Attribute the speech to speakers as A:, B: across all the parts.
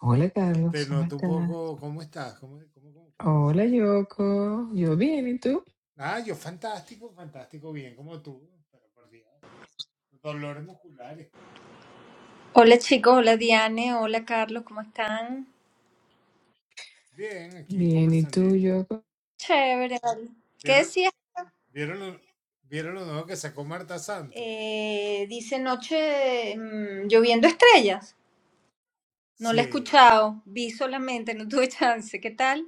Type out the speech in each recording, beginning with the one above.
A: Hola Carlos, ¿cómo estás? Hola Yoko, yo bien, ¿y tú?
B: Hola chicos, hola Diane, hola Carlos, ¿cómo están?
A: Bien, ¿y tú Yoko?
B: Chévere, vale. ¿Qué decías? Eh, dice noche mm, lloviendo estrellas. No la he escuchado, vi solamente, no tuve chance. ¿Qué tal?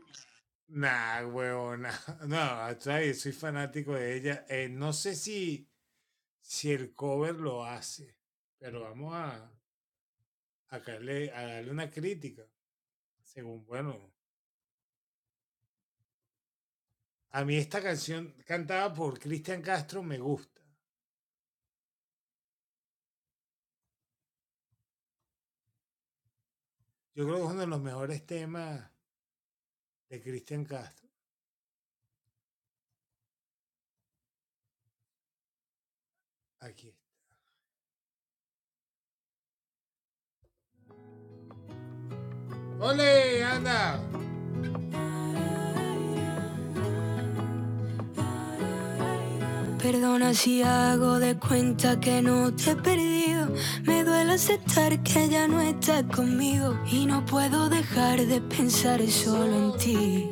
C: Perdona si hago de cuenta que no te he perdido. Me duele aceptar que ya no estás conmigo. Y no puedo dejar de pensar solo en ti.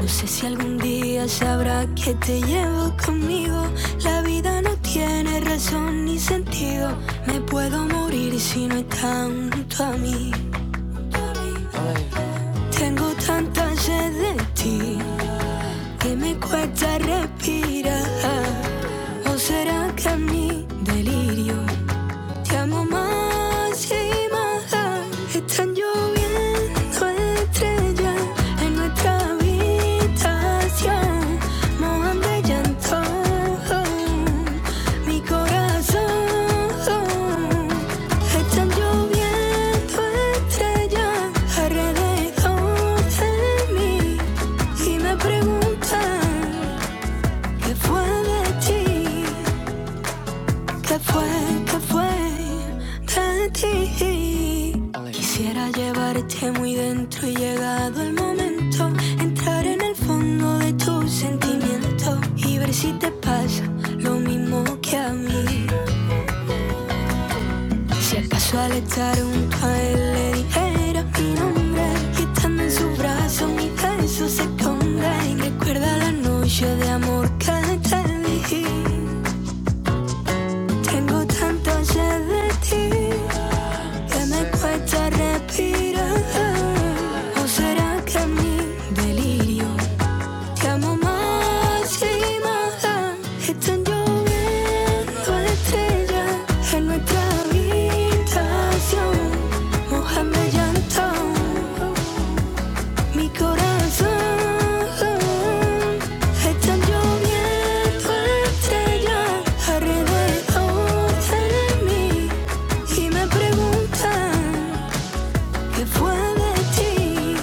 C: No sé si algún día sabrá que te llevo conmigo. La vida no tiene razón ni sentido. Me puedo morir si no estás junto a mí. Tengo tanta sed de ti. y me cuesta respirar. ¿O será que es mi delirio te amo más y más. Están lloviendo estrellas en nuestra habitación. Mojan de llanto mi corazón. Están lloviendo estrellas alrededor de mí. Y me preguntan qué fue de ti. ¿Qué fue? ¿Qué fue de ti? Quisiera llevarte muy dentro y llegado el momento entrar en el fondo de tus sentimientos y ver si te pasa lo mismo que a mí. Si acaso al estar junto a él le dijera mi nombre y estando en su brazo mi beso se esconde y recuerda la noche de amor que te di. Tengo tanto sed de ti que me cuesta respirar. ¿O será que mi delirio te amo más y más? Están lloviendo estrellas en nuestra habitación, mojando llanto. Mi corazón está lloviendo estrellas alrededor de mí y me preguntan qué fue de ti.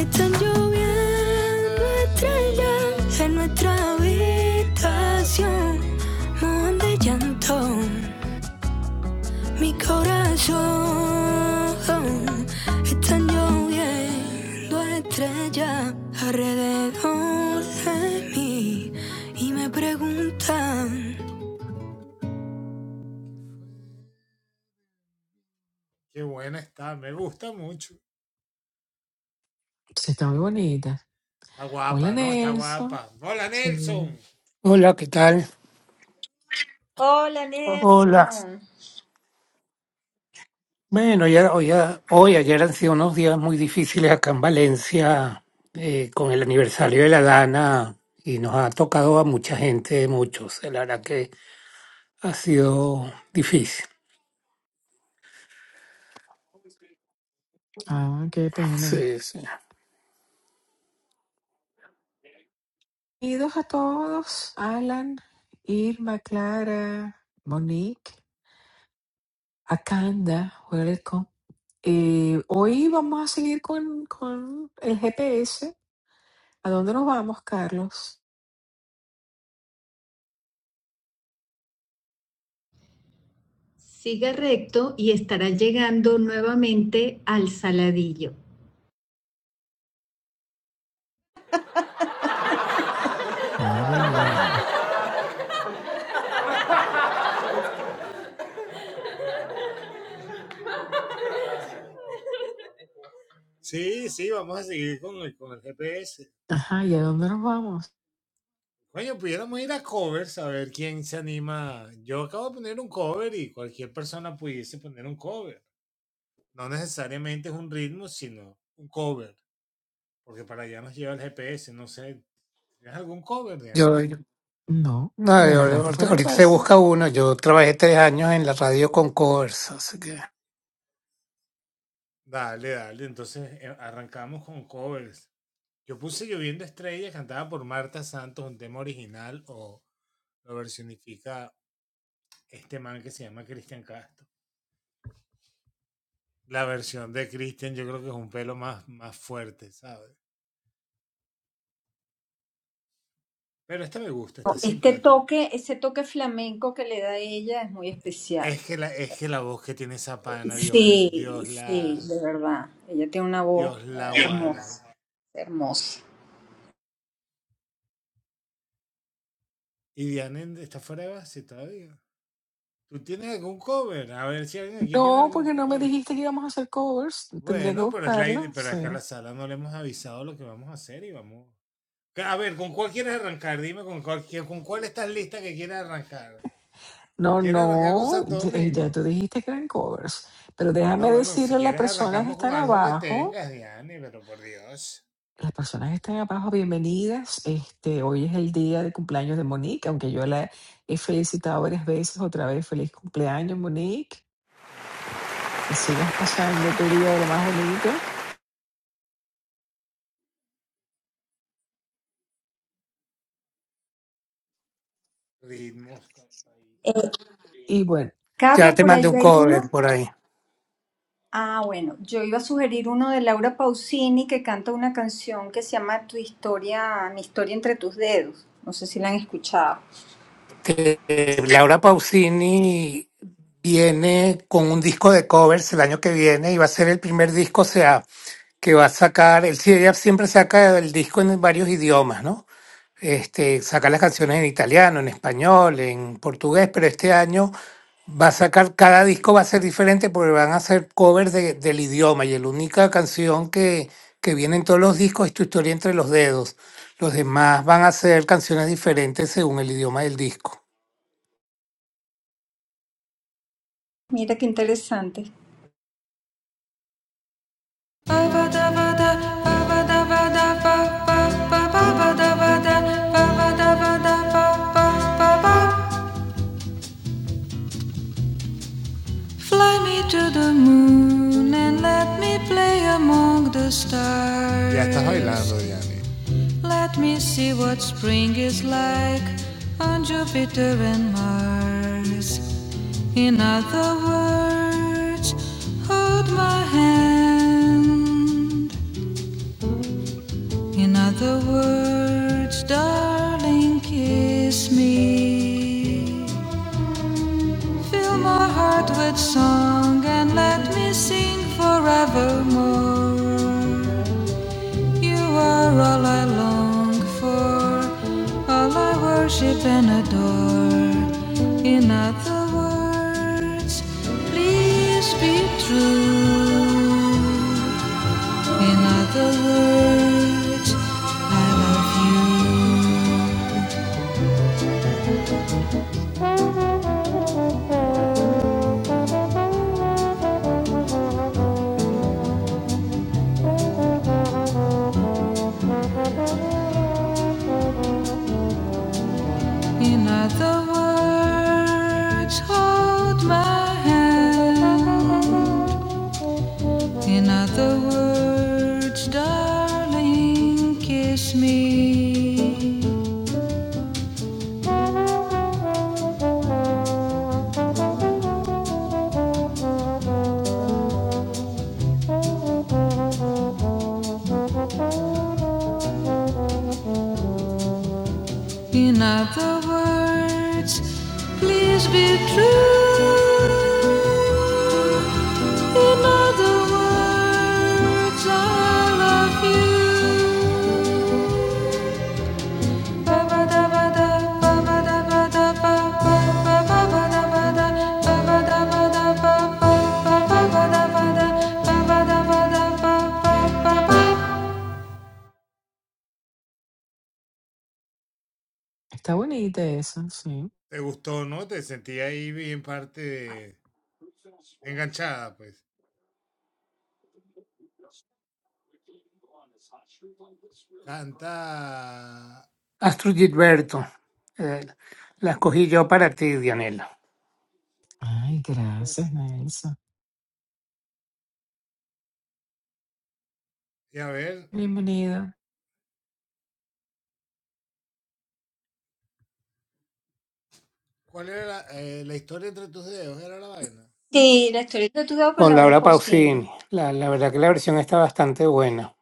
C: Están lloviendo estrellas en nuestra habitación, mojan de llanto. Mi corazón está lloviendo estrellas alrededor de mí y me preguntan.
A: Sí, está muy bonita. Hola Nelson, sí.
D: Hola, ¿qué tal?
B: Hola
D: Hola.
B: Nelson.
D: Bueno, ya, hoy, ya- hoy, ayer han sido unos días muy difíciles acá en Valencia eh, con el aniversario de la Dana y nos ha tocado a mucha gente, muchos. La verdad que ha sido difícil.
A: Ah, qué pena.
D: Sí, sí.
A: Bienvenidos a todos, Alan, Irma, Clara, Monique, Akanda, welcome. Eh, hoy vamos a seguir con, con el GPS. ¿A dónde nos vamos, Carlos?
C: Siga recto y estará llegando nuevamente al saladillo.
A: Madre mía. Ajá, ¿y a dónde nos vamos?
D: Yo, yo-
A: No,
D: no,
A: me
D: yo-
A: agarraste
D: ahorita
A: fuera de
D: ahorita se
A: base.
D: busca uno. Yo trabajé tres años en la radio con covers, así que
B: Este toque, ese toque flamenco que le da ella es muy especial. Sí, sí, de verdad. Ella tiene una voz eh, hermosa, hermosa.
A: No, porque no me dijiste que íbamos a hacer covers. Tendría que buscarlo, sí. No, no, ya, eh, ya tú dijiste que eran covers. Pero déjame decirle a las personas que están abajo, las personas que están abajo, bienvenidas. Este, hoy es el día de cumpleaños de Monique, aunque yo la he felicitado varias veces, otra vez feliz cumpleaños, Monique. Que sigas pasando tu día de lo más bonito.
B: Eh,
A: Y bueno,
D: ya
B: Carlos,
D: te
B: por
D: mandé
B: allí
D: un
B: hay uno.
D: cover por ahí.
B: Ah, bueno, yo iba a sugerir uno de Laura Pausini que canta una canción que se llama Tu historia, mi historia entre tus dedos. No sé si la han escuchado.
D: Eh, Laura Pausini viene con un disco de covers el año que viene y va a ser el primer disco, o sea, que va a sacar, el sí, ella siempre saca el disco en varios idiomas, ¿no? Este, saca las canciones en italiano, en español, en portugués, pero este año va a sacar, cada disco va a ser diferente porque van a hacer covers de- del idioma y la única canción que, que viene en todos los discos es Tu historia entre los dedos. Los demás van a ser canciones diferentes según el idioma del disco.
B: Mira qué interesante.
C: Fly me to the moon and let me play among the stars. Let me see what spring is like on Jupiter and Mars. In other words, hold my hand. In other words, darling, kiss me. Fill my heart with song and let me sing forevermore. You are all I long for, all I worship and adore. In other words, please be true. In other words, I love you. In other words, hold my hand. In other words, darling, kiss me. In other words, please be true. In other words, I love you.
A: está bonita eso, sí.
D: Astrid Gilberto, eh, la escogí yo para ti, Dianela,
A: Ay, gracias, Nelson. Bienvenida.
B: Sí, la historia entre tus dedos con
D: con
B: Laura
D: Laura
B: Pausini.
D: Pausini. La, la verdad que la versión está bastante buena.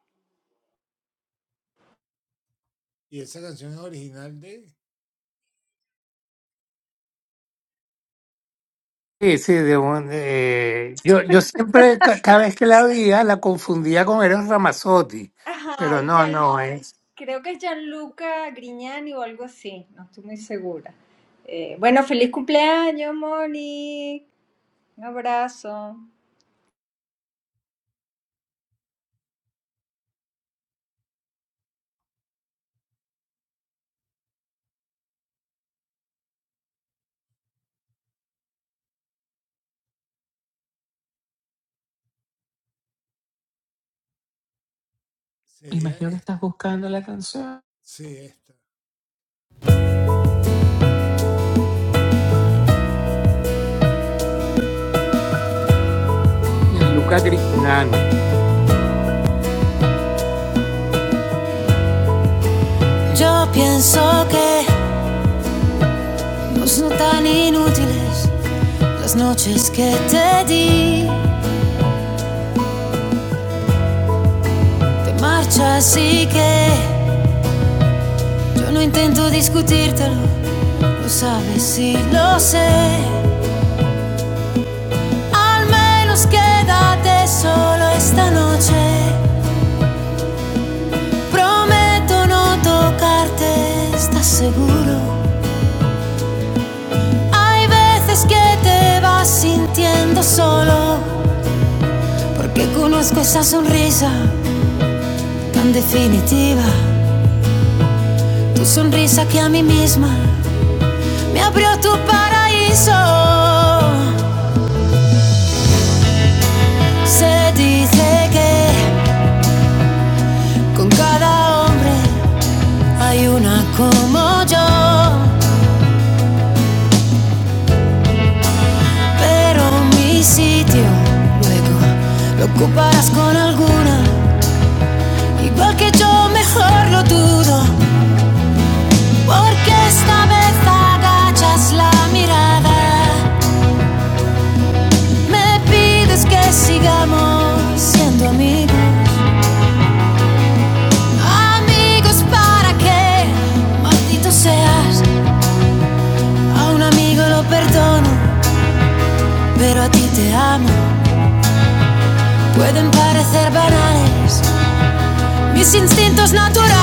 D: Sí, sí, de un- eh, yo, yo siempre, ca- cada vez que la veía, la confundía con Eros Ramazzotti,
B: Ajá,
D: pero
B: es
D: no,
B: Gian-
D: no, es
B: creo que es Gianluca Grignani o algo así, no estoy muy segura. Eh, bueno, feliz cumpleaños, Moni. Un abrazo.
A: Imagino que estás buscando la canción.
D: Gianluca Grignani.
C: Yo pienso que no son tan inútiles las noches que te di. Te marchas así que yo no intento discutírtelo, lo sabes y lo sé. Al menos quédate solo esta noche. Prometo no tocarte, ¿estás seguro? Hay veces que te vas sintiendo solo, porque conozco esa sonrisa tan definitiva, tu sonrisa que a mí misma me abrió tu paraíso. Se dice que con cada hombre hay una como yo, pero mi sitio luego lo ocuparás con alguna Igual que yo mejor lo dudo, porque esta vez agachas la mirada. Me pides que sigamos siendo amigos. Amigos para qué maldito seas. A un amigo lo perdono, pero a ti te amo. Pueden parecer banales mis instintos naturales.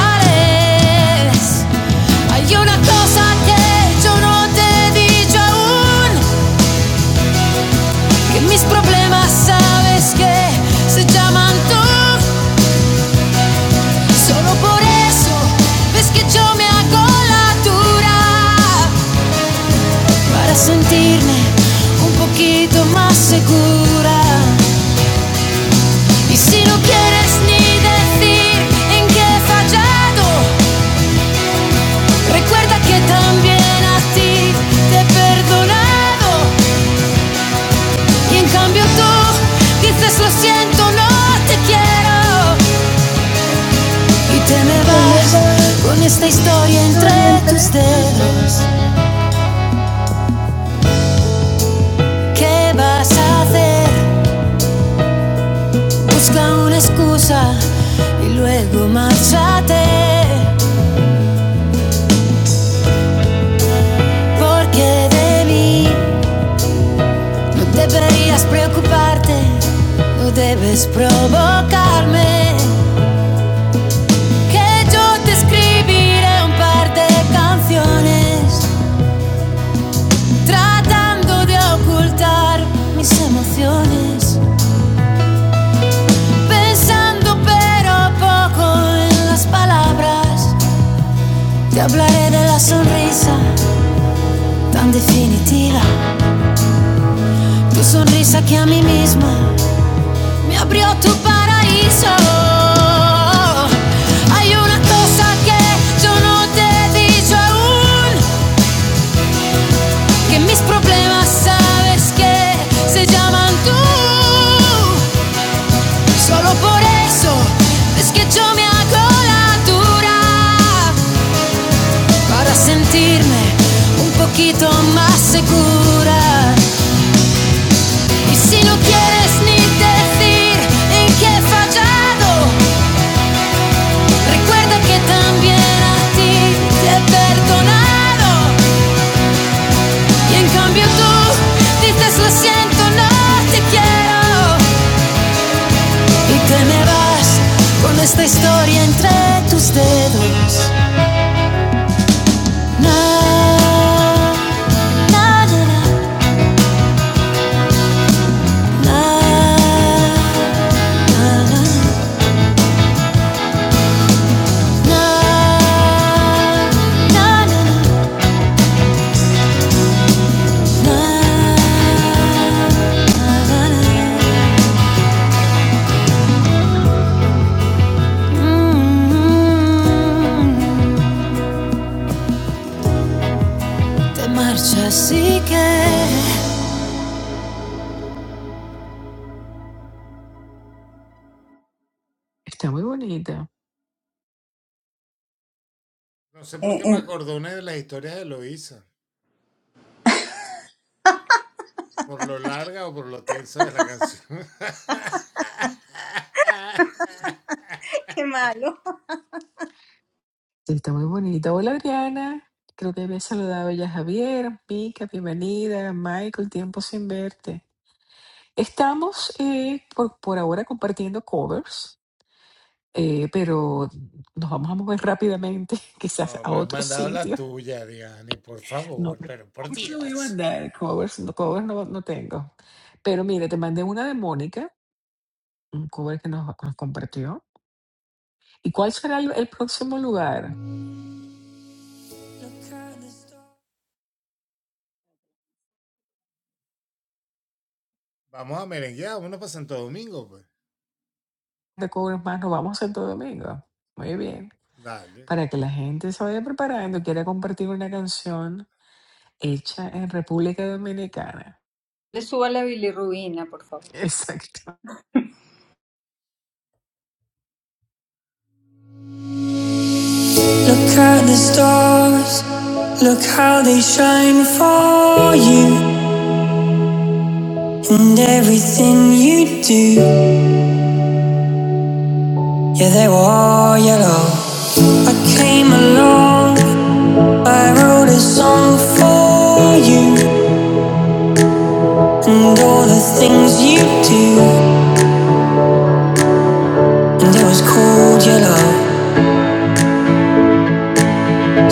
C: Hay una cosa que yo no te he dicho aún. Que mis problemas sabes que se llaman tú. Solo por eso ves que yo me hago la dura para sentirme un poquito más segura. Y si no quieres ni decir en qué he fallado, recuerda que también a ti te he perdonado. Y en cambio tú dices lo siento, no te quiero. Y te me
B: Y te me
C: vas
B: vas
C: con esta
B: con esa
C: historia entre
B: historia
C: tus
B: entre tus
C: dedos.
B: dedos.
C: ¿Qué vas a hacer? Busca una excusa y luego márchate. Porque de mí no deberías preocuparte, no debes provocarme. Que yo te escribiré un par de canciones tratando de ocultar mis emociones. Pensando pero poco en las palabras, te hablaré de la sonrisa tan definitiva. Tu sonrisa que a mí misma me abrió tu paraíso. Hay una cosa que yo no aún, que mis problemas sabes que se llaman tú. Solo por eso es que yo me hago la dura. para sentirme un poquito más segura. Y si no quieres ni decir en qué he fallado, recuerda que también a ti te he perdonado. Y en cambio tú dices lo siento, no te quiero. Y te me vas con esta historia entre tus dedos. Na, na, na, na, na, na, na, na, na, na.
A: Está muy bonita.
B: Eh, eh. Qué malo.
A: Sí, está muy bonita. Hola, Adriana. Creo que había saludado ya a Javier, Mica, bienvenida, Michael, tiempo sin verte. Estamos eh, por, por ahora compartiendo covers, eh, pero nos vamos a mover rápidamente, quizás a otro sitio. No, pero covers no voy a mandar, covers, no, covers no, no tengo. Pero mira, te mandé una de Mónica, un cover que nos, nos compartió. ¿Y cuál será el el próximo lugar? de cobros más nos vamos a Santo Domingo. Muy bien. Para que la gente se vaya preparando, quiera compartir una canción hecha en República Dominicana.
B: Le suba la bilirrubina, por favor.
A: Exacto.
C: Look at the stars, look how they shine for you, and everything you do. Yeah, they were all yellow. I came along, I wrote a song for you, and all the things you do, and it was called yellow.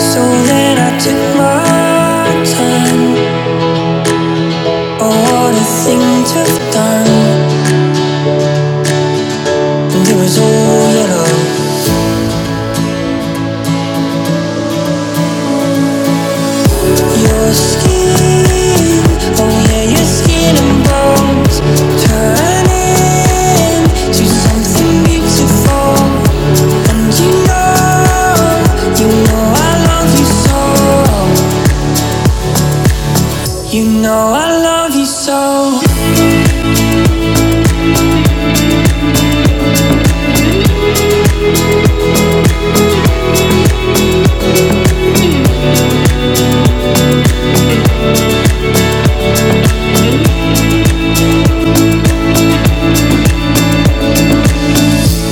C: So then I took my time. Oh, what a thing to have done. And it was all yellow. Your skin, oh yeah, your skin and bones turning to something beautiful. And you know, you know I love you so. You know I love you so.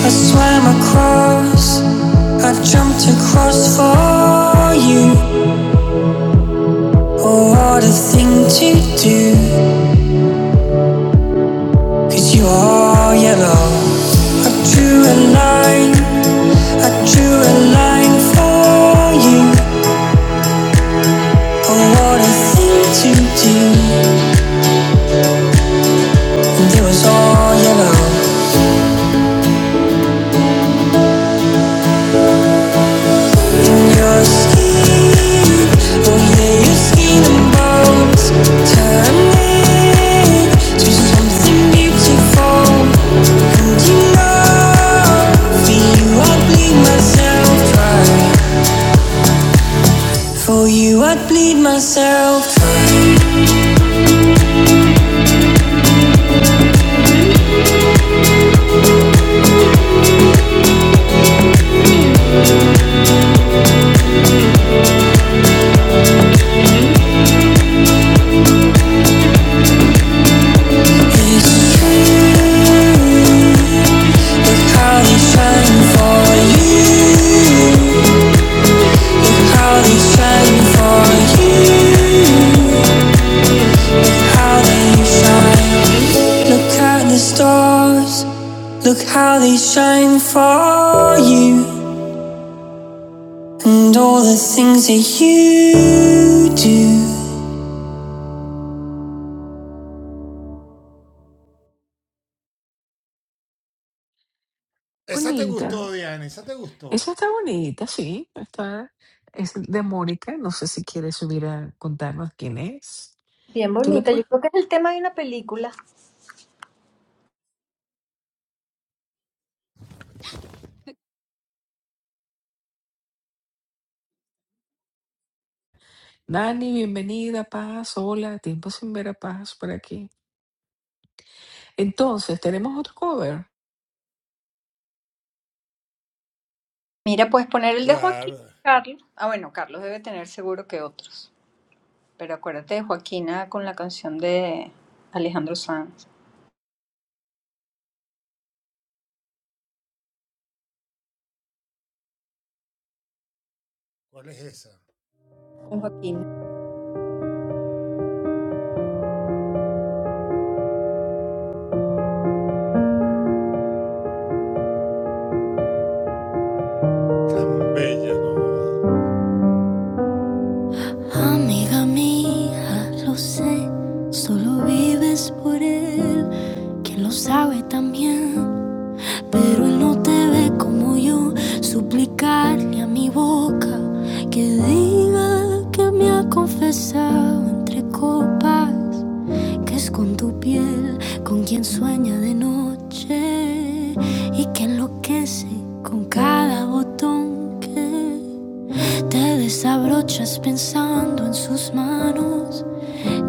C: I swam across, I jumped across for you. Oh, what a thing to do! 'Cause you are yellow. I drew a line, I drew a line for you. Oh, what a thing to do, and it was all yellow. For you, I'd bleed myself. It's true. Look how they shine for you. Look how they shine for you. How they shine. Look at the stars, look how they shine for you, and all the things that you do.
A: Bonita. Esa está bonita, sí. Está, es de Mónica. No sé si quiere subir a contarnos quién es.
B: Bien
A: Tú le
B: bonita, yo
A: puedes.
B: creo que es el tema de una película.
A: Nani, bienvenida, Paz. Hola, tiempo sin ver a Paz por aquí. Entonces, tenemos otro cover.
B: Mira, puedes poner el de Joaquín, Carlos. Ah, bueno, Carlos debe tener seguro que otros. Pero acuérdate de Joaquina con la canción de Alejandro Sanz. Con Joaquina.
C: Amiga mía, lo sé, solo vives por él. Quien lo sabe también, pero él no te ve como yo. Suplicarle a mi boca que diga que me ha confesado entre copas. que es con tu piel, con quien sueña de noche y que enloquece con cada botón que te desabrochas pensando en sus manos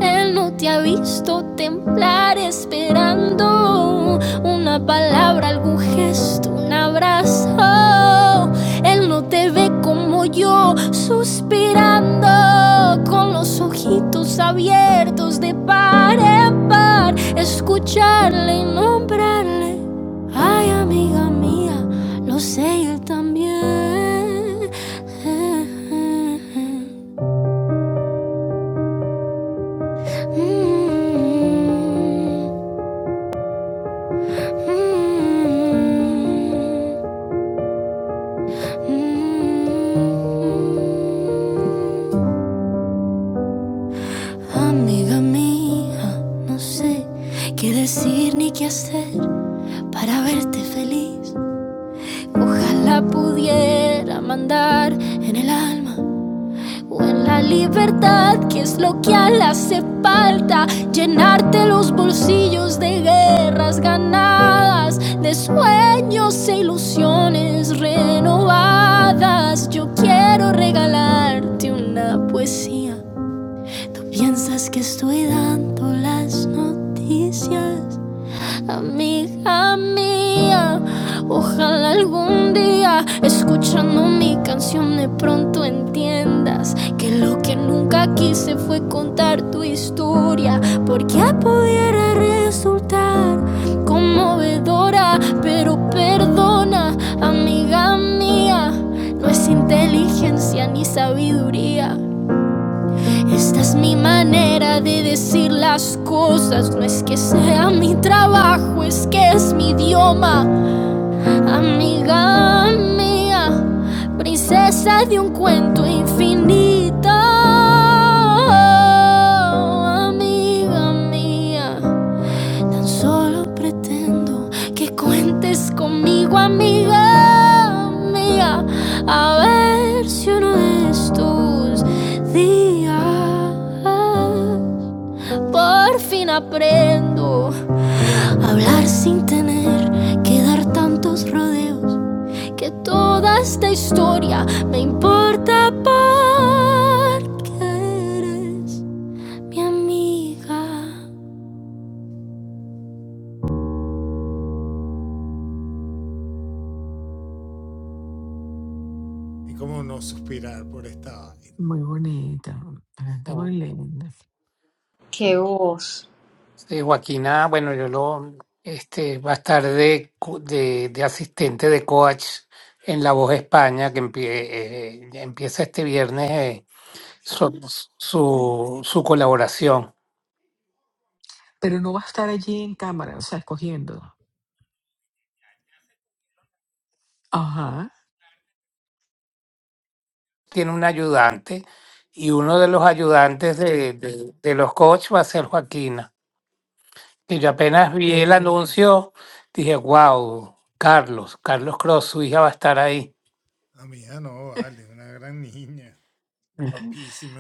C: él no te ha visto temblar esperando una palabra, algún gesto, un abrazo. Él no te ve como yo suspirando con los ojitos abiertos de par en par, escucharle y nombrarle. Ay, amiga mía, lo sé y él también. Mm. Amiga mía, no sé qué decir ni qué hacer para verte feliz. Ojalá pudiera mandar en el alma o en la libertad, que es lo que a él hace falta, llenarte los bolsillos de guerras ganadas, de sueños e ilusiones renovadas. Yo quiero regalarte una poesía. ¿Piensas que estoy dando las noticias? amiga mía. Ojalá algún día, escuchando mi canción, de pronto entiendas que lo que nunca quise fue contar tu historia, porque pudiera resultar conmovedora, pero perdona, amiga mía, no es inteligencia ni sabiduría. Esta es mi manera de decir las cosas. No es que sea mi trabajo, es que es mi idioma. Amiga mía, princesa de un cuento infinito. Amiga mía. Solo pretendo que cuentes conmigo, amiga mía, a ver si uno de estos días por fin aprendo a hablar sin tener que dar tantos rodeos, que toda esta historia me importa porque eres mi amiga.
A: Muy bonita.
D: Sí,
A: Está muy linda.
B: Qué
D: sí.
B: voz.
D: Sí, Joaquina, bueno, yo lo, este, va a estar de, co- de, de asistente de coach en La Voz España, que empie- eh, eh, empieza este viernes eh, su, su, su colaboración.
A: Pero no va a estar allí en cámara, o sea, escogiendo. Ajá.
D: Tiene un ayudante y uno de los ayudantes de, de- de los coaches va a ser Joaquina. Y yo apenas vi el anuncio, dije, wow, Carlos, Carlos Cross, su hija va a estar ahí. Ujú.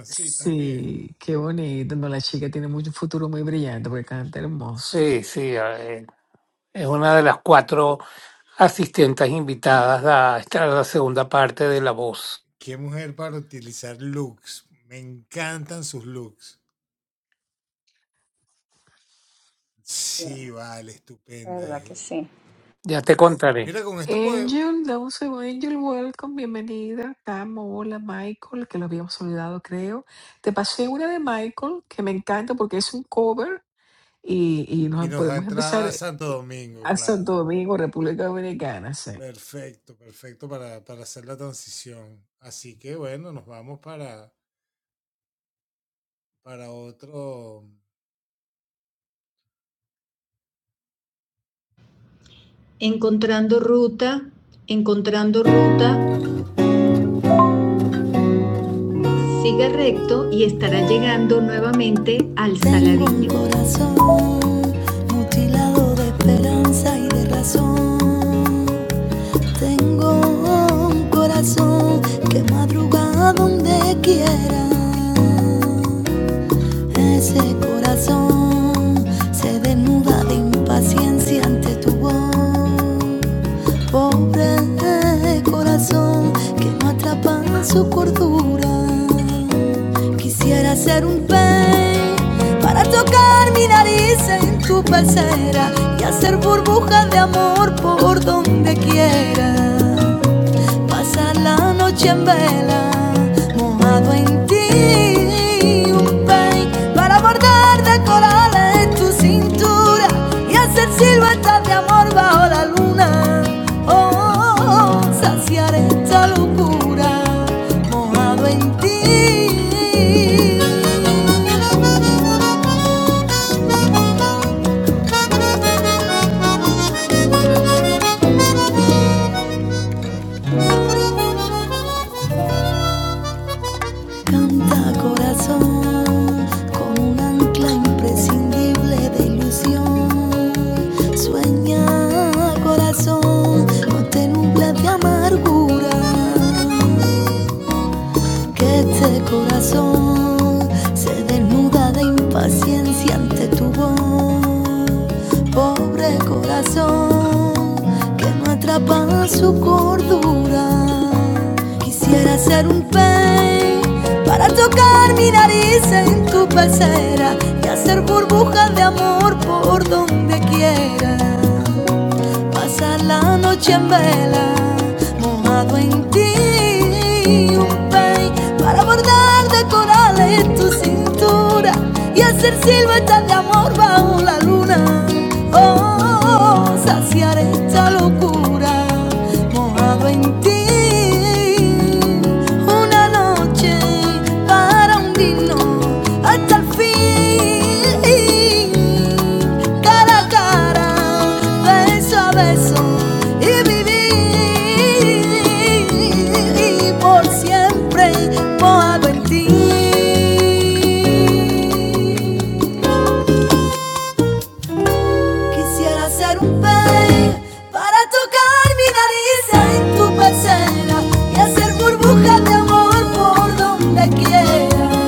A: Sí, qué bonito. No, la chica tiene mucho futuro muy brillante porque canta hermoso.
D: Sí, sí, eh, es una de las cuatro asistentes invitadas a esta la segunda parte de La Voz.
B: Sí, La verdad que sí.
D: Ya te contaré.
A: Angel, dame un segundo. Angel, welcome, bienvenida. Camo, hola, Michael, que lo habíamos olvidado, creo. Te pasé una de Michael que me encanta porque es un cover y, y nos podemos empezar eh, a Santo Domingo, República Dominicana. sí.
C: encontrando ruta, encontrando ruta, siga recto y estará llegando nuevamente al Saladillo. Tengo un corazón mutilado de esperanza y de razón. Tengo un corazón que madruga donde quiera. Ese corazón se desnuda de impaciencia ante tu voz. Pobre corazón que me atrapa en su cordura. Quisiera ser un pez para tocar mi nariz en tu pecera y hacer burbujas de amor por donde quiera. Pasa la noche en vela, mojado en ti. Un pein para bordar de corales tu cintura y hacer siluetas de amor bajo la luna. Oh, oh, oh, saciar esta locura, mojado en ti. Canta corazón con un ancla imprescindible de ilusión. Sueña corazón, no te nubla de amargura que este corazón se desnuda de impaciencia ante tu voz. Pobre corazón que no atrapa su cordura. Quisiera ser un pez para tocar mi nariz en tu pecera y hacer burbujas de amor por donde quiera. Pasa la noche en vela, mojado en ti, un pey para bordar de corales tu cintura y hacer siluetas de amor bajo la luna. Oh, saciar esta locura, mojado en ti, una noche para hundirnos hasta el fin cara a cara, beso a beso y vivir por siempre mojado en ti. Quisiera ser un pez para tocar mi nariz en tu pecera y hacer burbujas de amor por donde quiera.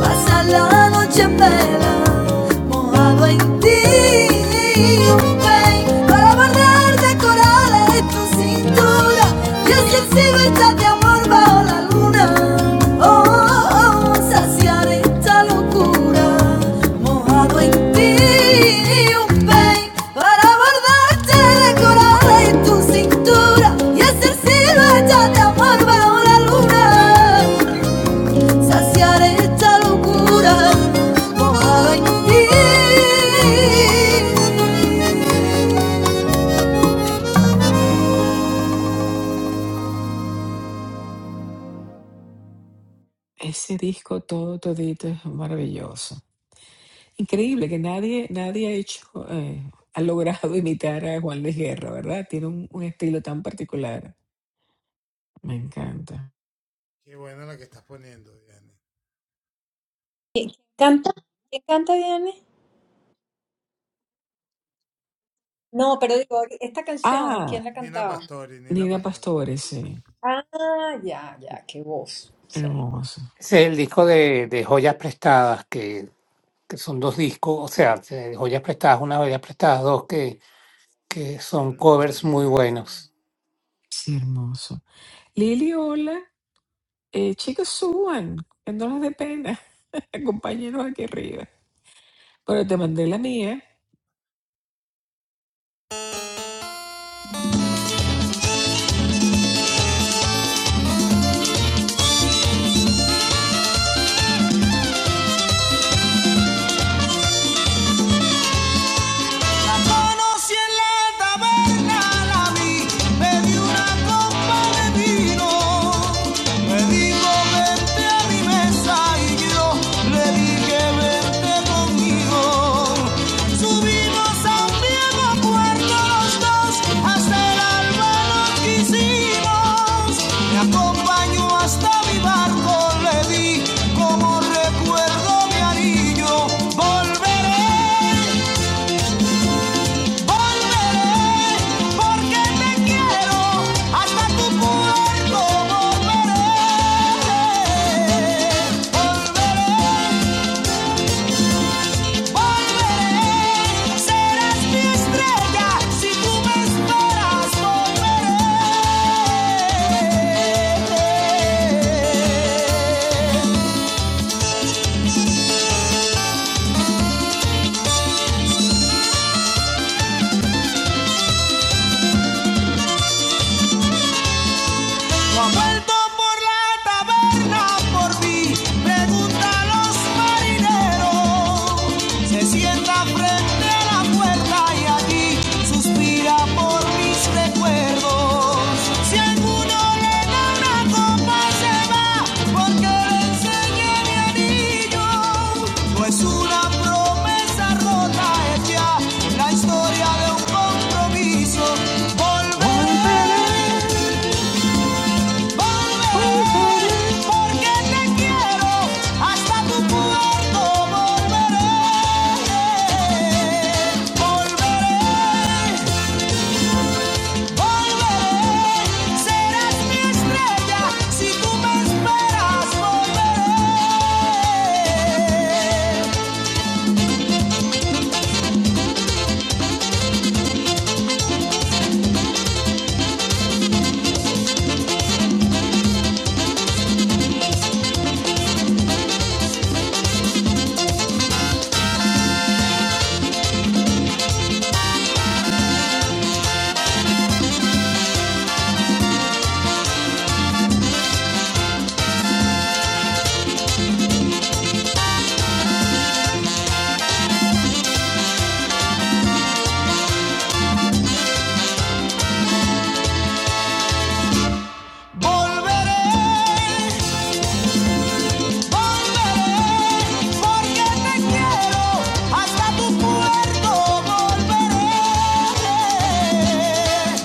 C: Pasa la noche en vela, mojado en ti. Ven para barrer de corales tu cintura. Y es que sigo esta de amor bajo la luna. Oh, oh, oh, saciar esta locura, mojado en ti. Ven para bordarte de corales tu cintura. Y es que sigo esta de amor bajo la luna. Saciaré
A: Ese disco todo, todito es maravilloso. Increíble que nadie, nadie ha hecho, eh, ha logrado imitar a Juan Luis Guerra, ¿verdad? Tiene un, un estilo tan particular. Me encanta.
B: ¿Canta? ¿Quién canta Diane? No, pero digo, esta canción,
A: Ah,
B: ¿quién la cantaba?
A: Nina Pastore, sí.
B: Ah, ya, ya, qué voz. Sí.
A: Hermoso.
D: Ese es el disco de, de joyas prestadas que que son dos discos, o sea, de joyas prestadas, una joyas prestadas, dos que, que son covers muy buenos.
A: Sí, hermoso. Lili, hola. Eh, chicos, suban. Que No les dé pena. Acompáñenos aquí arriba. Bueno, te mandé la mía.
C: conocí en la taberna, la vi, pedí una copa de vino. Me dijo vente a mi mesa y yo le dije vente conmigo. Subimos a un viejo puerto los dos, hasta el alba nos quisimos. Me acompañó hasta mi barco, le di como recuerdo mi anillo. Volveré. Volveré porque te quiero, hasta tu puerto volveré. Volveré, volveré, serás mi estrella, si tú me esperas volveré. No vuelto por la taberna por mí, pregunta los marineros. Se sienta frente a la puerta y allí suspira por mis recuerdos. Si alguno le da una copa se va, porque le enseñé mi anillo. No es una promesa rota, es ya la historia de un compromiso.
A: Volveré,
C: Volveré. Volveré,
A: volveré.
C: porque te quiero, hasta tu puerto volveré. Volveré, volveré, serás mi estrella, si tú me esperas volveré. Volveré, Volveré, porque te quiero, hasta tu puerto volveré.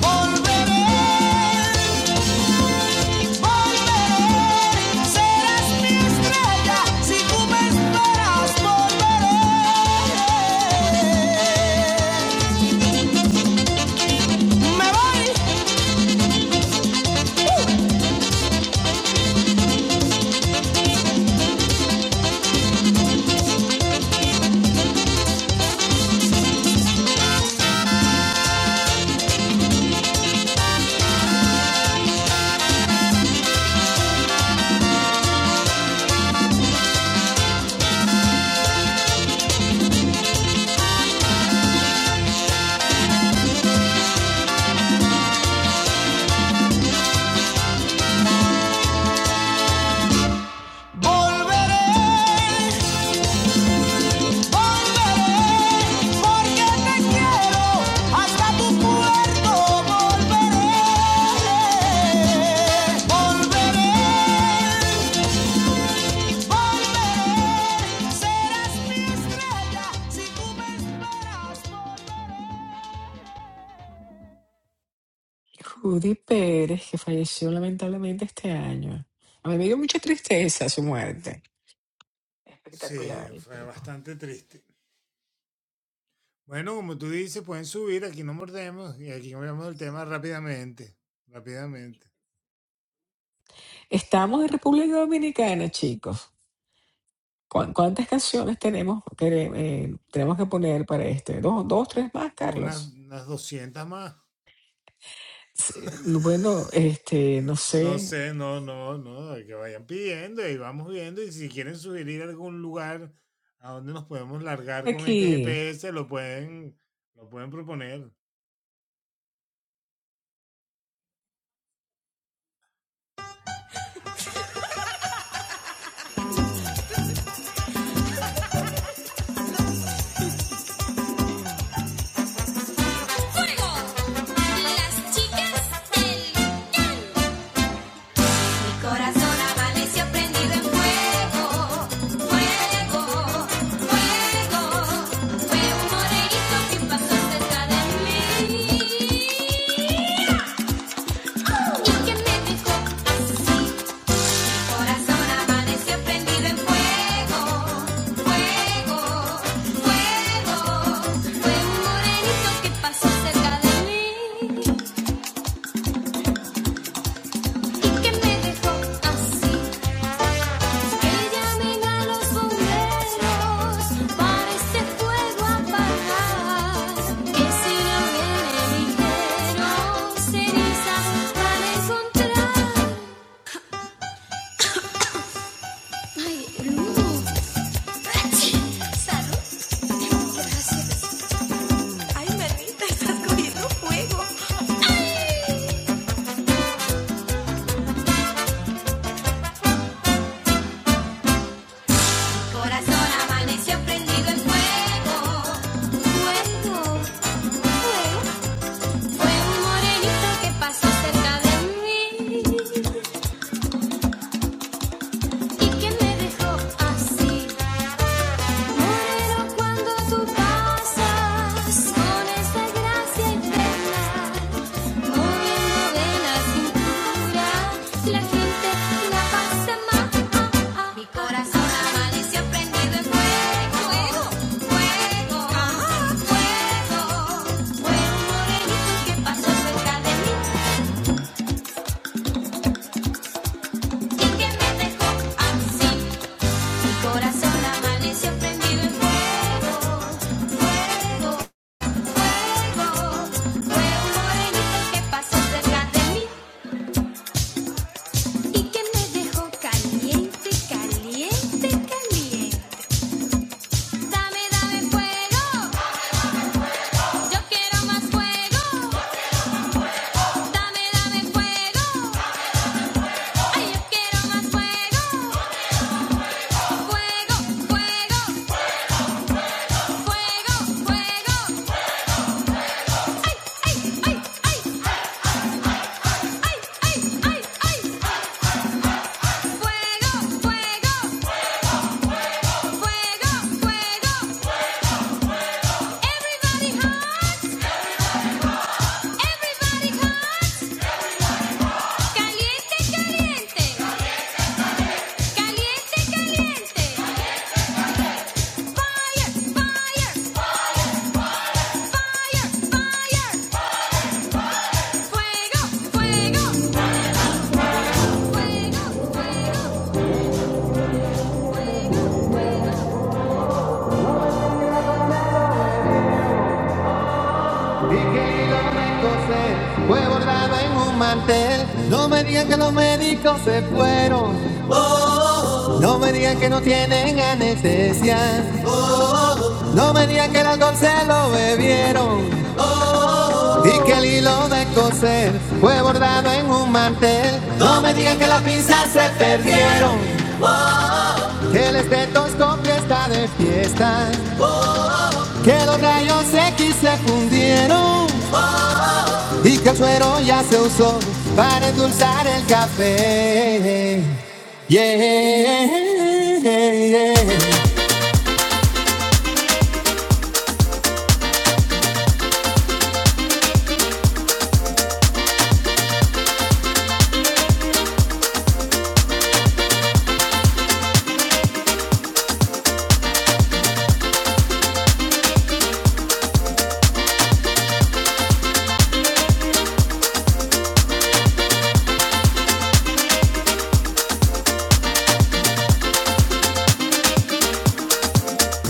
C: Volveré, volveré, serás mi estrella, si tú me esperas volveré. Me voy, volveré. Volveré, porque te quiero, hasta tu puerto volveré. Volveré, volveré, serás mi estrella si tú me esperas.
A: Judy Pérez, que falleció lamentablemente este año. A mí me dio mucha tristeza su muerte Espectacular el tiempo. Estamos en República Dominicana, chicos. ¿Cuán- ¿Cuántas canciones tenemos que, eh, tenemos que poner para este? ¿Dos, dos, tres más, Carlos? Sí, bueno, este, no sé. Aquí.
C: Fuego. Las chicas del Mi corazón amaneció prendido en fuego, fuego, fuego. Fue un morenito que pasó cerca de mí. Y que me dijo, corazón amaneció prendido en fuego, fuego, fuego. Fue un morenito que pasó cerca de mí. Y que me dejó así Pasó cerca de mí y que me dejó así. Moreno, cuando tú pasas con esa gracia infernal, moviendo de la cintura, la gente la pasa mal. Mi corazón amaneció prendido en fuego, fuego, fuego, Fue un morenito que pasó cerca de mí y que me dejó así. Mi corazón amaneció prendido en fuego, fuego. fuego. Fue un morenito que pasó cerca de mí y que me dejó caliente, caliente, caliente. Dame, dame fuego, yo quiero más fuego. Dame, dame fuego, ay, yo quiero más fuego. Fuego, fuego, fuego, fuego. Ay, ay, ay, ay, ay, ay, ay, ay. Fuego, fuego, fuego, fuego. Everybody high. Everybody comes. Caliente, caliente. Caliente, caliente. Fire, fire, fire, fire. Fuego, fuego. Y que el hilo fue bordado en un mantel. No me digan que los médicos se fueron. No me digan que no tienen anestesia. No me digan que el alcohol se lo bebieron. Y que el hilo de coser fue bordado en un mantel. No me digan que las pinzas se perdieron. Que el estetoscopio está de fiesta. Que los rayos X se fundieron. Y que el suero ya se usó para endulzar el café. Yeah, yeah. yeah.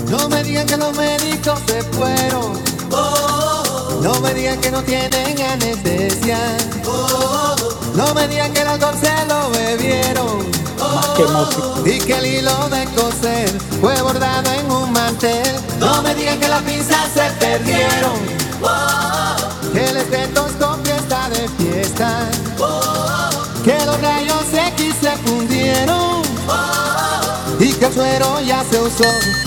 C: No me digan que los médicos se fueron. No me digan que no tienen anestesia. No me digan que el alcohol se lo bebieron y que el hilo de coser fue bordado en un mantel. No me digan que las pinzas se perdieron, que el estetoscopio está de fiesta, que los rayos X se fundieron y que el suero ya se usó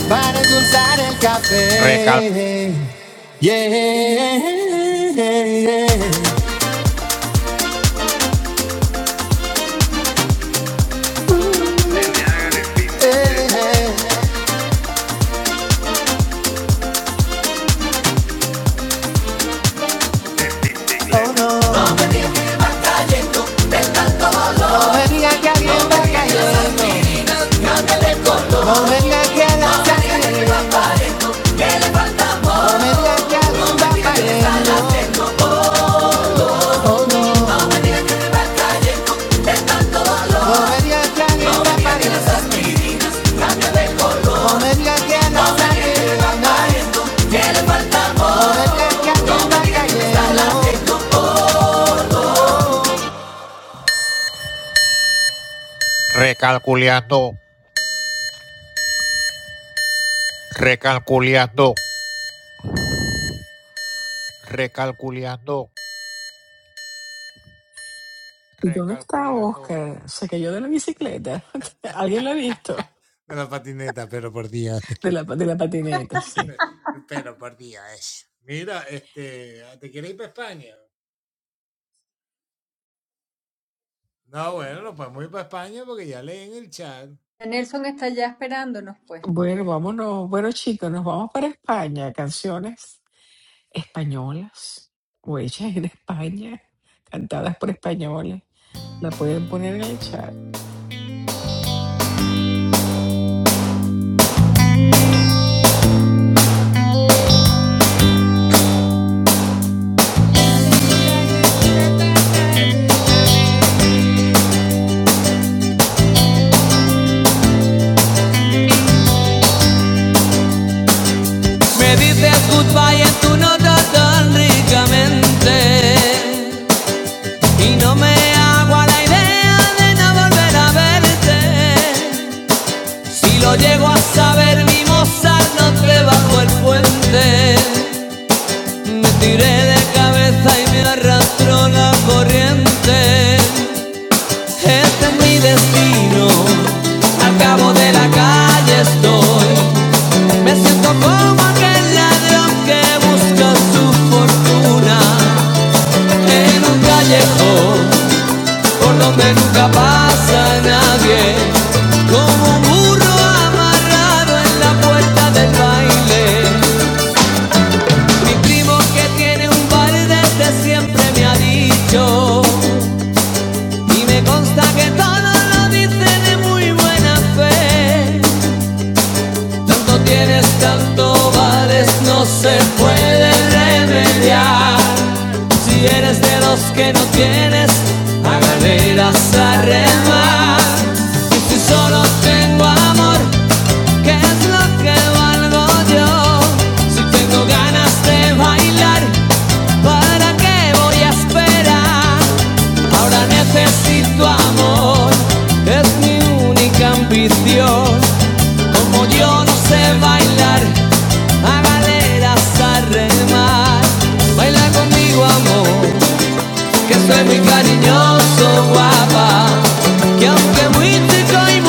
C: para endulzar el café. Recal- Yeah. No me digan que alguien va cayendo, no me digan que la saqué, no me digan que alguien va cayendo. Recalculando, recalculando, recalculando,
A: ¿Y dónde está
C: recalculando.
A: Oscar? Se cayó de la bicicleta. ¿Alguien lo ha visto? De la, de la patineta, sí.
B: Nelson está ya esperándonos, pues.
A: Bueno, vámonos. Bueno, chicos, nos vamos para España. Canciones españolas o hechas en España, cantadas por españoles. La pueden poner en el chat.
C: Me dices goodbye en tu nota tan ricamente y no me hago a la idea de no volver a verte. Si lo llego a saber, mi Mozart no te bajo el puente. Me tiré de camino de la calle estoy. Me siento como aquel ladrón que busca su fortuna donde nunca pasa nadie. Mi primo que tiene un bar desde siempre me ha dicho y me consta que todo lo dice de muy buena fe. Tanto tienes, tanto vales, no se puede remediar. Si eres de los que no tienes, a galeras a
B: Vas a
C: remar.
B: remar
C: Y si solo tengo amor, ¿Qué es lo que valgo yo? Si tengo ganas de bailar, ¿para qué voy a esperar? Ahora necesito amor, es mi única ambición. Como yo no sé bailar, a galeras a remar. Baila conmigo, amor, que soy muy cariñoso, guapa. Que aunque muy chico y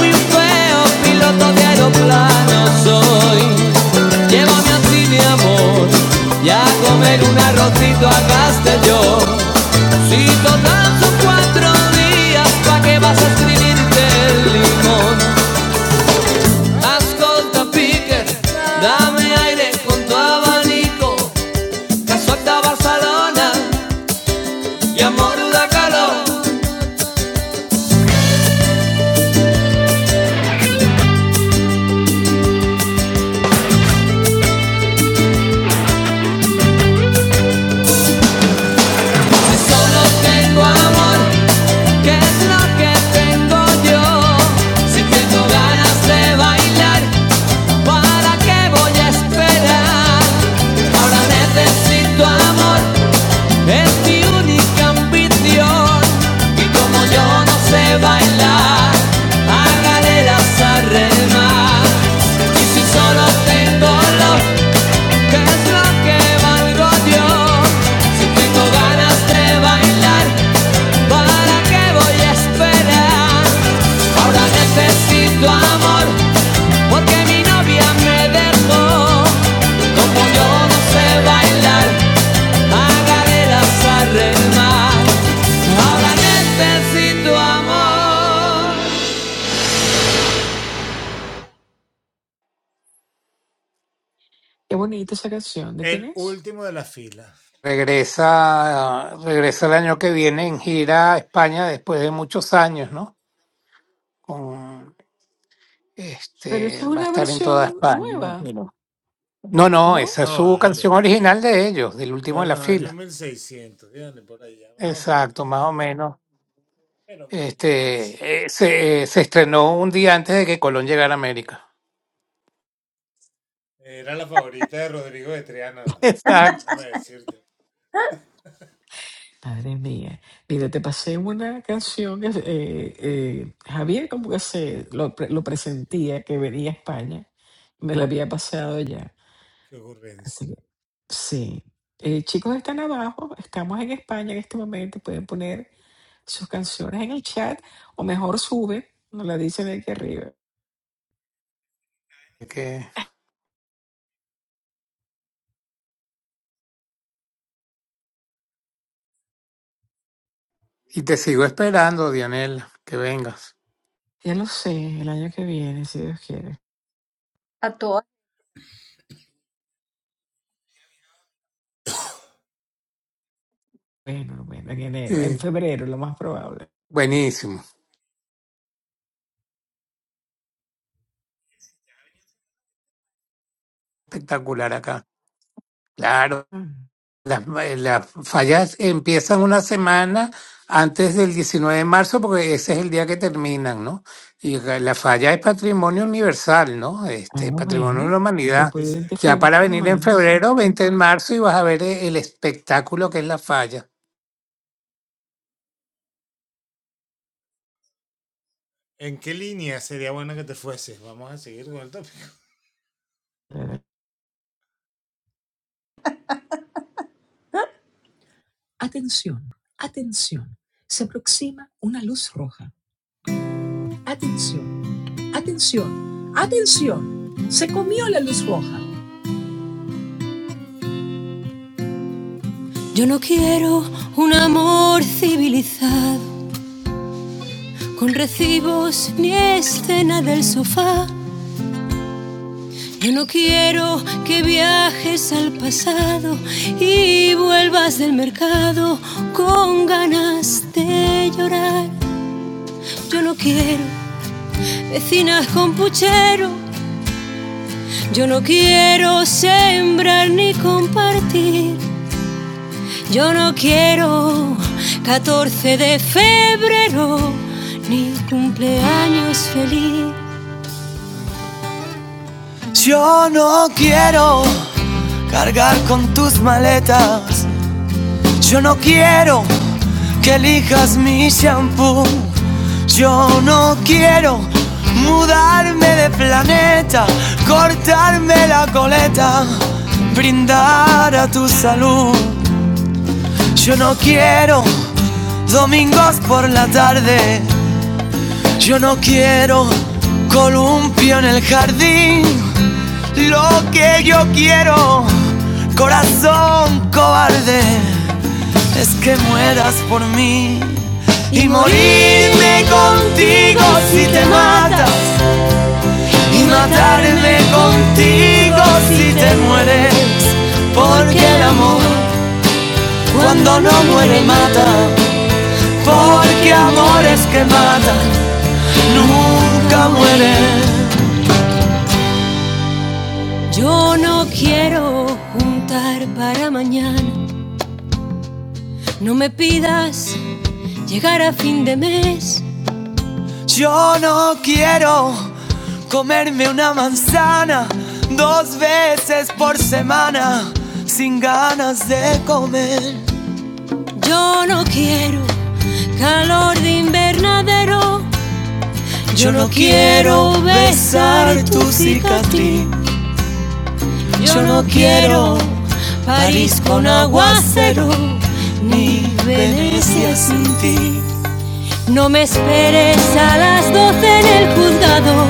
C: muy Si solo tengo amor, ¿qué es lo que tengo yo? Si tengo ganas de bailar, ¿para qué voy a esperar? Ahora necesito amor, es mi única ambición. Y como yo no sé bailar, a galeras a remar. Y si solo tengo lo si no
A: Qué bonita esa canción. ¿De quién es?
D: Regresa, regresa el año que viene en gira a España después de muchos años, ¿no? Con
A: Pero
D: este
A: esa es
D: va a
A: una
D: estar en toda
A: versión
D: España. me
A: nueva,
D: imagino. No, no,
A: ¿no?
D: esa es su canción original de ellos, del último en la fila. Exacto, más o menos. Este eh, se, eh, se estrenó un día antes de que Colón llegara a América. Exacto.
A: Madre mía. Mira, te pasé una canción que eh, eh, Javier como que se lo, pre- lo presentía que venía a España. Me la había pasado ya. Así que, sí. Eh, chicos, están abajo. Estamos en España en este momento. Pueden poner sus canciones en el chat o mejor sube. Nos la dicen aquí arriba.
D: Que- Y te sigo esperando, Dianela, que vengas.
A: Ya lo sé, el año que viene, si Dios quiere.
B: a toda
A: Bueno, bueno, en enero, en
D: Sí,
A: febrero, lo más probable.
D: buenísimo, espectacular acá. Claro,
A: Ah,
D: las, las fallas empiezan una semana antes del 19 de marzo porque ese es el día que terminan, ¿no? Y la la falla es patrimonio universal, ¿no?
A: ah,
D: Este, patrimonio de
A: bueno,
D: la
A: pues
D: humanidad.
A: puede ir de
D: Ya
A: febrero
D: para
A: en
D: venir en
A: marzo.
D: febrero, 20 de marzo, y vas a ver e- el espectáculo que es la falla.
A: Eh,
C: Atención, atención. Se aproxima una luz roja. Atención. Atención, atención, se comió la luz roja. Yo no quiero un amor civilizado, con recibos ni escena del sofá. Yo no quiero que viajes al pasado y vuelvas del mercado con ganas de llorar. Yo no quiero vecinas con puchero, yo no quiero sembrar ni compartir. Yo no quiero 14 de febrero ni cumpleaños feliz. Ni shampoo, la neta, cortarme la coleta, brindar domingos por la tarde. Yo no quiero columpio en el jardín, lo que yo quiero, corazón cobarde. es que mueras por mí y morirme contigo si te matas y matarme contigo si te mueres porque el amor cuando no muere mata porque amores que matan nunca mueren yo no quiero juntar para mañana no me pidas llegar a fin de mes Yo no quiero comerme una manzana dos veces por semana sin ganas de comer. Yo no quiero calor de invernadero. Yo no quiero besar tu cicatriz. Yo no quiero París con aguacero ni Venecia sin. No me esperes a las 12 en el juzgado.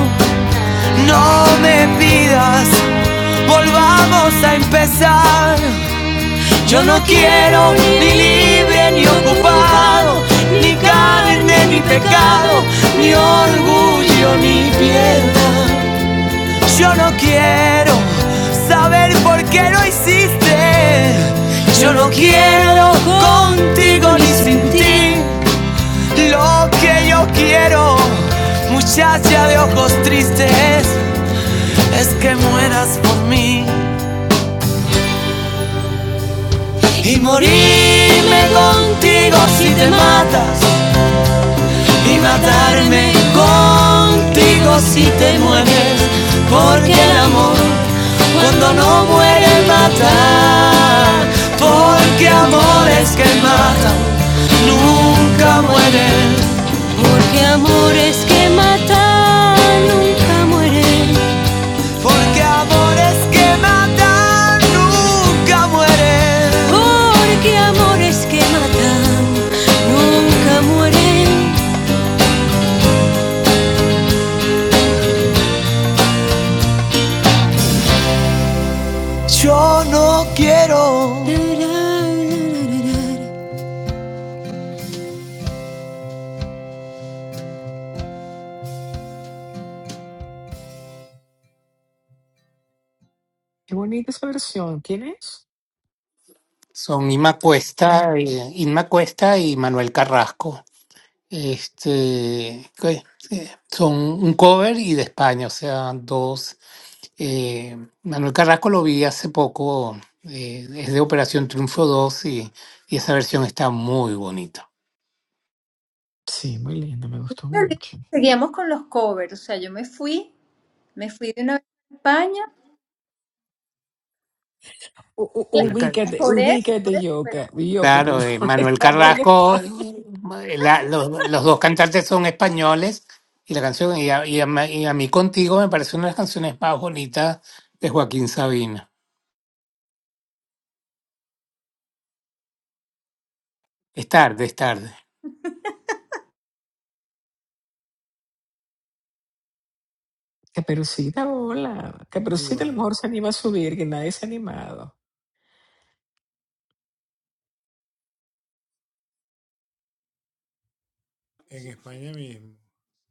C: Ah, Te callas ya de es que mueras por mí y morirme contigo si te matas y matarme contigo si te mueres porque el amor cuando no muere mata porque amores que matan nunca mueren Ah, nunca mueren Porque amores que matan nunca mueren. Porque amores que matan nunca mueren. Yo no quiero.
A: Qué bonita esa versión. ¿Quién es?
D: Son Inma Cuesta, y- Inma Cuesta y Manuel Carrasco. este, que, eh, son un cover y de España, o sea, dos. Eh, Manuel Carrasco lo vi hace poco, eh, es de Operación Triunfo 2 y, y esa versión está muy bonita.
A: Sí, muy linda, me gustó
B: me olvidó que
A: mucho.
B: seguíamos con los covers, o sea, yo me fui, me fui de una vez a España,
A: U- u-
B: Cla-
D: Uy, Ca-
A: ubícate,
B: por eso, por
A: ubícate,
B: eso, pero
A: Yoka. Yoko, por
D: Claro, eh,
A: favor,
D: Manuel
A: estamos en
D: Carrasco,
A: España.
D: eh, la- los, los dos cantantes son españoles y la canción, y a, y a ma- y a mí contigo me parece una de las canciones más bonitas de Joaquín Sabina. Es tarde, es tarde.
A: Caperucita, hola. Caperucita a lo mejor se anima a subir, que nadie se ha animado.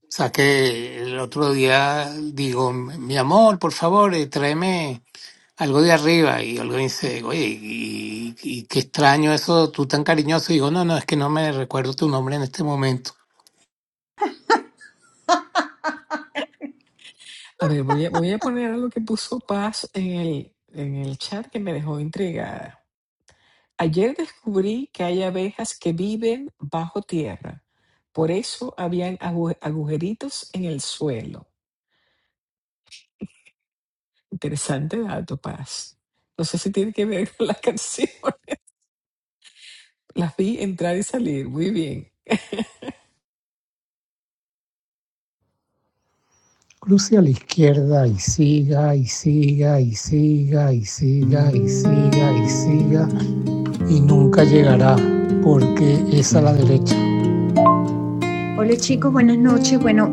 D: Saqué el otro día, digo, mi amor, por favor, eh, tráeme algo de arriba. Y Olga dice, oye, y, y qué extraño eso, tú tan cariñoso. Y digo, no, no, es que no me recuerdo tu nombre en este momento.
A: A ver, voy a, voy a poner algo que puso Paz en el, en el chat que me dejó intrigada. Ayer descubrí que hay abejas que viven bajo tierra. Por eso habían agu- agujeritos en el suelo. Interesante dato, Paz. No sé si tiene que ver con la canción. Las vi entrar y salir. Muy bien.
C: Cruce a la izquierda y siga y siga y siga y siga y siga y siga y nunca llegará porque es a la derecha. Hola chicos, buenas noches. Bueno,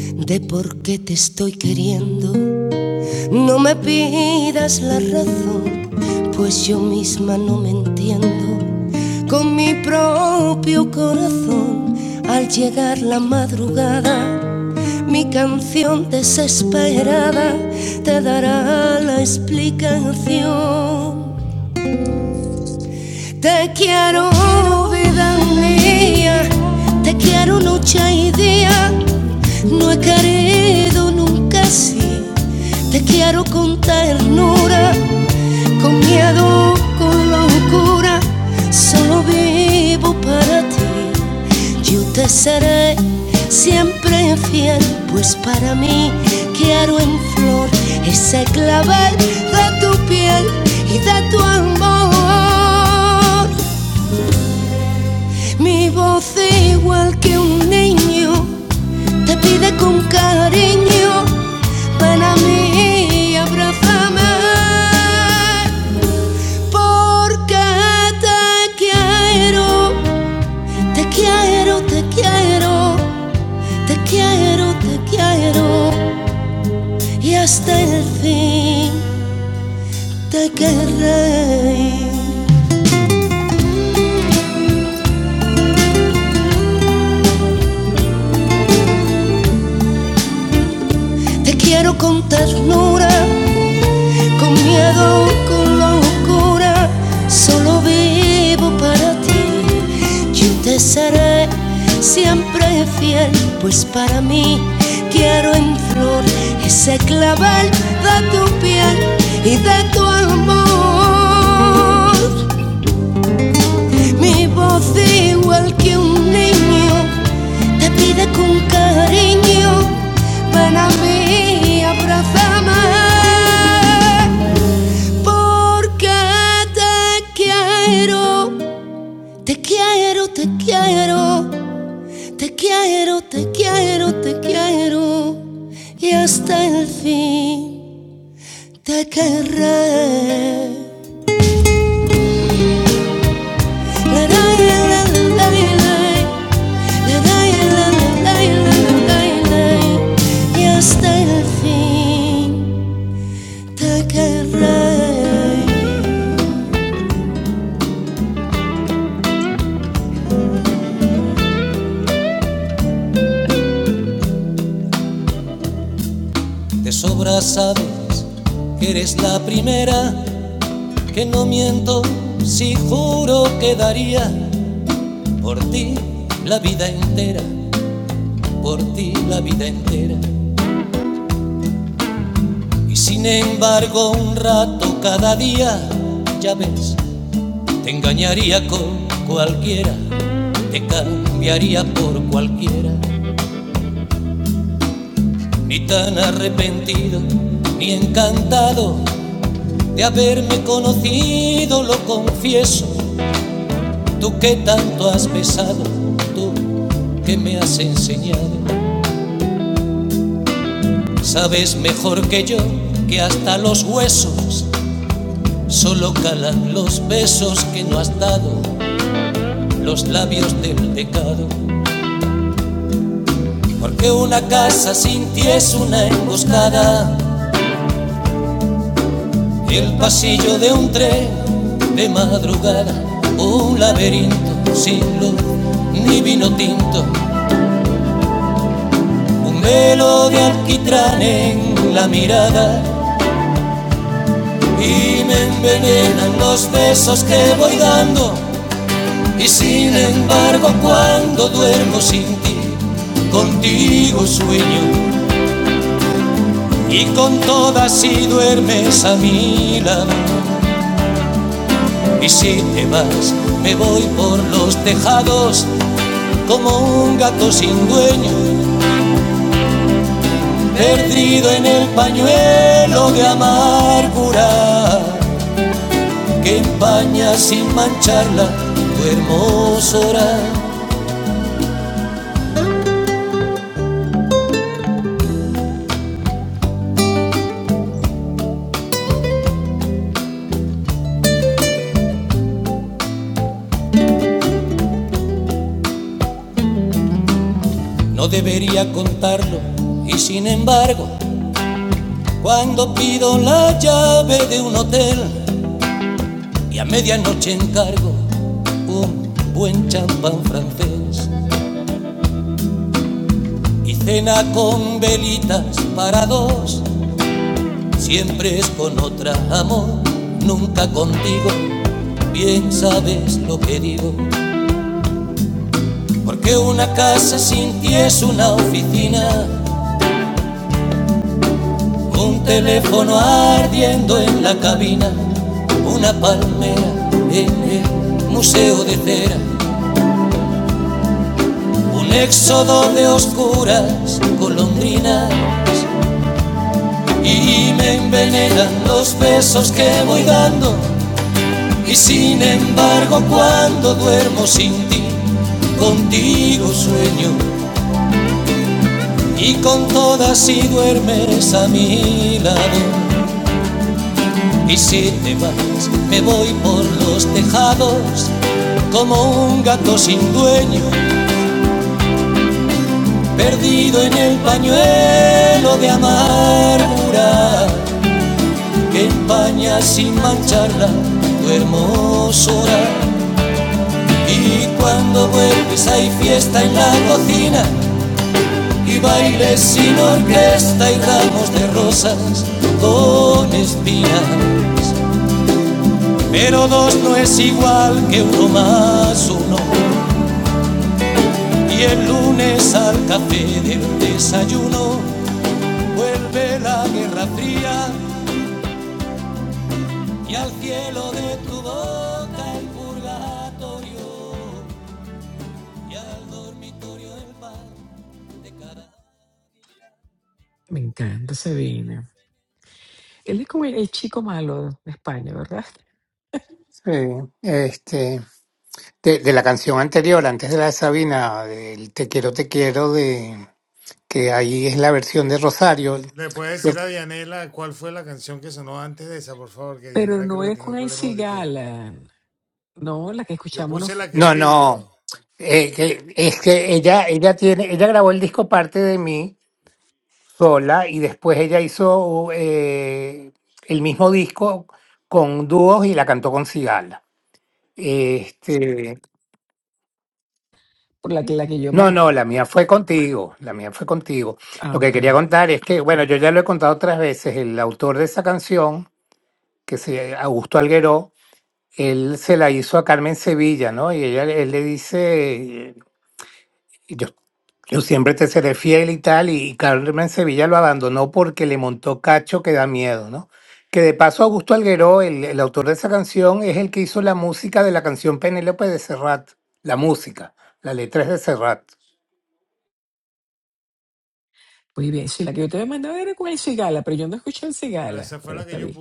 C: de por qué te estoy queriendo. No me pidas la razón, pues yo misma no me entiendo. Con mi propio corazón, al llegar la madrugada, mi canción desesperada te dará la explicación. Te
A: Te
C: quiero,
A: quiero,
C: vida
A: vida
C: mía, te
A: mía.
C: quiero noche y día, no he querido nunca así, te quiero con ternura con miedo, con locura, solo vivo para ti. Yo te seré siempre fiel, pues para mí quiero en flor ese clavel de tu piel y de tu amor. Mi voz igual que un niño te pide con cariño, ven a mí y abrázame. Porque te quiero, te quiero, te quiero, te quiero, te quiero. Y hasta el fin te querré. Te quiero con ternura Con miedo, con locura, solo vivo para ti. Yo te seré siempre fiel, pues para mí quiero en flor ese clavel de tu piel y de tu amor. Mi voz igual que un niño te pide con cariño, ven a mí, abrázame. Porque te quiero, te quiero, te quiero, te quiero, te quiero, te quiero. Y hasta el fin te querré. La, la, la, la, la, la, la, la, la, la, la, la, la. Y hasta el fin te querré. De sobra sabes que eres la primera que no miento si juro que daría por ti la vida entera, por ti la vida entera. Y sin embargo un rato cada día, ya ves, te engañaría con cualquiera, te cambiaría por cualquiera, ni tan arrepentido, ni encantado de haberme conocido, lo confieso, tú que tanto has besado, tú que me has enseñado Sabes mejor que yo que hasta los huesos solo calan los besos que no has dado, los labios del pecado. Porque una casa sin ti es una emboscada, el pasillo de un tren de madrugada, un laberinto sin luz ni vino tinto, un velo de alquitrán en la mirada y me envenenan los besos que voy dando Y sin embargo cuando duermo sin ti, contigo sueño y con todas si duermes a mi lado. Y si te vas, me voy por los tejados como un gato sin dueño, perdido en el pañuelo de amargura que empaña sin mancharla tu hermosura. No debería contarlo y sin embargo Cuando pido la llave de un hotel y a medianoche encargo un buen champán francés y cena con velitas para dos, siempre es con otra amor, nunca contigo. Bien sabes lo que digo, porque una casa sin ti es una oficina, un teléfono ardiendo en la cabina, una palmera en el museo de cera Un éxodo de oscuras colondrinas y me envenenan los besos que voy dando. Y sin embargo, cuando duermo sin ti, contigo sueño y con todas si duermes a mi lado. Y si te vas, me voy por los tejados como un gato sin dueño, perdido en el pañuelo de amargura. que empaña sin mancharla tu hermosura. Y cuando vuelves hay fiesta en la cocina y bailes sin orquesta y ramos de rosas con espinas. Pero dos no es igual que uno más uno. Y el lunes al café del desayuno vuelve la guerra fría y al cielo de tu boca el purgatorio.
A: Me encanta Sabina. Él es como el, el chico malo de España, ¿verdad?
D: Sí, este, de, de la canción anterior, antes de la de Sabina, del Te quiero, te quiero, de que ahí es la versión de Rosario. Yo-
A: Pero no es con el cigala. No, la que escuchamos no fu-
D: no, no, eh, que- es que ella, ella tiene, ella grabó el disco parte de mí sola y después ella hizo eh, el mismo disco con dúos y la cantó con Cigala. Este,
A: por la que, la que yo
D: no,
A: mandé.
D: no, la mía fue contigo, la mía fue contigo.
A: Ah,
D: Lo que
A: ok.
D: quería contar es que, bueno, yo ya lo he contado otras veces, el autor de esa canción, que se Augusto Alguero, él se la hizo a Carmen Sevilla, ¿no? Y ella, él le dice, eh, yo Yo siempre te seré fiel y tal, y Carmen Sevilla lo abandonó porque le montó cacho que da miedo, ¿no? Que de paso Augusto Alguero, el, el autor de esa canción, es el que hizo la música de la canción Penélope de Serrat, la música, la letra es de Serrat.
A: Muy bien, sí, la que usted me mandó era con el cigala, pero yo no escuché el cigala, pero está bien.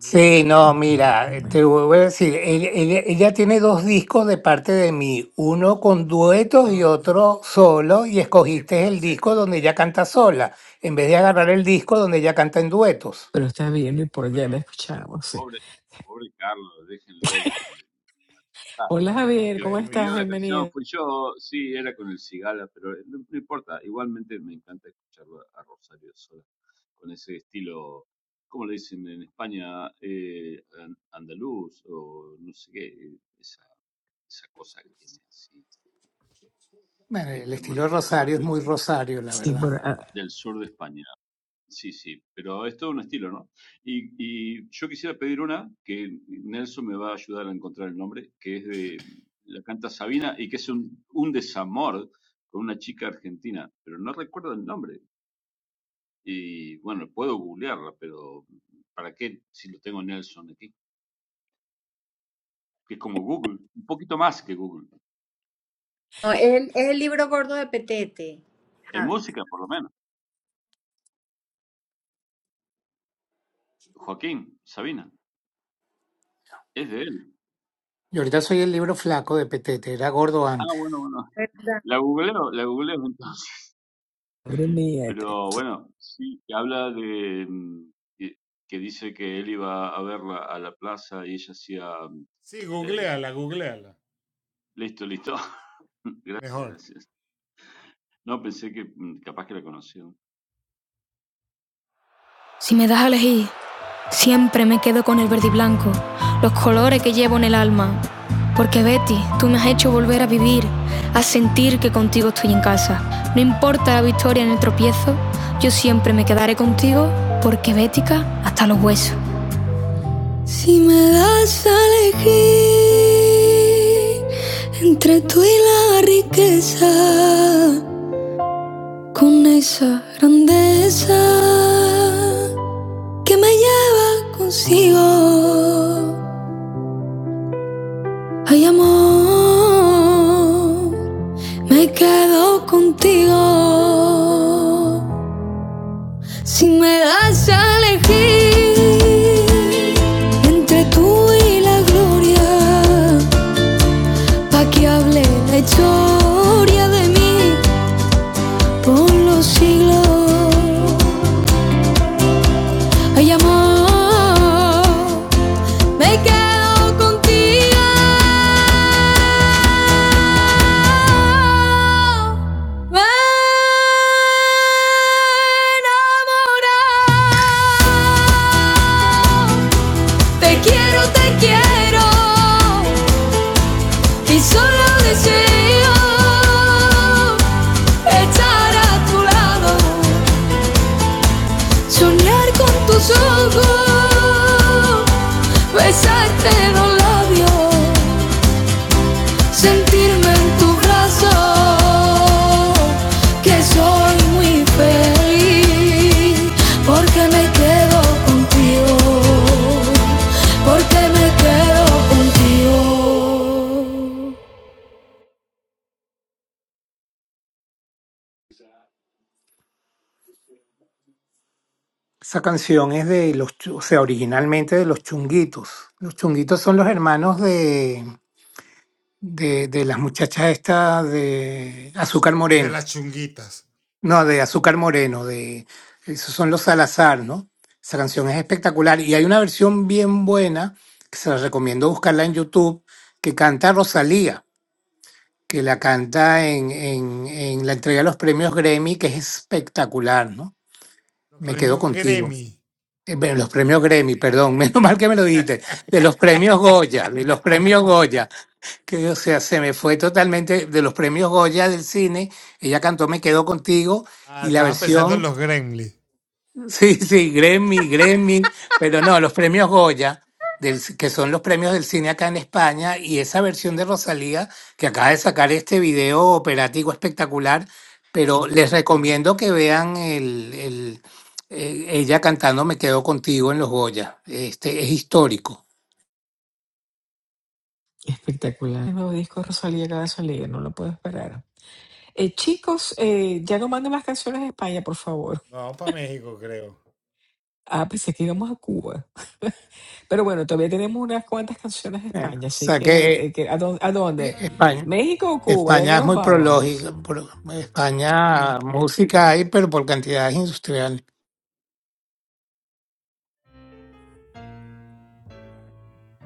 D: Sí, no,
A: Ok,
D: mira, eh,
A: bueno,
D: te voy a decir, el- el- ella tiene dos discos de parte de mí, uno con duetos y otro solo, y escogiste el disco donde ella canta sola, en vez de agarrar el disco donde ella canta en duetos.
A: pero está bien, no importa, ya la
E: Bueno,
A: escuchamos, sí.
E: pobre, pobre Carlos, déjenlo de, de- matar.
A: Hola Javier,
E: Porque el
A: ¿cómo
E: que pidió
A: estás?
E: la canción
A: Bienvenido.
E: fui yo, sí, era con el Cigala, pero no, no importa. Igualmente me encanta escucharlo a Rosario Sola con ese estilo, ¿cómo le dicen en España? Eh, an- andaluz o no sé qué, eh, esa, esa cosa que tiene así,
D: Bueno,
E: eh,
D: el
E: tan
D: estilo de
E: maravillosa
D: Rosario es
E: del,
D: muy Rosario, la
A: Sí,
D: verdad.
A: bueno, ah,
E: del sur de España. Sí, sí, pero es todo un estilo, ¿no? Y, y yo quisiera pedir una que Nelson me va a ayudar a encontrar el nombre, que es de, la canta Sabina y que es un, un desamor con una chica argentina, pero no recuerdo el nombre. Y bueno, puedo googlearla, pero ¿para qué si lo tengo Nelson aquí? Que es como Google, un poquito más que Google.
B: no, es, el, es el libro gordo de Petete.
E: En
B: Ah,
E: música, por lo menos. Joaquín, Sabina, es de él.
D: Y ahorita soy el libro flaco de Petete, era gordo
E: Ah,
D: antes.
E: bueno, bueno.
B: verdad.
E: La googleo, la googleo entonces.
A: madre mía, este,
E: Pero bueno, sí, habla de mm, que que dice que él iba a verla a la plaza y ella hacía, mm, eh, listo, listo. Gracias, gracias. No, pensé que mm, capaz que la conocía.
C: Tú me has hecho volver a vivir esas tropiezos. Yo siempre contigo, porque bética hasta los huesos. Si me das a elegir entre tú y la riqueza, con esa grandeza que me lleva consigo, hay amor Me quedo contigo si me das a elegir entre tú y la gloria, pa que hable la historia de mí por los siglos. Ay amor, me quedo contigo Me enamoré. Te quiero, te quiero y solo deseo estar a tu lado, soñar con tus ojos, besarte los labios sentirme en tu brazo, que soy muy feliz, porque me quedo contigo, porque me quedo contigo.
D: Esa canción es de los, Chu- o sea, originalmente de los chunguitos. Los chunguitos son los hermanos de, de, de las muchachas estas de Azúcar Moreno. No, de Azúcar Moreno, de, esos son los Salazar, ¿no? Esa canción es espectacular y hay una versión bien buena que se la recomiendo buscarla en YouTube que canta Rosalía. que la canta en, en, en la entrega de los premios Grammy, que es espectacular, ¿no? Me quedo contigo. Eh, Bueno, los premios Grammy, perdón, menos mal que me lo dijiste, de los premios Goya, de los premios Goya, que o sea, se me fue totalmente de los premios Goya del cine, ella cantó Me quedo contigo y la versión Sí, sí, Grammy, Grammy, pero no, los premios Goya, del, que son los premios del cine acá en España, y esa versión de Rosalía que acaba de sacar este video operativo espectacular, pero les recomiendo que vean el, el- eh, ella cantando Me quedo contigo en los Goya. Este es histórico.
A: espectacular. El nuevo disco de Rosalía acaba de salir, no lo puedo esperar. Eh, chicos, eh, ya no manden más canciones de España, por favor. Ah, pensé que íbamos a Cuba. Pero bueno, todavía tenemos unas cuantas canciones de
D: Bueno, o
A: España, así
D: sea
A: que,
D: que
A: eh, que ¿a dónde? a
D: eh,
A: dónde?
D: España,
A: ¿México o Cuba? ¿A
D: España
A: dónde
D: es
A: nos
D: muy prológica,
A: vamos?
D: pro- España música hay, pero por cantidades industriales.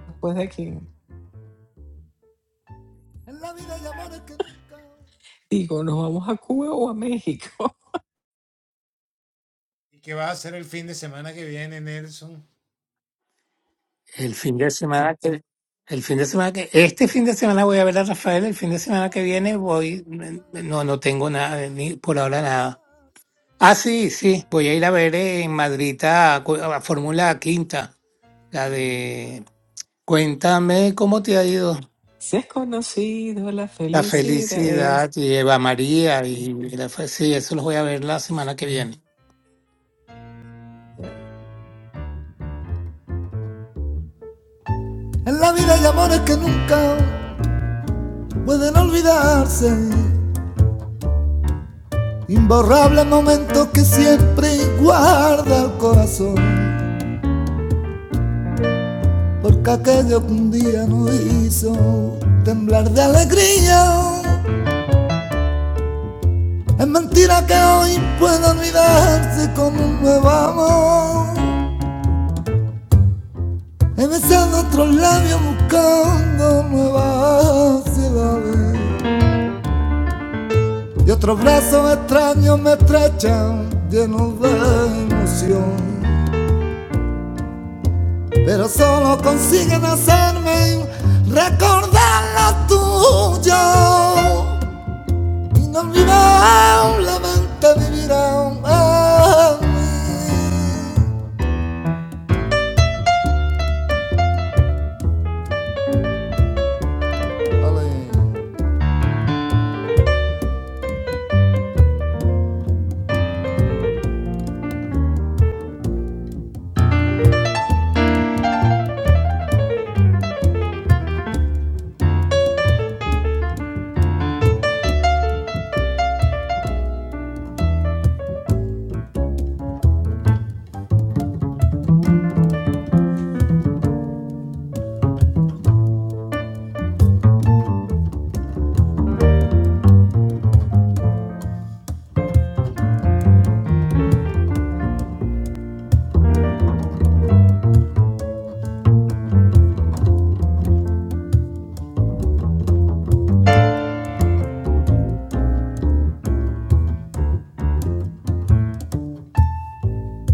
A: Después de aquí. Digo, ¿nos vamos a Cuba o a México?
D: El fin de semana que, el fin de semana que, este fin de semana voy a ver a Rafael, el fin de semana que viene voy, no, no tengo nada, ni por ahora nada. Ah, sí, sí, voy a ir a ver en Madrid a, cu- a Fórmula Quinta, la de Cuéntame cómo te ha ido.
A: Si es conocido la
D: La
A: felicidad
D: felicidad
A: es...
D: y Eva María y la fe- sí, eso los voy a ver la semana que viene.
A: Ya,
C: En la vida hay amores que nunca pueden olvidarse. Imborrables momentos que siempre guarda el corazón. Porque aquello que un día nos hizo temblar de alegría Es mentira que hoy pueda olvidarse como un nuevo amor. He besado otros labios buscando nuevas ciudades. Y otros brazos extraños me estrechan llenos de emoción. Pero solo consiguen hacerme recordar lo tuyo. Inolvidable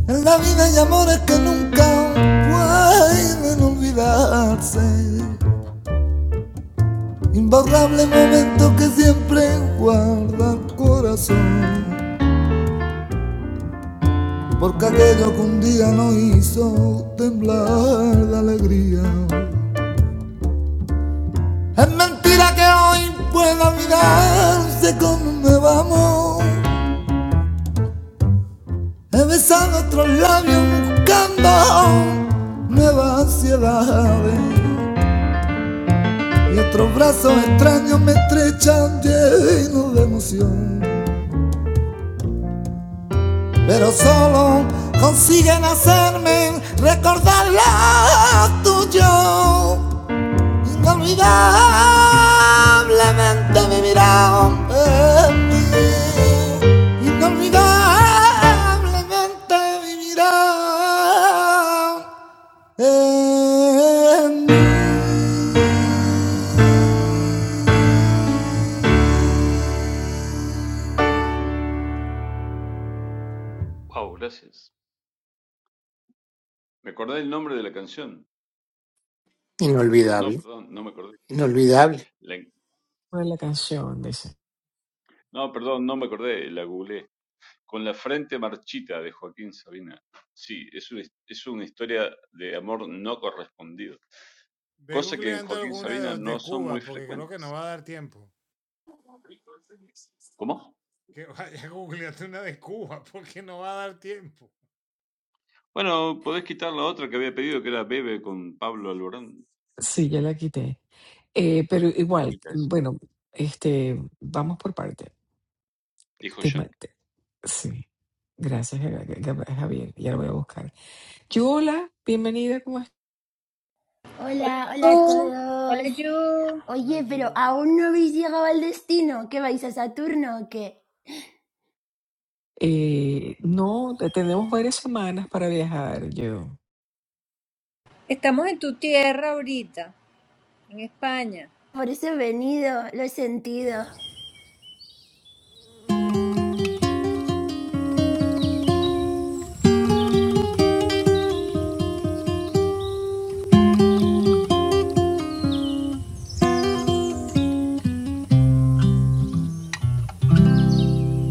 C: en la vida y amores que nunca pueden olvidarse. Imborrable momento que siempre guarda el corazón, porque aquello que un día nos hizo temblar de alegría. Es mentira que hoy pueda mirarse con un nuevo amor. He besado otros labios buscando nuevas ansiedades. Y otros brazos extraños me estrechan llenos de emoción. pero solo consiguen hacerme recordar lo tuyo. Inolvidablemente vivirán en mí. Inolvidablemente vivirán en mí.
E: Wow, gracias. Me acordé el nombre de la canción. No,
D: Inolvidable,
E: perdón, no me acordé.
D: inolvidable.
E: La-
A: ¿cuál es la canción, dice.
E: no, perdón, no me acordé, la googleé. Con la frente marchita de Joaquín Sabina. Sí, es una, his- es una historia de amor no correspondido. Cosa que en Joaquín Sabina no son muy frecuentes. ¿Cómo? Bueno, podés quitar la otra que había pedido, que era Bebe con Pablo Alborán.
A: Sí, ya la quité. Eh, pero
E: Quita,
A: igual,
E: quita eso,
A: bueno, este, vamos por parte.
E: dijo
A: Te ma-
E: Jack.
A: te- sí, gracias Ga- Ga- Ga- Javier, ya lo voy a buscar. Yola, bienvenida, ¿cómo estás?
B: Hola,
F: Hola, hola a
B: Yu, hola,
F: todos.
B: Yu.
F: Oye, pero aún no habéis llegado al destino. ¿Qué vais a Saturno o qué?
A: Eh, no, te- tenemos varias semanas para viajar, yo.
B: Estamos en tu tierra ahorita, en España.
F: Por eso he venido, lo he sentido.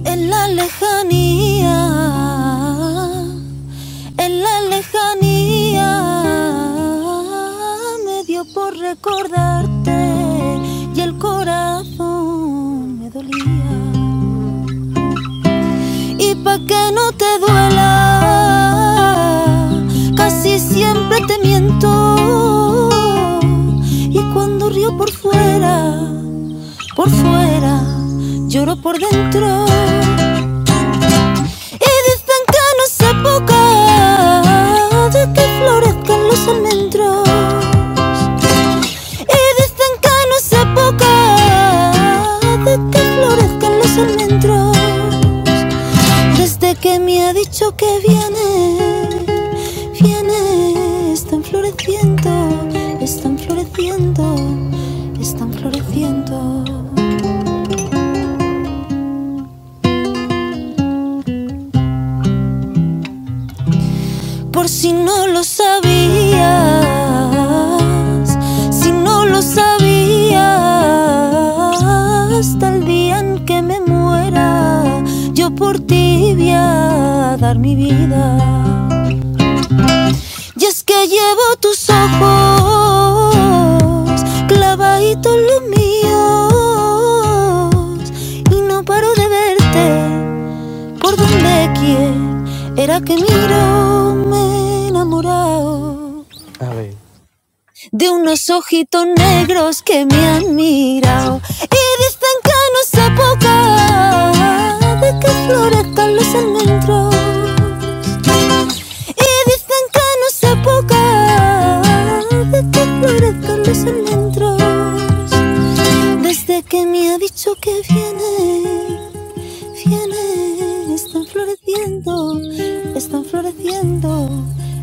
C: En la lejanía En la lejanía me dio por recordarte y el corazón me dolía. Y pa' que no te duela, casi siempre te miento. Y cuando río por fuera, por fuera, lloro por dentro. Y dicen que no es época de que florezcan los almendros. Y dicen que no es época de que florezcan los almendros. Desde que me ha dicho que viene, viene, están floreciendo, están floreciendo, están floreciendo. Por si no lo sabías, si no lo sabías, hasta el día en que me muera, yo por ti voy a dar mi vida. Y es que llevo tus ojos clavaditos los míos y no paro de verte por donde quiera que miro me he enamorado de unos ojitos negros que me han mirado y dicen que no se poca de que florezcan los almendros y dicen que no se poca de que florezcan los almendros Desde que me ha dicho que viene, viene, están floreciendo, están floreciendo,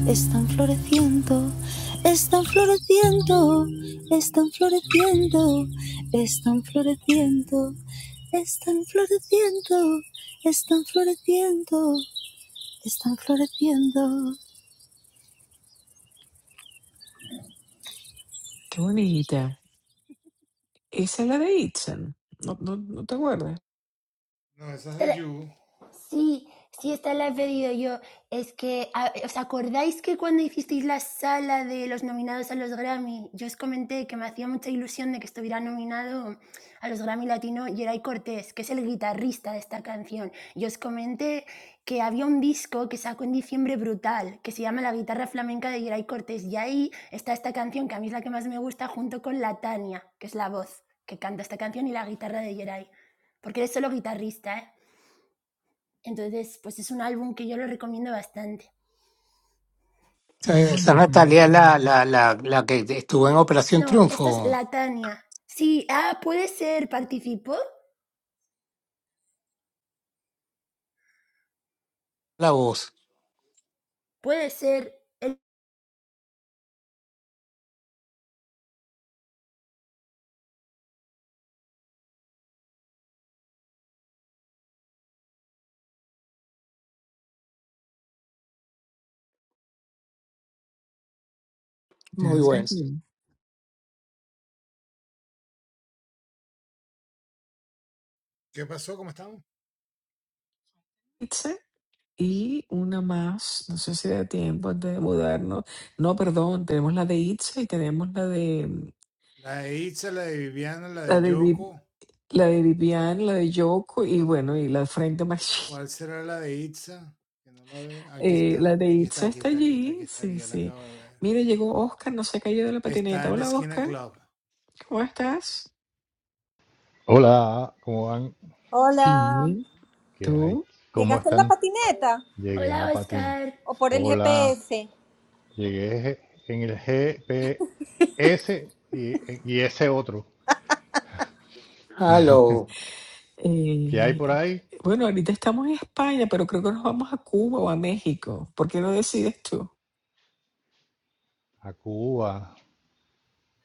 C: están floreciendo, están floreciendo, están floreciendo, están floreciendo, están floreciendo, están floreciendo, están floreciendo.
A: Qué bonita. Esa es la de Itzen, no, no, no te acuerdas.
F: Esta- Sí, sí, esta la he pedido yo. Es que, a- ¿os acordáis que cuando hicisteis la sala de los nominados a los Grammy, yo os comenté que me hacía mucha ilusión de que estuviera nominado a los Grammy Latino Yeray Cortés, que es el guitarrista de esta canción? Yo os comenté que había un disco que sacó en diciembre brutal, que se llama La guitarra flamenca de Yeray Cortés, y ahí está esta canción, que a mí es la que más me gusta, junto con la Tania, que es la voz que canta esta canción, y la guitarra de Yeray, Porque eres solo guitarrista, ¿eh? Entonces, pues es un álbum que yo lo recomiendo bastante.
A: Muy
D: Eh, Esa
A: bonita,
D: Natalia, la, la, la, la que estuvo en Operación
F: No, esto es
D: Triunfo,
F: La Tania. Sí, ah, puede ser, participó.
D: la voz.
F: Puede ser. El...
D: Muy bueno.
A: Gracias, Gil. Itzel. Y una más, no sé si da tiempo antes de mudarnos. No, perdón, tenemos la de Itza y tenemos la de mm, la de, Vi- la de Vivian, la de Yoko y bueno, y la de Frente Machine. Eh, la de Itza está allí, sí, sí. Mire, llegó Oscar, no se cayó de la patineta. Hola, Oscar, ¿cómo estás?
G: Hola, ¿cómo van?
B: Hola,
A: Bien,
G: ¿Qué hay?
A: ¿tú?
G: ¿Cómo
B: ¿llegaste en la
G: están?
B: patineta
G: Llegué en la
F: Hola,
G: patina.
F: Oscar.
B: o por el
G: Hola,
B: GPS?
G: llegué en el GPS y, y ese otro.
D: Hello.
G: ¿Qué hay por
A: Eh,
G: ahí?
A: bueno, ahorita estamos en España, pero creo que nos vamos a Cuba o a México. ¿Por qué no decides tú?
G: A Cuba,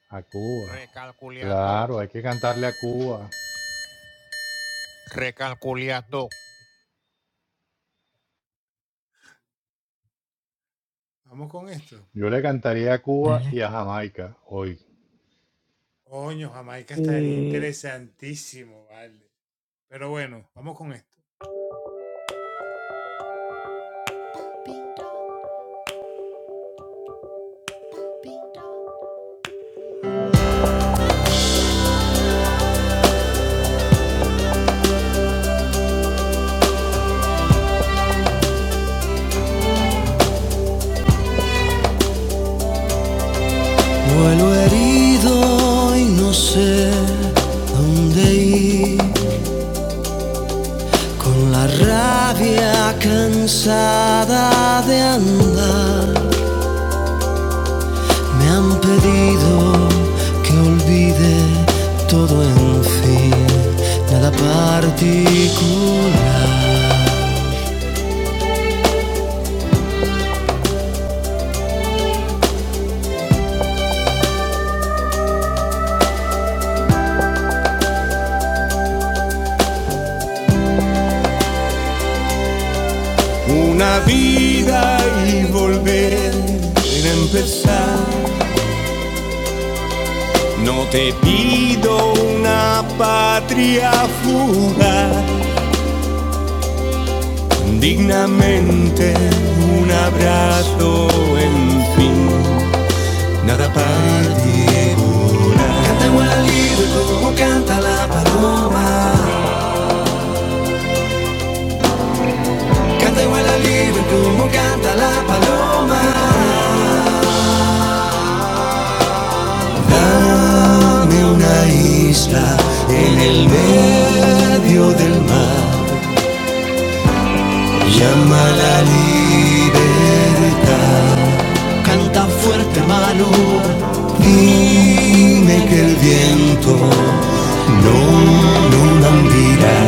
G: a Cuba.
C: Recalculando,
G: Claro, hay que cantarle a Cuba.
C: recalculando,
G: Yo le cantaría a Cuba
A: dale
G: y a Jamaica hoy.
A: Eh,
C: Una vida y volver a empezar. No te pido una patria fugaz, dignamente un abrazo, en fin, nada particular. Canta igual al libre como canta la paloma. Canta igual al libre como canta la paloma. Dame una isla en el medio del mar. Llama a la libertad. Canta fuerte, hermano. Dime que el viento no, no lambirá.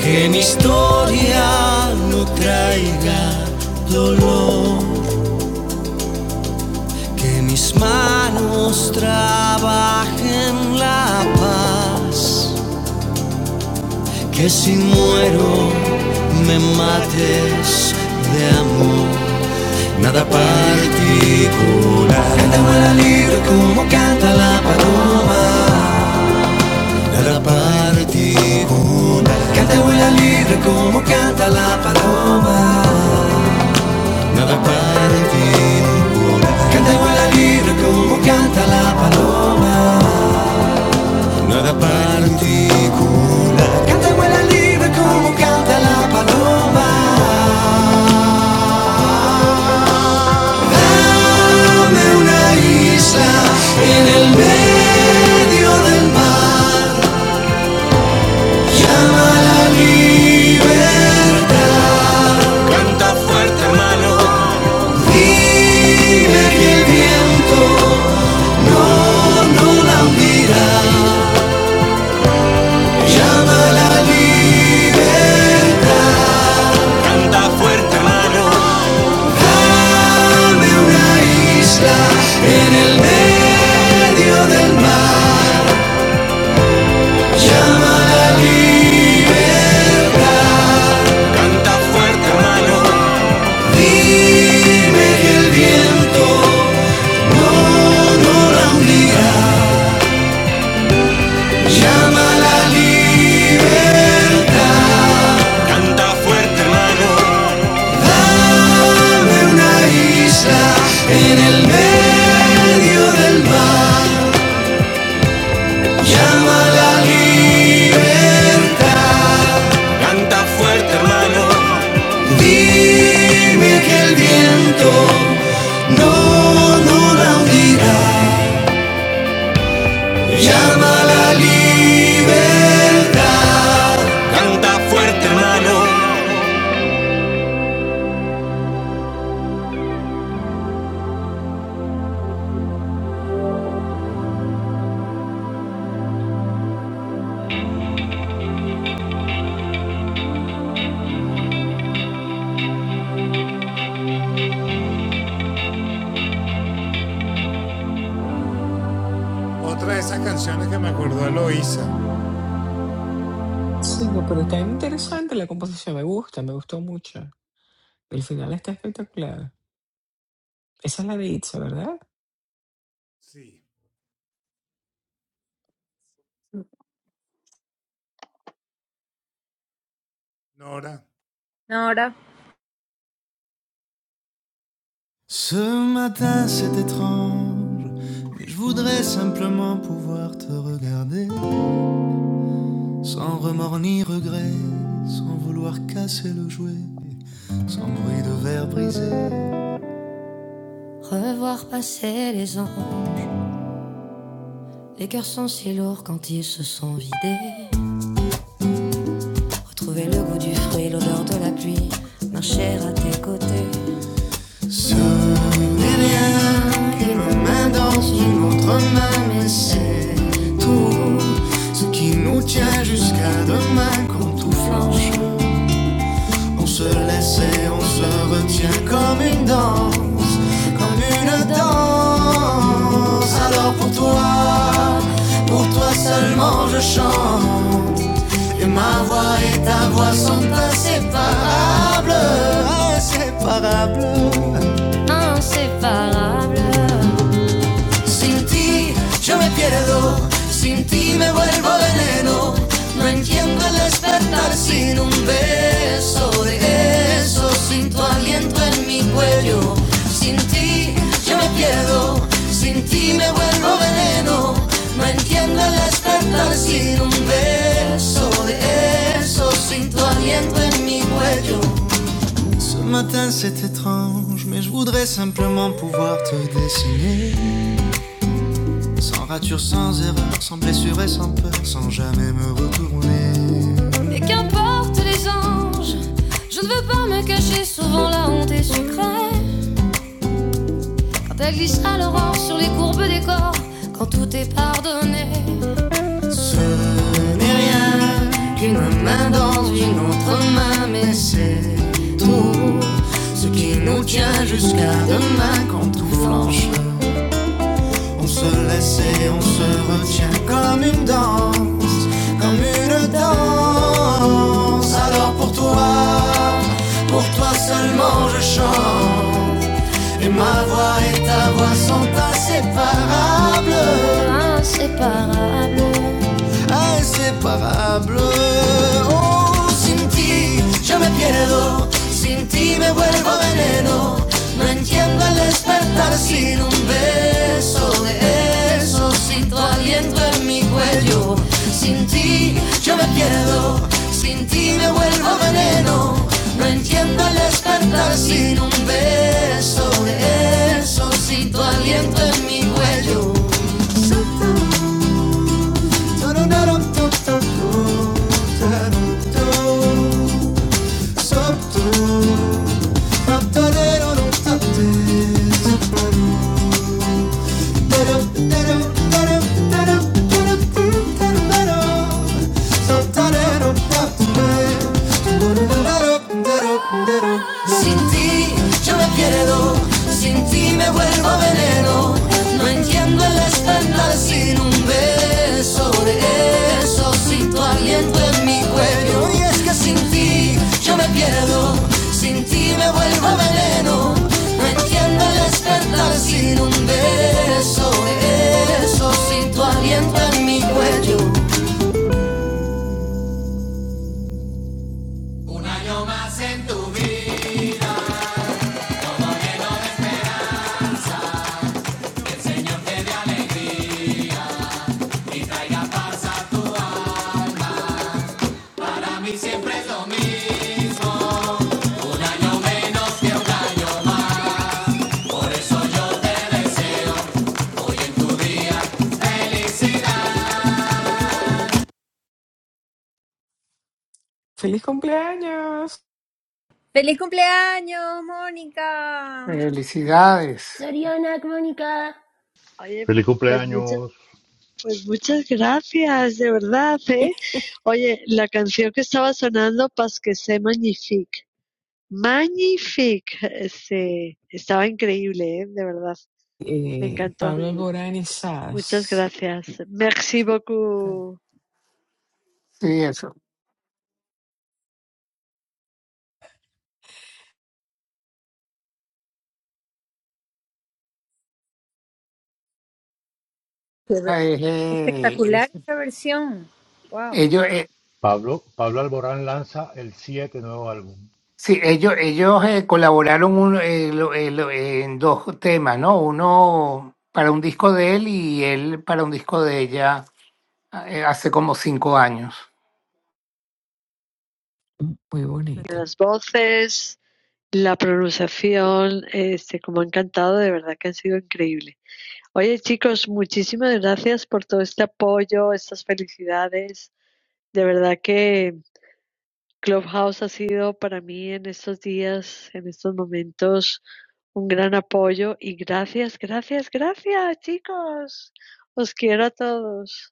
C: Que mi historia no traiga dolor. Que mis manos trabajen la paz. Que si muero me mates de amor, nada particular. Canta vuela libre como canta la paloma, nada particular. Canta vuela libre como canta la paloma, nada particular. Canta vuela libre como canta la paloma. nada particular. Canta vuela libre como canta la paloma. Dame una isla en el medio del mar. Llama la libertad. Canta fuerte, hermano. Dime que el viento no la hundirá. Llama la Canta fuerte, hermano. Dame una isla en el medio del mar. Llámala allí. Canta fuerte, hermano. Dime que el viento no, no la hundirá. Llámala allí. Canta fuerte, hermano. Canta fuerte, hermano. Dime que el viento no, no la hundirá. Yarmalí, canta fuerte, hermano.
A: sí, no, pero está interesante la composición, me gusta, me gustó mucho. El final está espectacular. Esa es la de Itza, ¿verdad?
B: No, Ahora,
C: C'est étrange pouvoir te regarder, ni regret, sans voir que Revoir passer les ans, les cœurs sont si lourds quand ils se sont vidés. Retrouver le goût du fruit, l'odeur de la pluie, marcher à tes côtés. une main dans une autre main, mais c'est tout ce qui nous tient jusqu'à demain. Quand tout on se laisse et on se retient comme une danse, comme une danse. Alors pour toi, pour toi seulement je chante. Et ma voix et ta voix sont inséparables, inséparables. Sin ti yo me pierdo, sin ti me vuelvo veneno. No entiendo el despertar sin un beso de eso, sin tu aliento en mi cuello. Sin ti yo me pierdo, sin ti me vuelvo veneno. No entiendo el despertar sin un beso de eso, sin tu aliento en mi cuello. J'aime pleinement pouvoir te Et qu'importe les anges, je ne veux pas me cacher, souvent la honte est sucrée. Quand elle glisse à l'aurore sur les courbes des corps, quand tout est pardonné. Ce n'est rien qu'une main dans une autre main, mais c'est tout ce qui nous tient jusqu'à demain quand tout flanche. On se laisse et on se retient comme une danse, comme une danse. Alors pour toi, pour toi seulement je chante. Et ma voix et ta voix sont inséparables. Inséparables. inseparable. Oh, sin ti yo me pierdo, sin ti me vuelvo veneno. No entiendo el despertar sin un beso de eso, sin tu aliento en mi cuello. Sin ti yo me pierdo, sin ti me vuelvo veneno. No entiendo el despertar sin un beso de eso, sin tu aliento en mi cuello. That up Sometimes Sin ti yo me pierdo, sin ti me vuelvo veneno. No entiendo el estándar sin un beso, regreso sin tu aliento en mi cuello. Y es que sin ti yo me pierdo, sin ti me vuelvo veneno. No entiendo el despertar sin un beso, regreso sin tu aliento en mi cuello.
A: ¡Feliz cumpleaños!
B: feliz cumpleaños, Mónica.
D: Felicidades.
F: Soriana, Mónica.
H: Oye,
G: Feliz
H: pues muchas,
G: cumpleaños,
H: pues muchas gracias, de verdad, ¿eh? Oye, la canción que estaba sonando, Pas que c'est magnifique. Magnifique. Este, estaba increíble, ¿eh? De verdad. Me
A: Eh,
H: encantó.
A: Pablo Alborán y
H: Muchas
A: Sass.
H: gracias. Merci beaucoup.
D: Sí, eso.
B: Qué ve-
D: Es, eh, es-
B: Espectacular esa versión. Wow.
D: ellos, eh,
G: Pablo. Pablo Alborán lanza el 7 nuevo álbum.
D: sí, ellos, ellos eh, colaboraron un- eh, lo- eh, lo- en dos temas, ¿no? Uno para un disco de él y él para un disco de ella eh, hace como cinco años.
A: Muy bonita.
H: Las voces, la pronunciación, este, como han cantado, de verdad que han sido increíble. Oye, chicos, muchísimas gracias por todo este apoyo, estas felicidades. De verdad que Clubhouse ha sido para mí en estos días, en estos momentos, un gran apoyo y gracias, gracias, gracias, chicos. Os quiero a todos.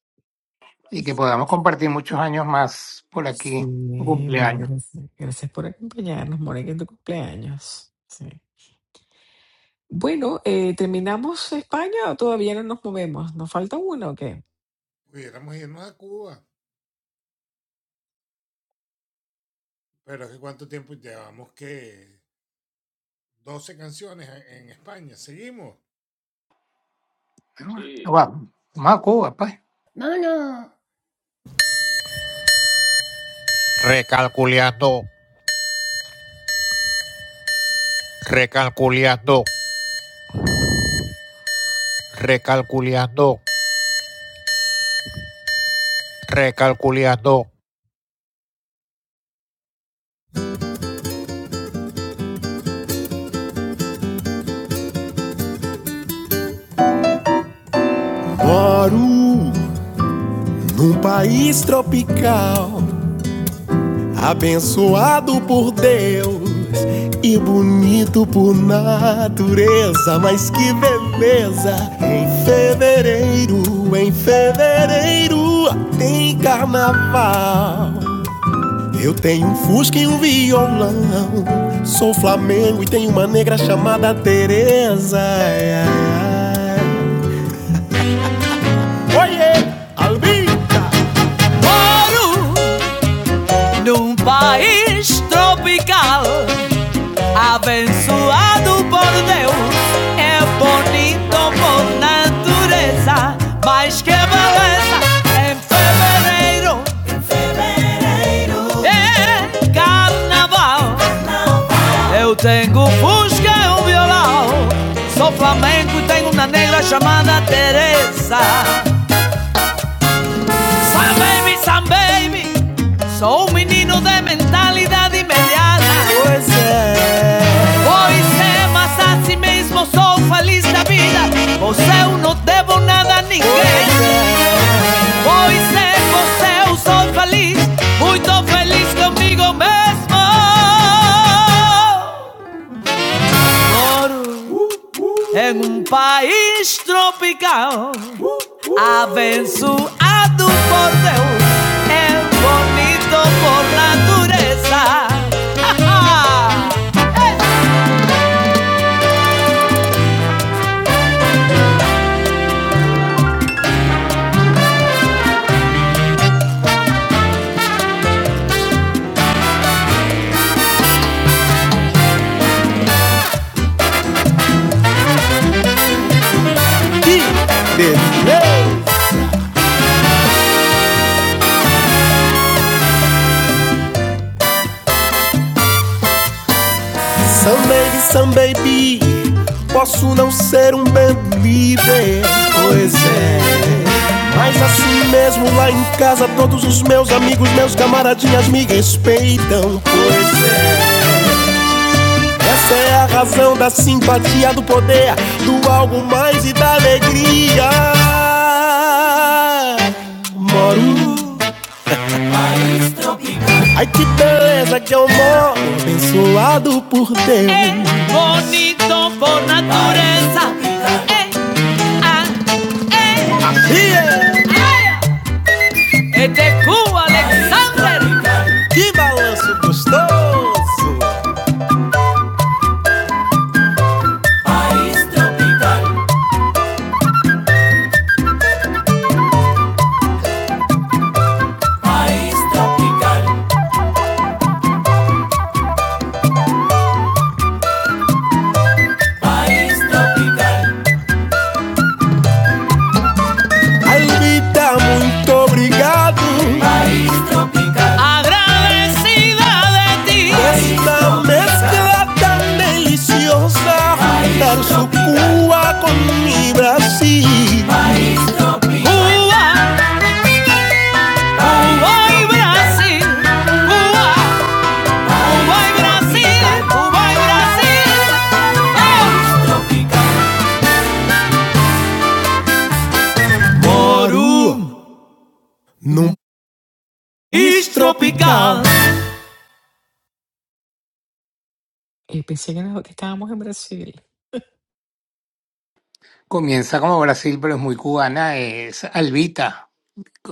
D: Y que podamos compartir muchos años más por
A: Sí,
D: aquí. Tu
A: no,
D: cumpleaños.
A: gracias. Gracias por acompañarnos, Mónica, en tu cumpleaños. Sí. Bueno, eh, ¿terminamos España o todavía no nos movemos? ¿Nos falta uno o qué?
E: Sí,
D: Vamos, vamos a Cuba, pues.
F: Vámonos.
C: Recalculeando, recalculeando, recalculeando. Guarú, Num país tropical, abençoado por Deus e bonito por natureza, mas que beleza! Em fevereiro, em fevereiro tem carnaval. Eu tenho um fusca e um violão. Sou Flamengo e tenho uma negra chamada Teresa. Oiê, Albi! Moro num país tropical Abençoado por Deus, é bonito por natureza, mas que beleza em fevereiro é carnaval. Eu tenho fusca e um violão, sou flamengo e tenho uma negra chamada Teresa. Sam baby, Sam baby, sou um menino de mentalidade mediana. Pois é, mas assim mesmo sou feliz da vida Pois eu não devo nada a ninguém Pois é, pois eu sou feliz Muito feliz comigo mesmo Em um país tropical Abençoado por Deus É bonito por lá Someday, some baby, posso não ser um band líder, pois é. Mas assim mesmo lá em casa todos os meus amigos, meus camaradinhas me respeitam, pois é. Essa é a razão da simpatia, do poder, do algo mais e da alegria. Moro Ai que beleza que eu moro, abençoado por É Deus. É bonito por natureza. É, ah, E é é de Cuba, Alexander. que balanço gostoso. Ai linda, muito obrigado. Esta mescla tão deliciosa, dar sucua com mi Brasil. Cuba e Brasil, Brasil, Cuba e Brasil. Forum Istropical.
A: Eh, pensé que, nos- que estábamos en Brasil.
D: Comienza como Brasil, pero es muy cubana. Es Albita.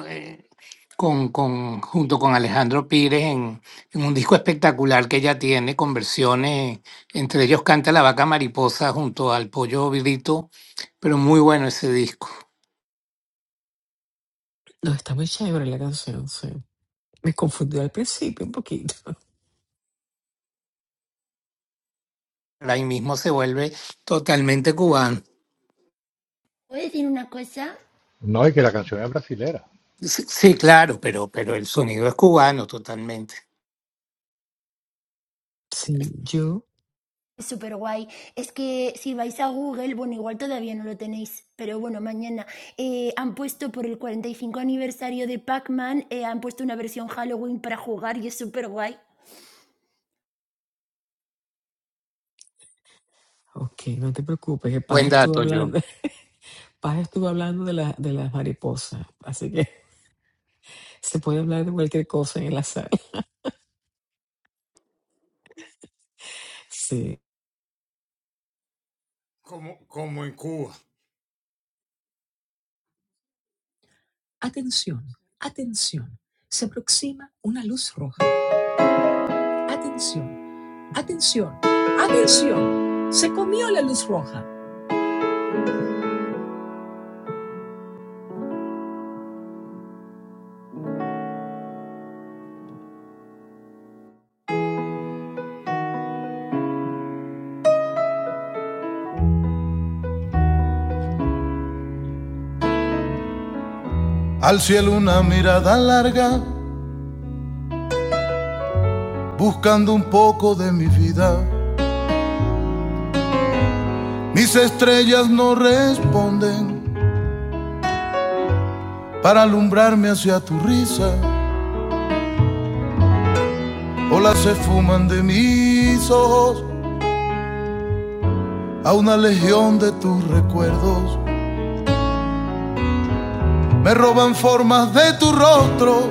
D: eh, con, con- junto con Alejandro Pires en, en un disco espectacular que ella tiene con versiones, entre ellos canta La Vaca Mariposa junto al Pollo Virito, pero muy bueno ese disco.
A: No, está muy chévere la canción, sí. Me confundió al principio un poquito.
D: Ahí mismo se vuelve totalmente cubano.
F: ¿Puedo decir una cosa?
G: No, y que la canción es brasilera.
D: Sí, sí, claro, pero, pero el sonido es cubano totalmente.
A: Sí, yo.
F: Es súper guay. Es que si vais a Google, bueno, igual todavía no lo tenéis, pero bueno, mañana eh, han puesto por el 45 aniversario de Pac-Man, eh, han puesto una versión Halloween para jugar y es súper guay.
A: Ok, no te preocupes, que
D: Buen
A: Paz estuvo
D: dato, yo.
A: hablando, Paz estuvo hablando de, la- de las mariposas, así que se puede hablar de cualquier cosa en la sala. Sí,
C: Atención, atención. Se aproxima una luz roja. Atención, atención, atención. Se comió la luz roja. Al cielo una mirada larga, buscando un poco de mi vida. Mis estrellas no responden para alumbrarme hacia tu risa. Olas se fuman de mis ojos a una legión de tus recuerdos. Me roban formas de tu rostro,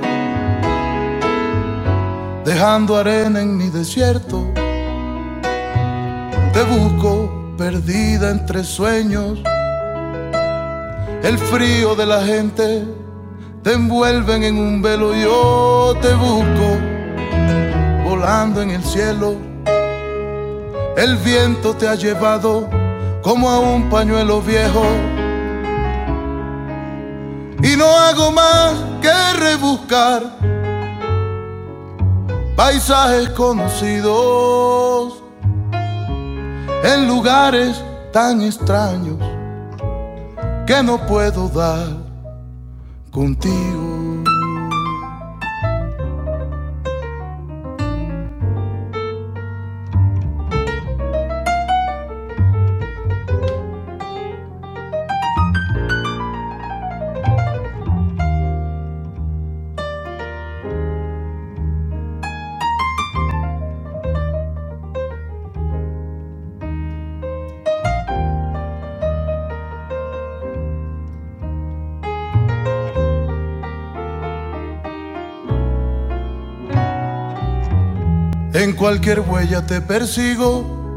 C: dejando arena en mi desierto. Te busco perdida entre sueños, el frío de la gente. Te envuelven en un velo, yo te busco volando en el cielo. El viento te ha llevado como a un pañuelo viejo. Y no hago más que rebuscar paisajes conocidos en lugares tan extraños que no puedo dar contigo. En cualquier huella te persigo,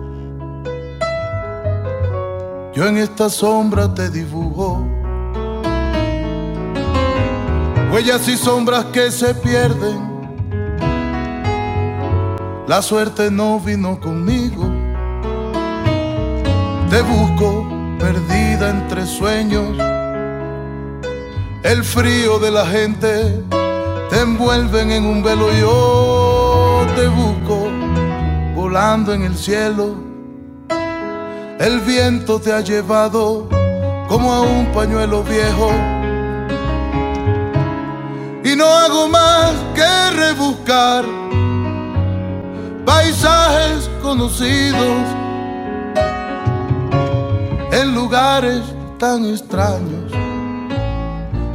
C: yo en esta sombra te dibujo. Huellas y sombras que se pierden, la suerte no vino conmigo. Te busco perdida entre sueños, el frío de la gente te envuelven en un velo. Yo te busco volando en el cielo, el viento te ha llevado como a un pañuelo viejo. y no hago más que rebuscar paisajes conocidos en lugares tan extraños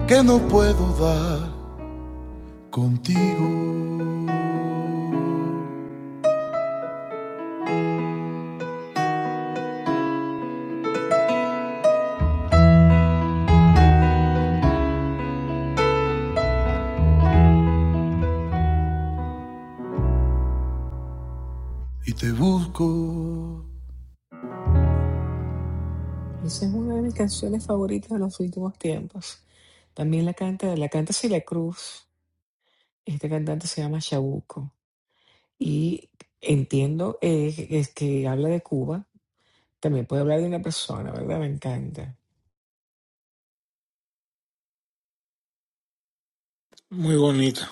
C: que no puedo dar contigo y te busco
A: esa es una de mis canciones favoritas de los últimos tiempos. También la canta, la canta Celia Cruz, este cantante se llama Chabuco, y entiendo eh, que- es que habla de Cuba, también puede hablar de una persona, ¿verdad? Me encanta.
D: Muy bonito.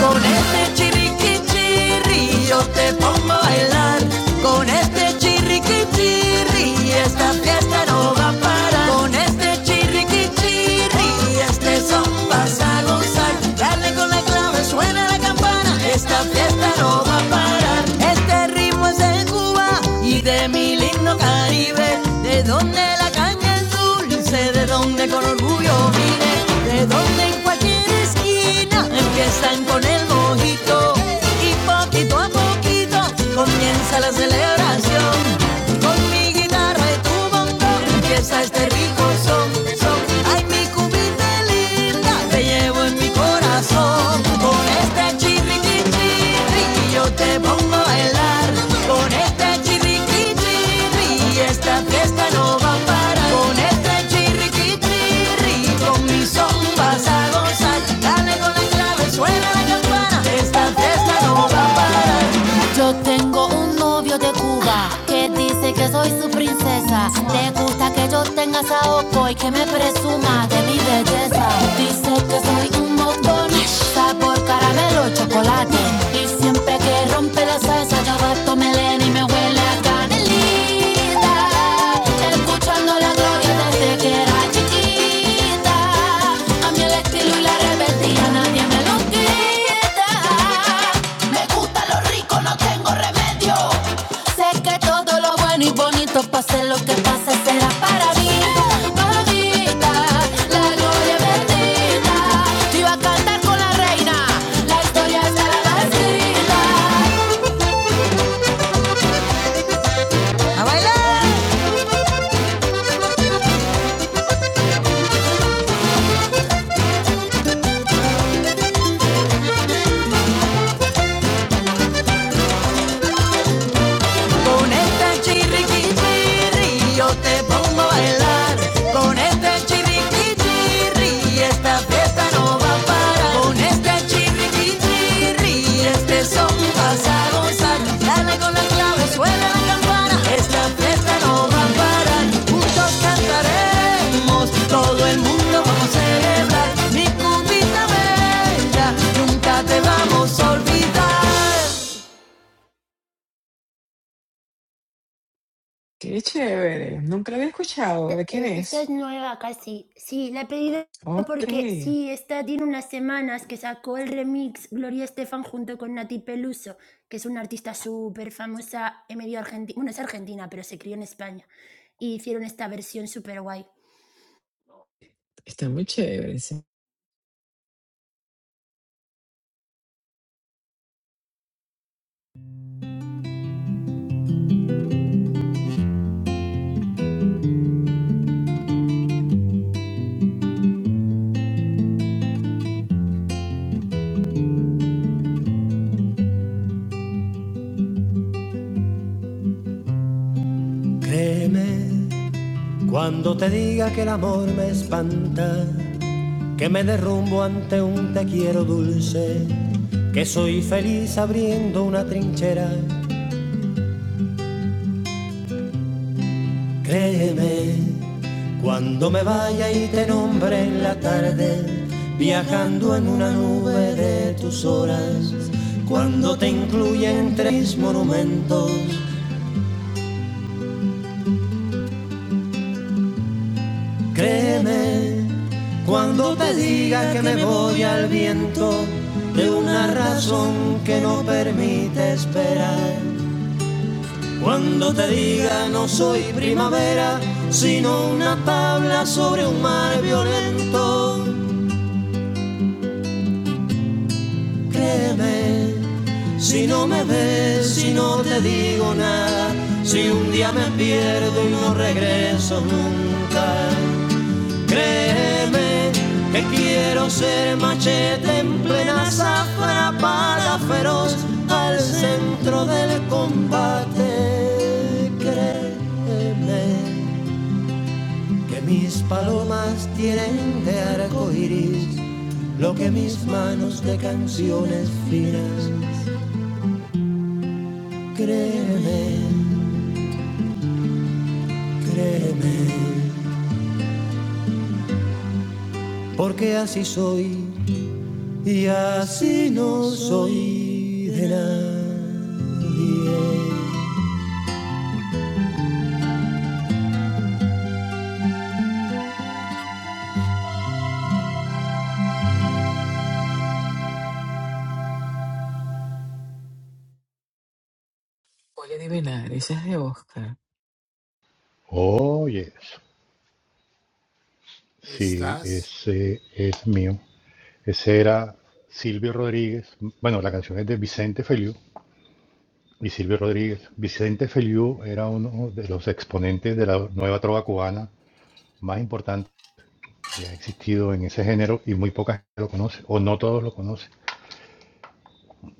C: Con este chiriqui yo te pongo a bailar. Con este chiriqui esta fiesta no va a parar. Con este chiriqui este son vas a gozar. Dale con la clave, suena la campana. Esta fiesta no va a parar. Este ritmo es de Cuba y de mi mi lindo Caribe, de donde la caña es dulce, de donde con orgullo vine, de donde en cualquier esquina empiezan con el mojito y poquito a poquito comienza la celebración. Con mi guitarra y tu bongo empieza este rico son, son. Ay, mi cubita linda te llevo en mi corazón. Con este chirriqui chirri chirri yo te pongo a bailar. Con este chirriqui chirri chirri esta fiesta no va a parar. Con este chirriqui chirri chirri con mi son vas a gozar. Dale con la clave, suena la campana. Esta fiesta no va a parar. Yo tengo un novio de Cuba que dice que soy su princesa. Le gusta que yo tenga saoco y que me presuma de mi belleza. Dice que soy un montón, sabor caramelo, chocolate. Y siempre que rompe la salsa, yo gasto melena y me huele a canelita. Escuchando la gloria desde que era chiquita. A mí el estilo y la rebeldía nadie me lo quita. Me gusta lo rico, no tengo remedio. Sé que todo lo bueno y bonito pase lo que pase será para mí. Mamita, la gloria bendita. Yo cantar con la reina, la historia está la Y yo Con este chirriqui chirri, esta fiesta no va a parar. Con este chirriqui chirri, este son vas a gozar. Dale con la clave, suena la campana, esta fiesta no va a parar. Juntos cantaremos, todo el mundo vamos a celebrar. Mi cubita bella, nunca
A: Qué chévere, nunca la había escuchado, ¿de quién
F: Eh, esta
A: es?
F: es nueva casi. Sí, la he pedido
A: Ok,
F: porque sí, esta tiene unas semanas que sacó el remix Gloria Estefan junto con Nati Peluso, que es una artista súper famosa en medio argentino. Bueno, es argentina, pero se crió en España. Y hicieron esta versión súper guay.
A: está muy chévere. ese.
C: Créeme cuando te diga que el amor me espanta. que me derrumbo ante un te quiero dulce, que soy feliz abriendo una trinchera. Créeme, cuando me vaya y te nombre en la tarde, viajando en una nube de tus horas, cuando te incluya entre mis monumentos, créeme, cuando te diga que me voy al viento de una razón que no permite esperar Cuando te diga no soy primavera, sino una tabla sobre un mar violento, créeme. Si no me ves, si no te digo nada, si un día me pierdo y no regreso nunca, créeme que quiero ser machete en plena zafra para feroz al centro del combate, créeme. que mis palomas tienen de arco iris, lo que mis manos de canciones finas, y así no soy.
A: Voy a adivinar, esa es de Oscar.
G: Oh, yes. Sí, ese es mío. Ese era Silvio Rodríguez. Bueno, la canción es de Vicente Feliu y Silvio Rodríguez. Vicente Feliu era uno de los exponentes de la nueva trova cubana más importante que ha existido en ese género y muy poca gente lo conoce, o no todos lo conocen.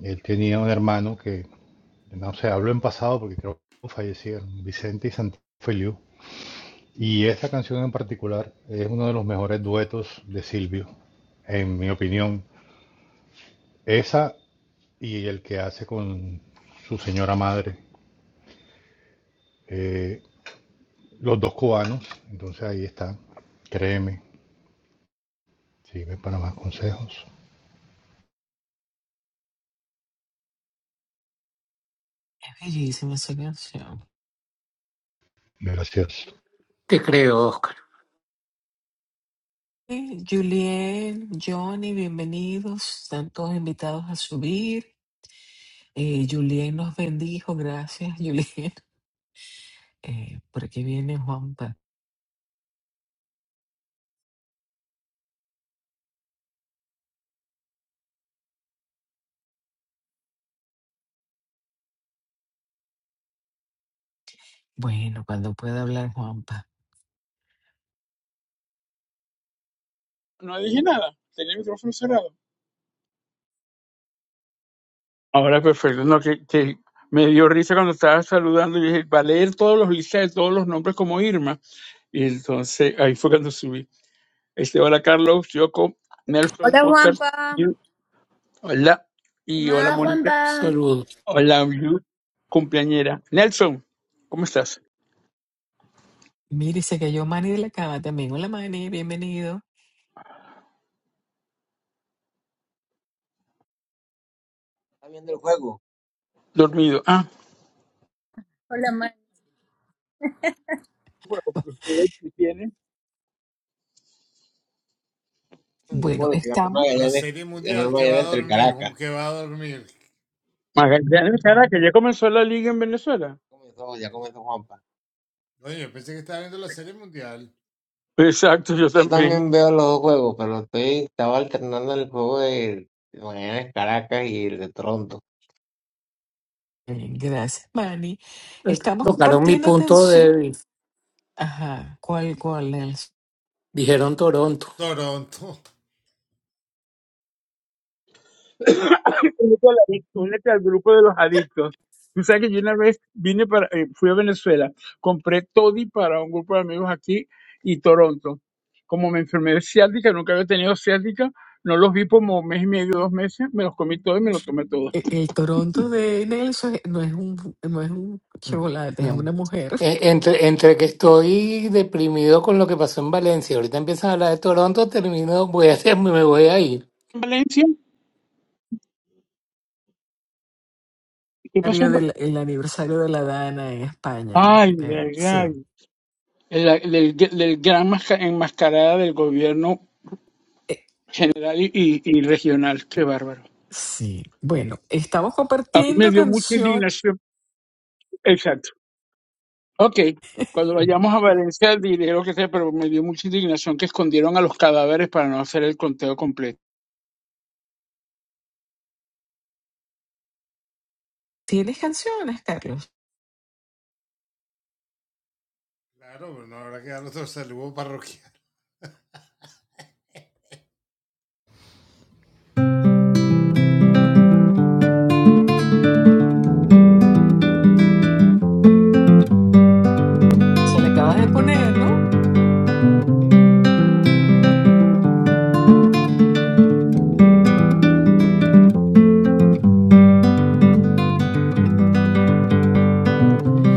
G: Él tenía un hermano que, no sé, hablo en pasado porque creo que fallecieron, Vicente y Santiago Feliu. Y esta canción en particular es uno de los mejores duetos de Silvio, en mi opinión. Esa y el que hace con su señora madre. Eh, los dos cubanos, entonces ahí está. Créeme, sirve para más consejos.
A: Es bellísima esa canción.
G: Gracias
D: Te creo, Oscar.
A: Y Julien, Johnny, bienvenidos. Están todos invitados a subir. Eh, Julien nos bendijo, gracias, Julien. Eh, por aquí viene Juanpa. Bueno, cuando pueda hablar Juanpa.
I: No dije nada, tenía el micrófono cerrado. Ahora perfecto, no, que, que me dio risa cuando estaba saludando y dije, va a leer todos los listas de todos los nombres como Irma. Y entonces ahí fue cuando subí. Este, hola Carlos, Yoko, Nelson,
B: Hola
I: Oscar,
B: Juanpa,
I: Yu, hola,
B: ¿qué
I: y hola
F: Hola,
B: más?
I: Mónica,
F: Juanpa.
D: Saludos.
I: hola Yu, cumpleañera. Nelson, ¿cómo estás?
A: Mire, se cayó Manny de la cama también. Hola Manny, bienvenido.
J: Está viendo el juego.
I: Dormido. Ah,
B: Hola Mari.
I: juego, porque juego tiene.
J: El
A: Bueno,
J: juego que ganó
A: estamos.
J: Magallanes, ganó Magallanes entre el Caracas.
I: Magallanes, cara, que ya comenzó la liga en Venezuela.
J: Comenzó, ya comenzó Juanpa.
I: Exacto, yo
J: Yo
I: también.
J: también veo los dos juegos, pero estoy, estaba alternando el juego de de Magallanes Caracas y el de Toronto.
A: Bien, gracias, Manny. Estamos
D: Tocaron mi
A: compartiendo
D: punto
A: canción.
D: de...
A: Ajá, ¿cuál, cuál, Nelson?
D: Dijeron Toronto.
I: únete al, adic- únete al grupo de los adictos. Tú sabes que yo una vez vine para, eh, fui a Venezuela, compré toddy para un grupo de amigos aquí y Toronto. Como me enfermé de ciática, nunca había tenido ciática, no los vi como un mes y medio, dos meses, me los comí todos y me los tomé todos.
A: E- El Toronto de Nelson no es un, no es un
D: No.
A: chocolate, es
D: no.
A: una mujer.
D: E- Entre, entre que estoy deprimido con lo que pasó en Valencia, ahorita empiezan a hablar de Toronto, termino, voy a hacer, me voy a ir.
I: ¿En Valencia? ¿Qué pasó? en
A: Aniversario
I: Va-
A: del- El aniversario de la Dana en España.
I: Ay,
A: Eh,
I: ay,
A: sí.
I: ay. El- el- del, del gran masca- enmascarada del gobierno
A: Eh,
I: general y, y- y regional, qué bárbaro.
A: sí. Bueno, estamos
I: A mí me
A: compartiendo
I: dio mucha
A: canciones.
I: indignación, exacto. Ok, cuando vayamos a Valencia diré lo que sea, pero me dio mucha indignación que escondieron a los cadáveres para no hacer el conteo completo.
A: ¿Tienes canciones, Carlos? Se le acabas de poner, ¿no?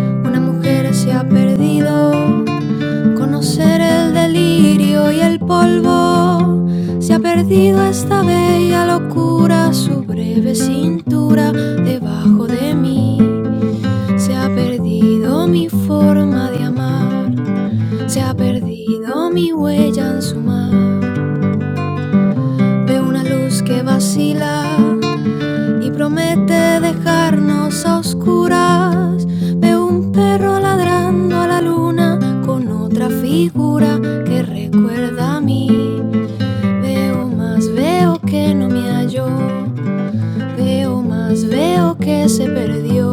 C: Una mujer se ha perdido, conocer el delirio y el polvo. Se ha perdido esta bella locura, su breve cintura debajo de mí. Se ha perdido mi forma de amar, se ha perdido mi huella en su mar. Veo una luz que vacila y promete dejarnos a oscuras. Veo un perro ladrando a la luna con otra figura que recuerda a mí. Veo más, veo que no me halló. Veo más, veo que se perdió.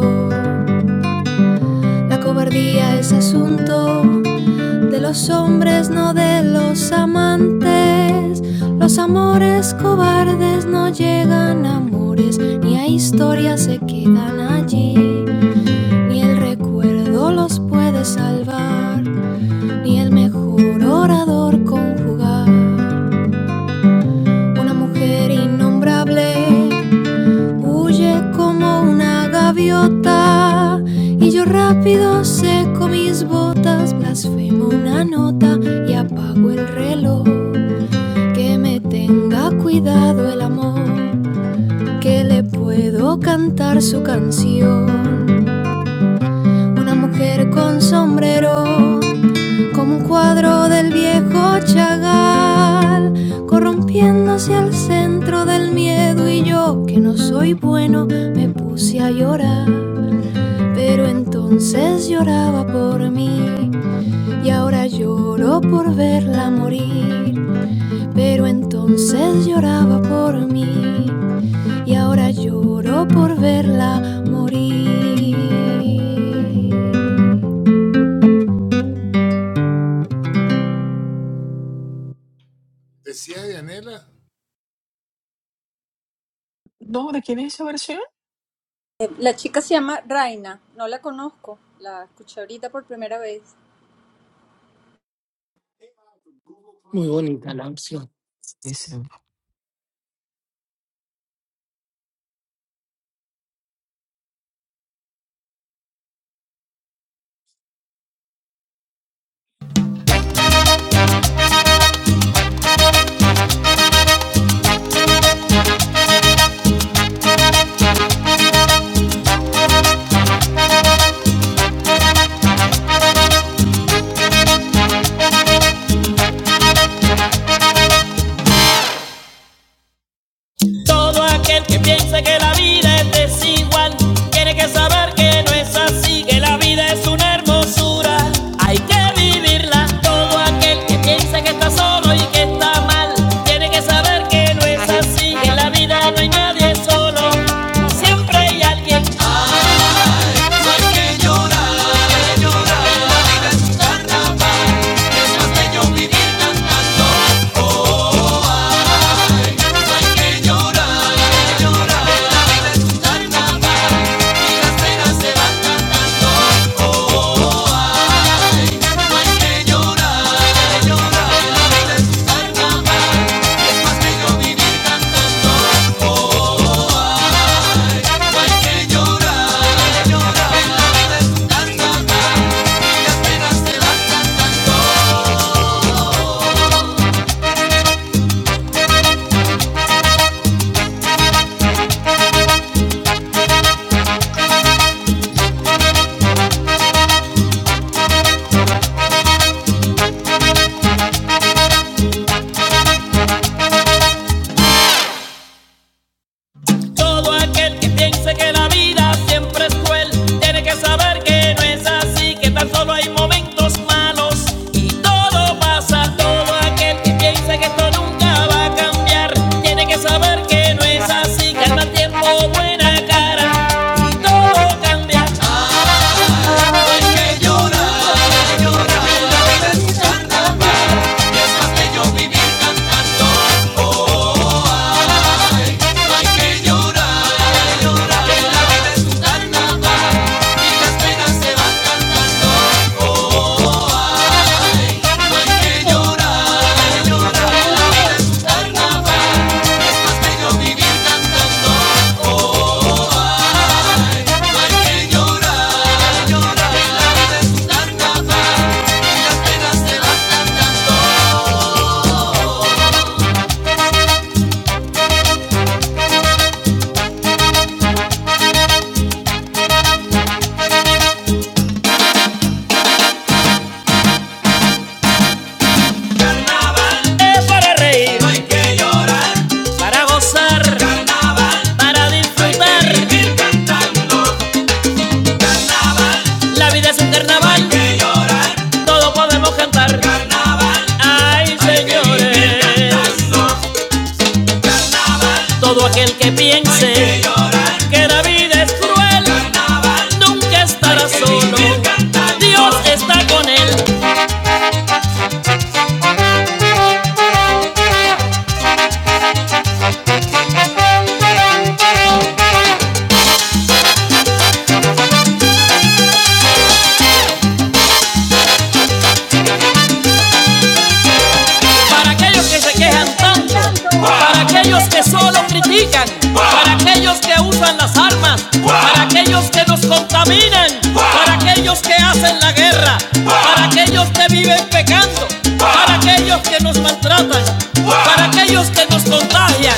C: La cobardía es asunto de los hombres, no de los amantes. Los amores cobardes no llegan a amores, ni a historias se quedan allí, ni el recuerdo los puede salvar, ni el mejor orador conjugar. Una mujer innombrable Huye como una gaviota y yo rápido seco mis botas, blasfemo una nota y apago el reloj. Que me tenga cuidado el amor, que le puedo cantar su canción. Una mujer con sombrero, como un cuadro del viejo Chagall, corrompiéndose al centro del miedo y yo, que no soy bueno, me puse a llorar. Pero entonces lloraba por mí y ahora lloro por verla morir. Pero entonces lloraba por mí y ahora lloro por verla morir.
A: No, ¿de quién es esa versión?
B: Eh, La chica se llama Raina, no la conozco, la escuché ahorita por primera vez.
D: Muy bonita la opción.
A: Dice,
C: Todo aquel que piense que la vida es desigual, tiene que saber que no es así, que la vida es una hermosura, hay que vivirla. Todo aquel que piense que está solo y que está mal, tiene que saber que Todo aquel que piense que la vida siempre es cruel tiene que saber que no es así, que tan solo hay momentos malos y todo pasa. Todo aquel que piense que esto nunca va a cambiar tiene que saber que no es así, que al mal tiempo buena cara y todo cambia.
B: Ay, no hay que llorar, que la vida es un carnaval, que la vida es un carnaval.
C: Es para reír, para gozar, para disfrutar. La vida es un carnaval Todos podemos cantar. Carnaval, Ay, señores. Todo aquel que piense que la vida es cruel nunca estará solo. Dios está con él. para aquellos que se quejan tanto, para aquellos que solo critican, para aquellos que usan las armas, para aquellos que nos contaminan, para aquellos que hacen la guerra, para aquellos que viven pecando, para aquellos que nos maltratan, para aquellos que nos contagian.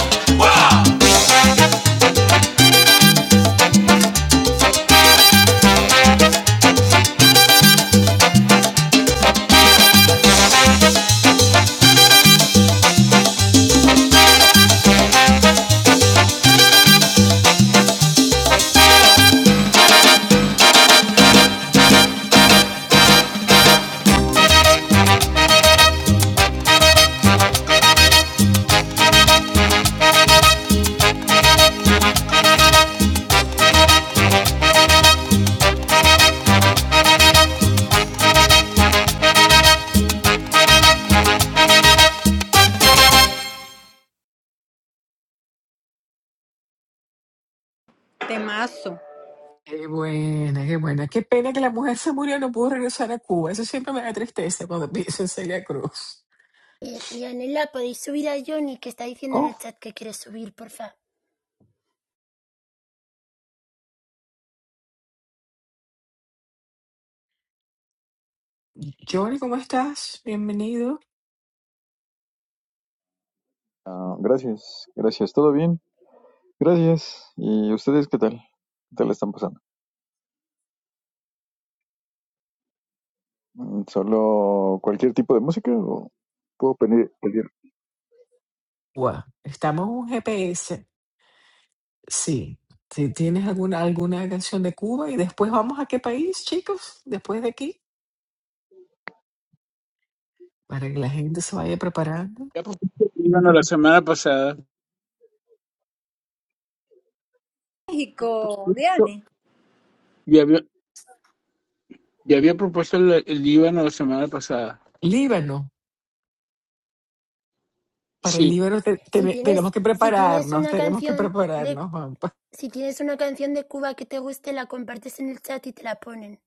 B: Temazo.
A: qué buena, qué buena. Qué pena que la mujer se murió no pudo regresar a Cuba. Eso siempre me da tristeza cuando pienso en Celia Cruz.
F: Eh, Yanela, ¿podéis subir a Johnny que está diciendo en
A: Oh,
F: el chat que quiere subir, porfa?
A: Johnny, ¿cómo estás? Bienvenido.
K: Ah, gracias, gracias. ¿Todo bien? Gracias. ¿Y ustedes qué tal? ¿Qué tal la están pasando? Mm, ¿Solo cualquier tipo de música o puedo pedir, pedir?
A: Cuba. Estamos en un GPS. Sí. Si tienes alguna, alguna canción de Cuba y después vamos a qué país, chicos, después de aquí, para que la gente se vaya preparando.
I: Ya propuse el Líbano la semana pasada.
B: México, Diane.
I: Ya había, ya había propuesto el, el Líbano la semana pasada.
A: Líbano. Para el
I: Sí,
A: Líbano te-
F: Si
A: te-
F: tienes,
A: tenemos que
F: si tienes
A: prepararnos,
F: una
A: tenemos que
F: canción de,
A: prepararnos. Juanpa.
F: si tienes una canción de Cuba que te guste, la compartes en el chat y te la ponen.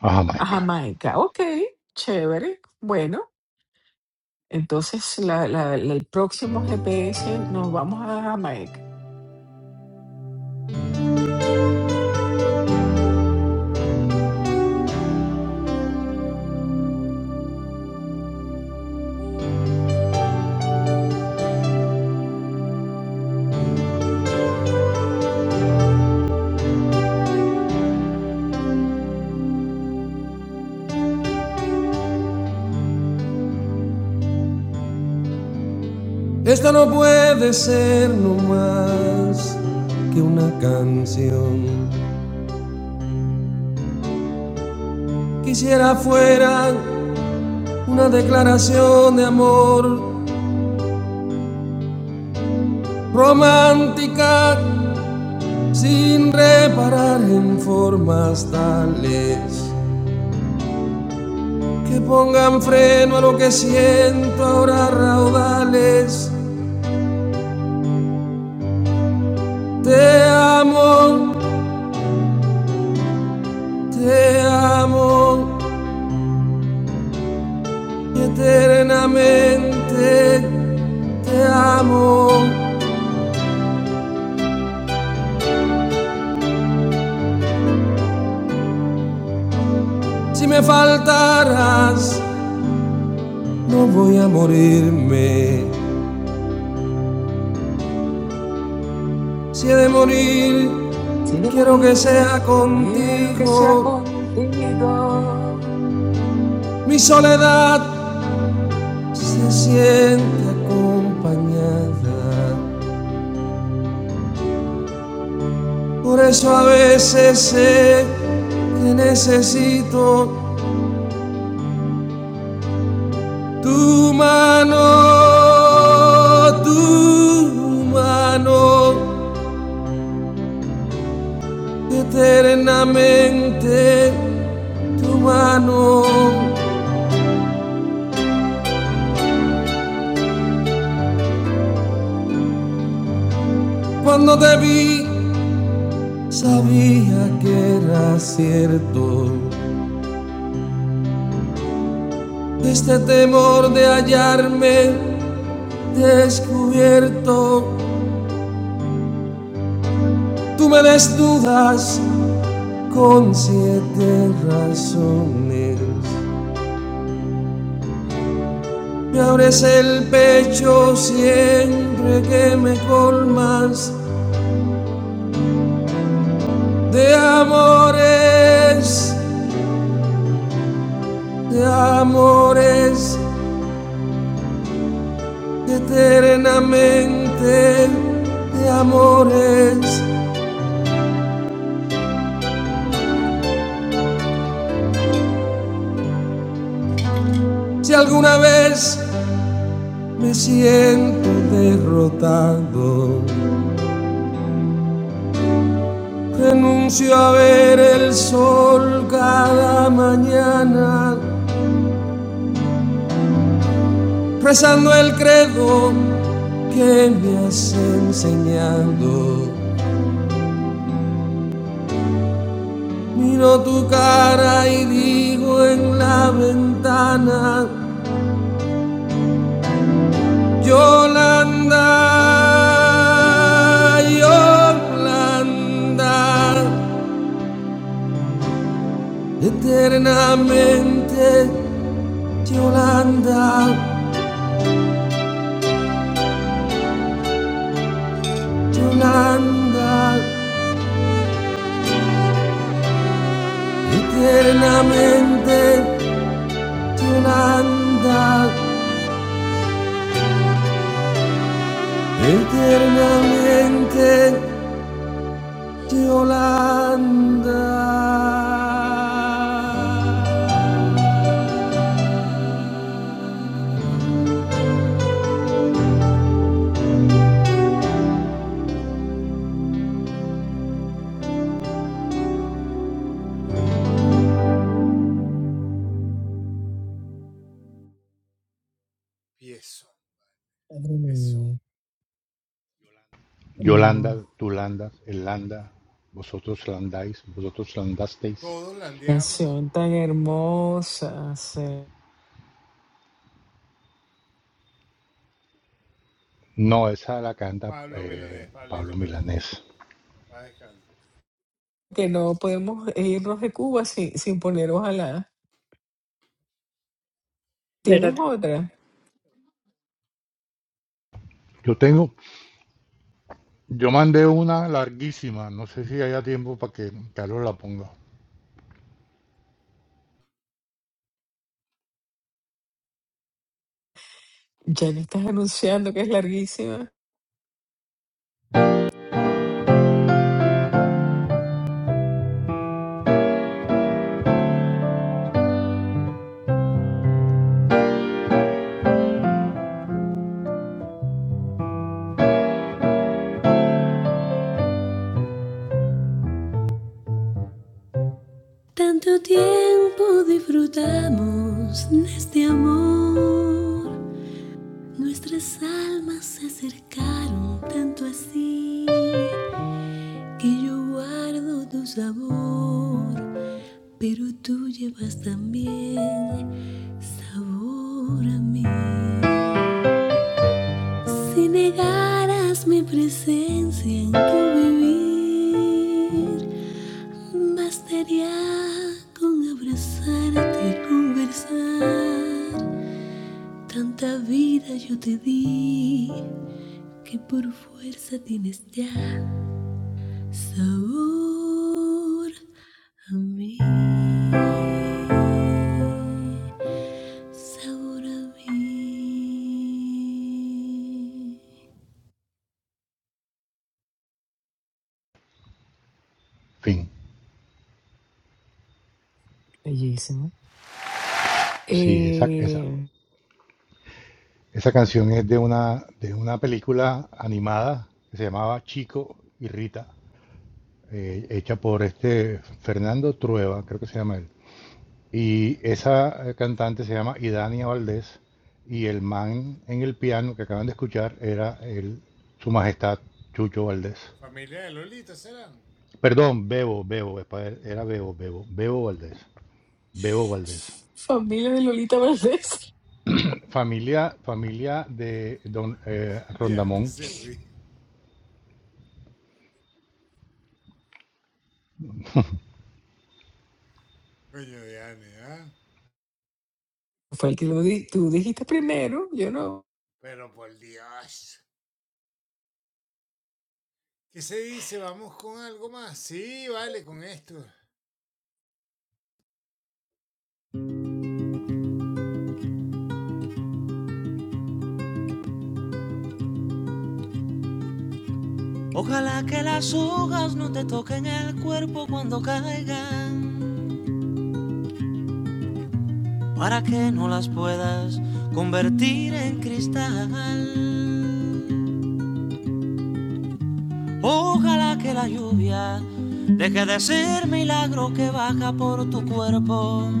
G: a
A: A
G: Jamaica.
A: Jamaica. Ok, chévere. Bueno, entonces la, la- la- el próximo GPS nos vamos a Jamaica.
C: Esto no puede ser no más que una canción. Quisiera fuera una declaración de amor romántica sin reparar en formas tales que pongan freno a lo que siento ahora raudales. Te amo, te amo eternamente, te amo. Si me faltaras, no voy a morirme. Si he de morir,
A: Si he de
C: quiero que
A: morir,
C: sea
A: quiero que sea
C: contigo.
A: contigo.
C: Mi soledad se siente acompañada. Por eso a veces sé que necesito tu mano, tu mano, eternamente tu mano. Cuando te vi, sabía que era cierto. Este temor de hallarme descubierto Tú me des dudas con siete razones. Me abres el pecho siempre que me colmas de amores, de amores, eternamente, de amores. Si alguna vez me siento derrotado Renuncio a ver el sol cada mañana, rezando el credo que me has enseñado. Miro tu cara y digo en la ventana, Yolanda, Yolanda, eternamente Yolanda, Yolanda. Eternamente Yolanda, eternamente Yolanda.
A: Madre mía, No.
G: Yolanda, tú landas, él landa, vosotros landáis, vosotros landasteis.
A: Canción tan hermosa, sí.
G: No, esa la canta eh, Pablo Milanés.
A: Que no podemos irnos de Cuba sin, sin poner ojalá.
B: ¿Verdad?
A: ¿Tienes otra?
G: Yo tengo, yo mandé una larguísima, no sé si haya tiempo para que Carlos la ponga.
A: Ya le estás anunciando que es larguísima.
C: Tanto tiempo disfrutamos de este amor. Nuestras almas se acercaron tanto así que yo guardo tu sabor pero tú llevas también sabor a mí. Si negaras mi presencia en tu vivir, bastaría con abrazarte y conversar. Tanta vida yo te di que por fuerza tienes ya sabor a mí.
G: Fin.
A: Bellísima.
G: Sí, esa, esa.
A: Eh,
G: Esa canción es de una, de una película animada que se llamaba Chico y Rita, eh, hecha por este Fernando Trueba, creo que se llama él. Y esa eh, cantante se llama Idania Valdés y el man en el piano que acaban de escuchar era el, su majestad Chucho Valdés. Perdón, Bebo, Bebo, es pa- era Bebo, Bebo, Bebo Valdés. Bebo Valdés.
A: familia de Lolita Valdés.
G: Familia, familia de don eh, Rondamón
A: Fue el que lo di- tú dijiste primero, yo no.
C: Ojalá que las hojas no te toquen el cuerpo cuando caigan para que no las puedas convertir en cristal. Ojalá que la lluvia de ser milagro que baja por tu cuerpo.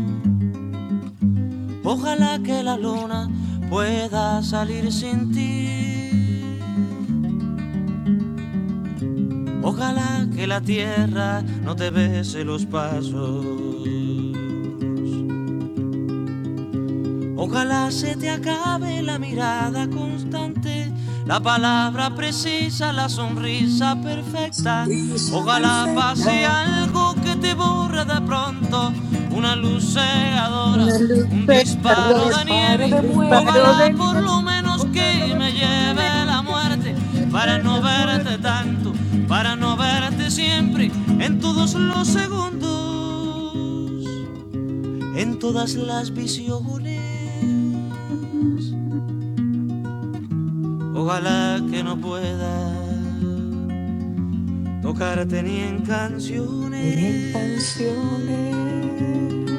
C: Ojalá que la luna pueda salir sin ti. Ojalá que la tierra no te bese los pasos. Ojalá se te acabe la mirada constante, la palabra precisa, la sonrisa perfecta.
A: Sonrisa
C: Ojalá pase
A: perfecta,
C: algo que te borra de pronto, una luz cegadora, un
B: Se
A: un
C: disparo
B: llora
C: de
A: disparo
C: nieve.
B: un
A: de
B: disparo
A: muerte.
C: Ojalá
B: de
C: por
B: nieve,
C: lo menos
B: o sea,
C: que me
B: lo
C: lleve
B: menos
C: la muerte para no verte tanto, para no verte siempre, en todos los segundos, en todas las visiones. Ojalá que no pueda tocarte ni en
A: Venían
C: canciones.
A: canciones.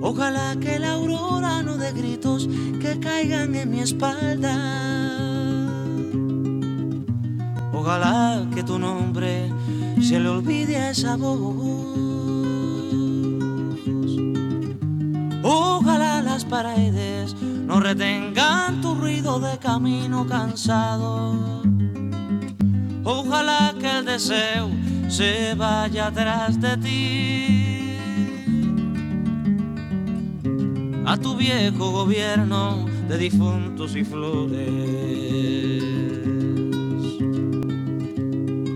C: Ojalá que la aurora no dé gritos que caigan en mi espalda. Ojalá que tu nombre se le olvide a esa voz. Ojalá las paredes no retengan tu ruido de camino cansado. Ojalá que el deseo se vaya atrás de ti. a tu viejo gobierno de difuntos y flores.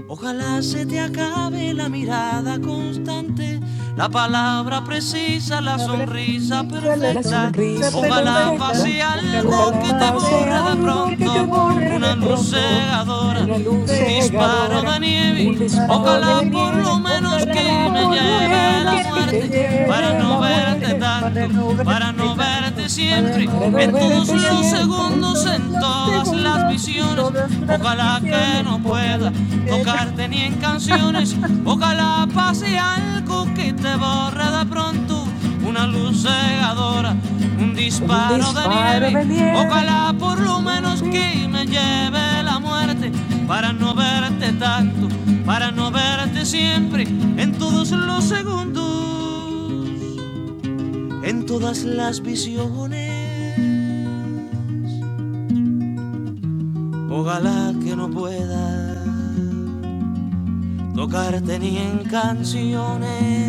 C: Ojalá se te acabe la mirada constante, la palabra precisa, la
B: Habrá
C: sonrisa
B: precisa la
A: La
C: perfecta.
B: sonrisa
A: sonrisa
C: Ojalá
B: perfecta.
C: pase
A: perfecta,
C: algo
B: Ojalá
A: ojalá
C: que te
B: pase
A: pase
C: borra de
B: algo
A: algo
B: que
A: que
B: te
A: te
C: pronto,
B: borre
A: borre
C: una
A: de
B: de
C: luz
B: pronto.
A: pronto,
B: Una
C: cegadora,
A: una
B: luz
A: luz
C: un disparo
B: cegadora,
A: cegadora,
C: de
B: un
C: nieve.
A: un
B: disparo
A: disparo
B: de
C: Ojalá
A: de
B: nieve.
C: por lo
A: nieve,
C: menos
B: Ojalá
C: que
A: ojalá
C: me
B: por
A: por
B: lo
A: lo
C: lleve
B: menos
C: la
B: que
A: menos que
C: muerte
B: me
A: te
B: lleve
C: para
A: lleve
B: la
C: no
A: la
B: muerte.
C: verte
A: muerte
B: Para
C: tanto,
B: no
C: para
B: verte
C: no verte
B: tanto, para
C: siempre,
A: para
B: no
A: no
C: en
B: verte
C: todos
A: verte
C: los
B: siempre,
A: siempre,
B: en
C: segundos,
B: todos
C: en
B: los
C: todas las
B: segundos, en
C: visiones.
B: todas las
C: Ojalá que
B: visiones.
C: no pueda
B: Ojalá que...
C: tocarte ni en canciones, ojalá pase algo que te borre de pronto. Una luz hora, un disco
A: un
C: de
A: disparo
C: nieve,
A: de nieve.
C: ojalá
A: Ah
C: pues que
A: pues.
C: la muerte, para no verte tanto, para no verte siempre, en todos los segundos, en todas las visiones. Ojalá que no pueda tocarte ni en canciones.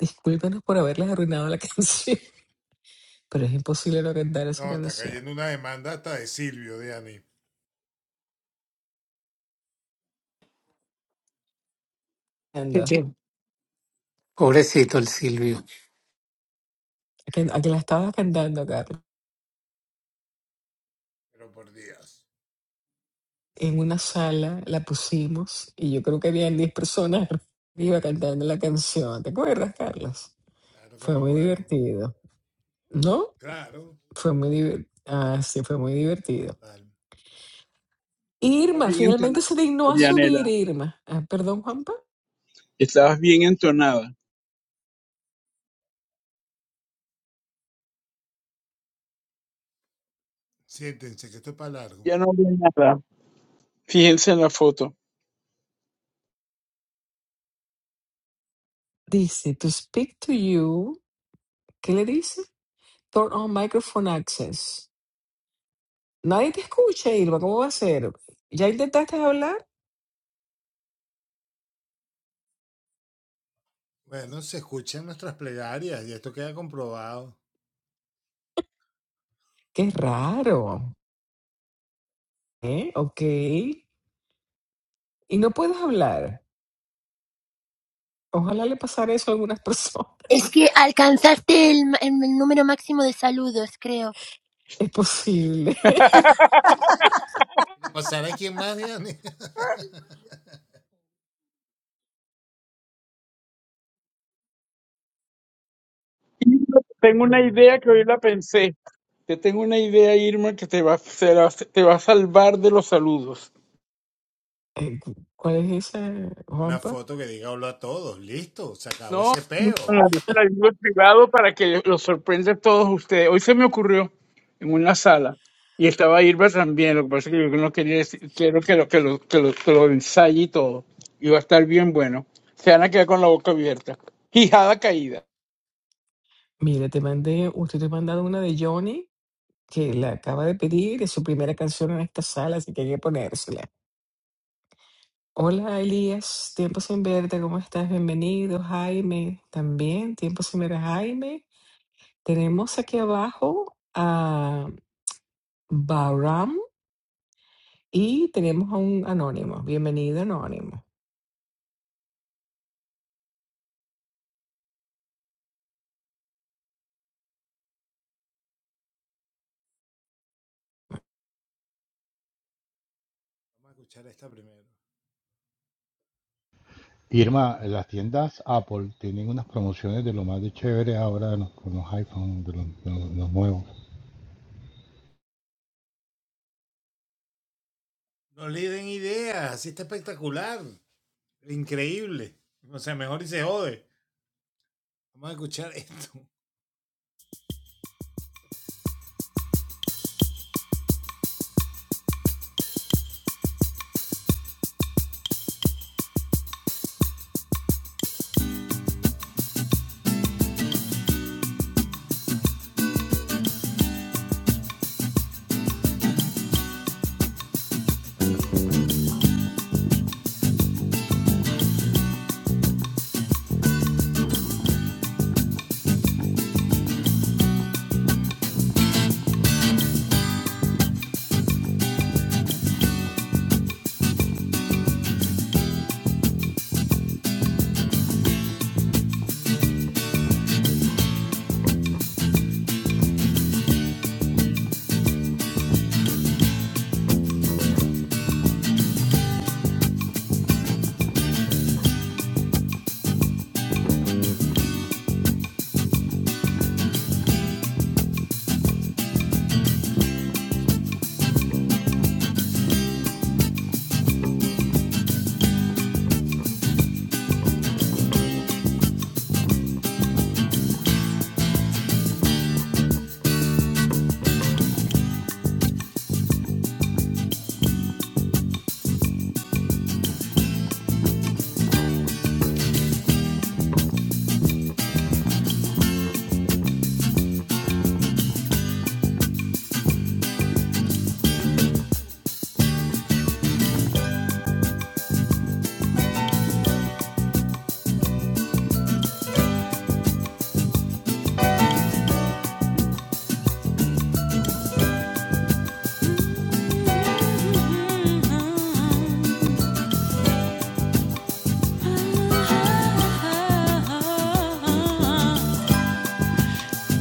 A: Discúlpenos por haberles arruinado la canción, pero es imposible no cantar esa canción.
D: Qué
A: Anda, ¿a
D: bien. Pobrecito el Silvio.
A: que, a que la estabas cantando, Carlos? en una sala, la pusimos y yo creo que habían 10 personas arriba cantando la canción. ¿Te acuerdas, Carlos? Fue muy divertido, ¿no? Fue muy divertido. Ah, sí, fue muy divertido.
I: estabas
A: Irma,
I: bien
A: finalmente
I: entonada,
A: se dignó a subir,
I: Dianela.
A: Irma. Ah, perdón, Juanpa.
I: Estabas bien entonada. Ya no veo nada. Fíjense en la foto.
A: Dice, to speak to you. ¿Qué le dice? Turn on microphone access. Nadie te escucha, Irma. ¿Cómo va a ser? ¿Ya intentaste hablar? Qué raro. ¿Eh? Ok. Y no puedes hablar. Ojalá le pasara eso a algunas personas.
F: Es que alcanzaste el, ma- el número máximo de saludos, creo.
A: Es posible.
I: Irma, Tengo una idea que hoy la pensé. Te tengo una idea, Irma, que te va, a- te te va a salvar de los saludos.
A: Eh, cu- ¿Cuál es esa, Juanpa?
I: No, al ayuda privado para que los sorprenda a todos ustedes. Hoy se me ocurrió en una sala y estaba Irva también. Lo que pasa es que yo no quería decir, quiero que lo, que lo, que lo, que lo ensaye y todo. Y va a estar bien bueno. Se van a quedar con la boca abierta. Quijada caída.
A: Mira, te mandé, usted te ha mandado una de Johnny, que la acaba de pedir, es su primera canción en esta sala, así que hay que ponérsela. Hola Elías, tiempo sin verte, ¿cómo estás? Bienvenido, Jaime, también, tiempo sin ver a Jaime. Tenemos aquí abajo a Bahram y tenemos a un anónimo. Bienvenido, anónimo.
G: Irma, las tiendas Apple tienen unas promociones de lo más de chévere ahora de los- con los iPhone, de los, de los- de los nuevos.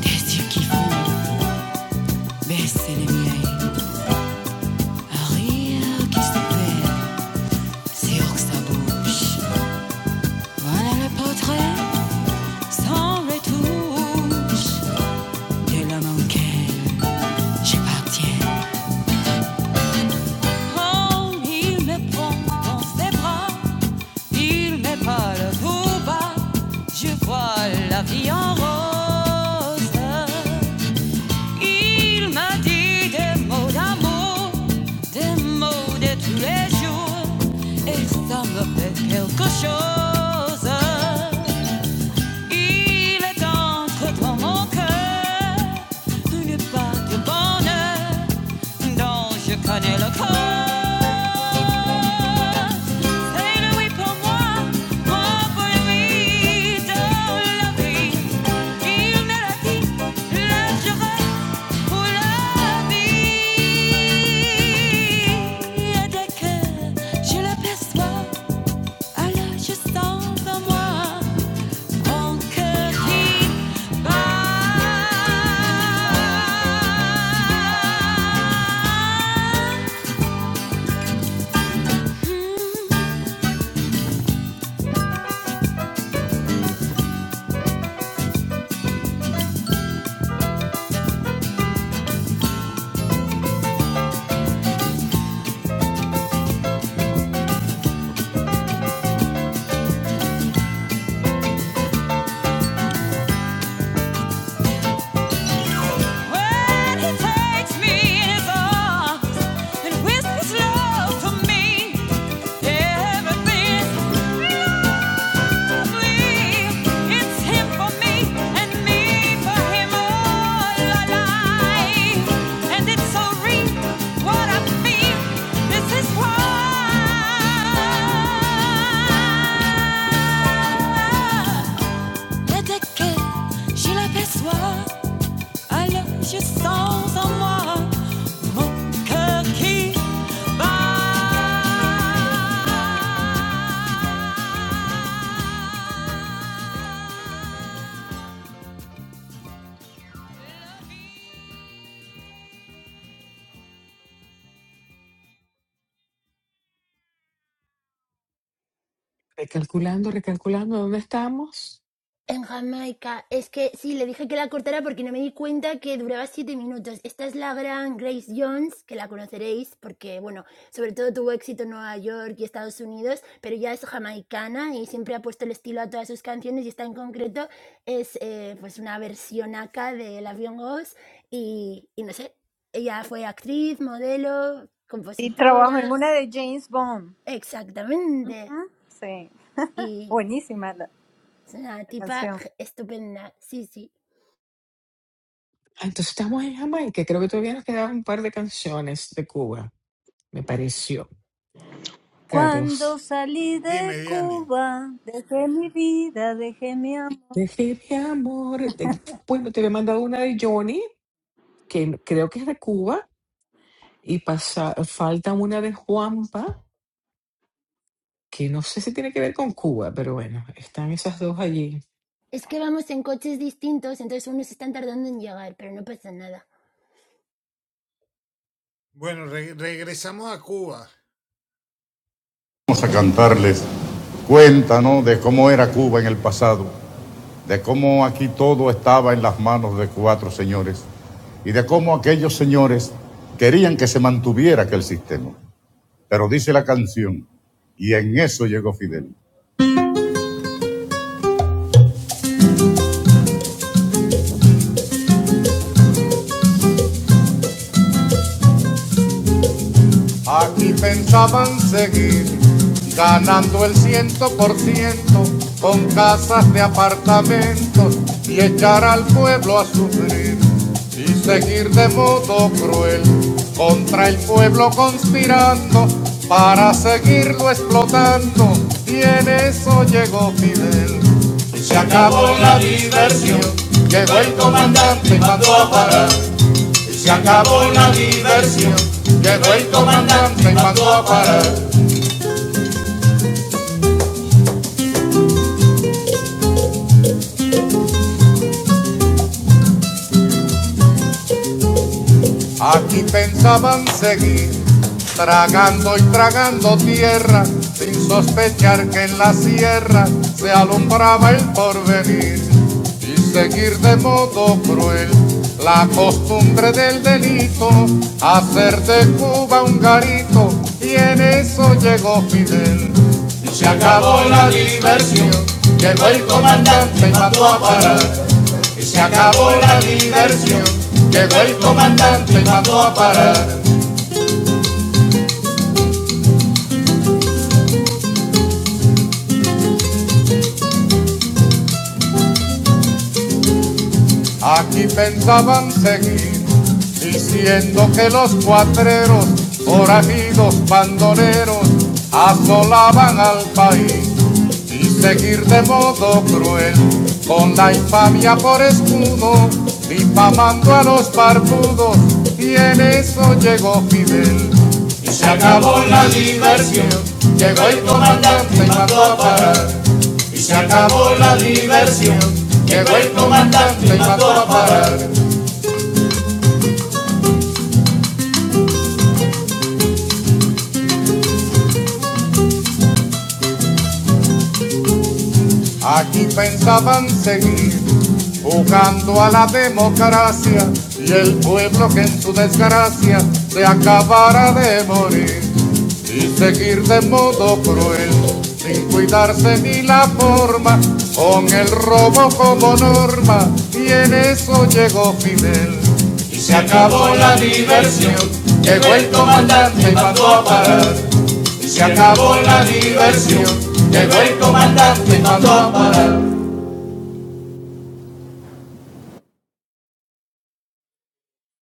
C: Des yeux qui font baisser les miens. Un rire qui se perd sur sa bouche. Voilà le portrait sans retouche de l'homme auquel j'appartiens. Quand il me prend dans ses bras, il met pas je vois la vie en rose. Il m'a dit des mots d'amour, des mots de tous et ça me fait quelque chose. Il est entre mon cœur une part de bonheur dont je connais le corps. C'est le oui pour moi, moi pour lui dans la vie. Il me l'a dit, là je pour la vie. Et dès je l'aperçois, alors je sens en moi Vamos
A: Recalculando, recalculando, ¿dónde estamos?
F: En Jamaica. Es que sí, le dije que la cortara porque no me di cuenta que duraba siete minutos. Esta es la gran Grace Jones, que la conoceréis porque, bueno, sobre todo tuvo éxito en Nueva York y Estados Unidos, pero ya es jamaicana y siempre ha puesto el estilo a todas sus canciones y esta en concreto es eh, pues una versión acá de La Ghost y, y no sé, ella fue actriz, modelo,
B: Y trabajo en
F: compositora.
B: una de James Bond.
F: Exactamente.
B: Sí,
F: Y
B: buenísima la
F: es una
B: la
F: tipa
B: canción.
F: estupenda, sí, sí.
A: Ah, Entonces estamos en Jamaica. Creo que todavía nos quedaban un par de canciones de Cuba, me pareció.
B: Cuando
A: Carlos,
B: salí de Cuba, dejé mi vida, dejé mi amor.
A: te escribí amor. Te- bueno, te había mandado una de Johnny, que creo que es de Cuba, y pasa, falta una de Juanpa, que no sé si tiene que ver con Cuba, pero bueno, están esas dos allí.
F: Es que vamos en coches distintos, entonces unos están tardando en llegar, pero no pasa nada.
C: a cantarles cuéntanos de cómo era Cuba en el pasado. de cómo aquí todo estaba en las manos de cuatro señores y de cómo aquellos señores querían que se mantuviera aquel sistema. Pero dice la canción, y en eso llegó Fidel. Aquí pensaban seguir ganando el ciento por ciento con casas de apartamentos y echar al pueblo a sufrir y seguir de modo cruel contra el pueblo conspirando para seguirlo explotando y en eso llegó Fidel. y Se acabó la diversión, llegó el comandante y mandó a parar. Y Se acabó la diversión, llegó el comandante y mandó a parar. Aquí pensaban seguir tragando y tragando tierra, sin sospechar que en la sierra se alumbraba el porvenir y seguir de modo cruel la costumbre del delito, hacer de Cuba un garito y en eso llegó Fidel. Y se acabó la diversión, llegó el comandante y mandó a parar y se acabó la diversión. Llegó el comandante y mandó a parar. Aquí pensaban seguir diciendo que los cuatreros, forajidos, bandoleros, asolaban al país y seguir de modo cruel con la infamia por escudo, difamando a los barbudos y en eso llegó Fidel. Y se acabó la diversión, llegó el comandante y mandó a parar y se acabó la diversión. Llegó el comandante y mandó a parar. Aquí pensaban seguir jugando a la democracia y el pueblo que en su desgracia se acabara de morir y seguir de modo cruel sin cuidarse ni la forma con el robo como norma y en eso llegó Fidel y se acabó la diversión llegó el comandante y mandó a parar se acabó la diversión, llegó el comandante y mandó a parar.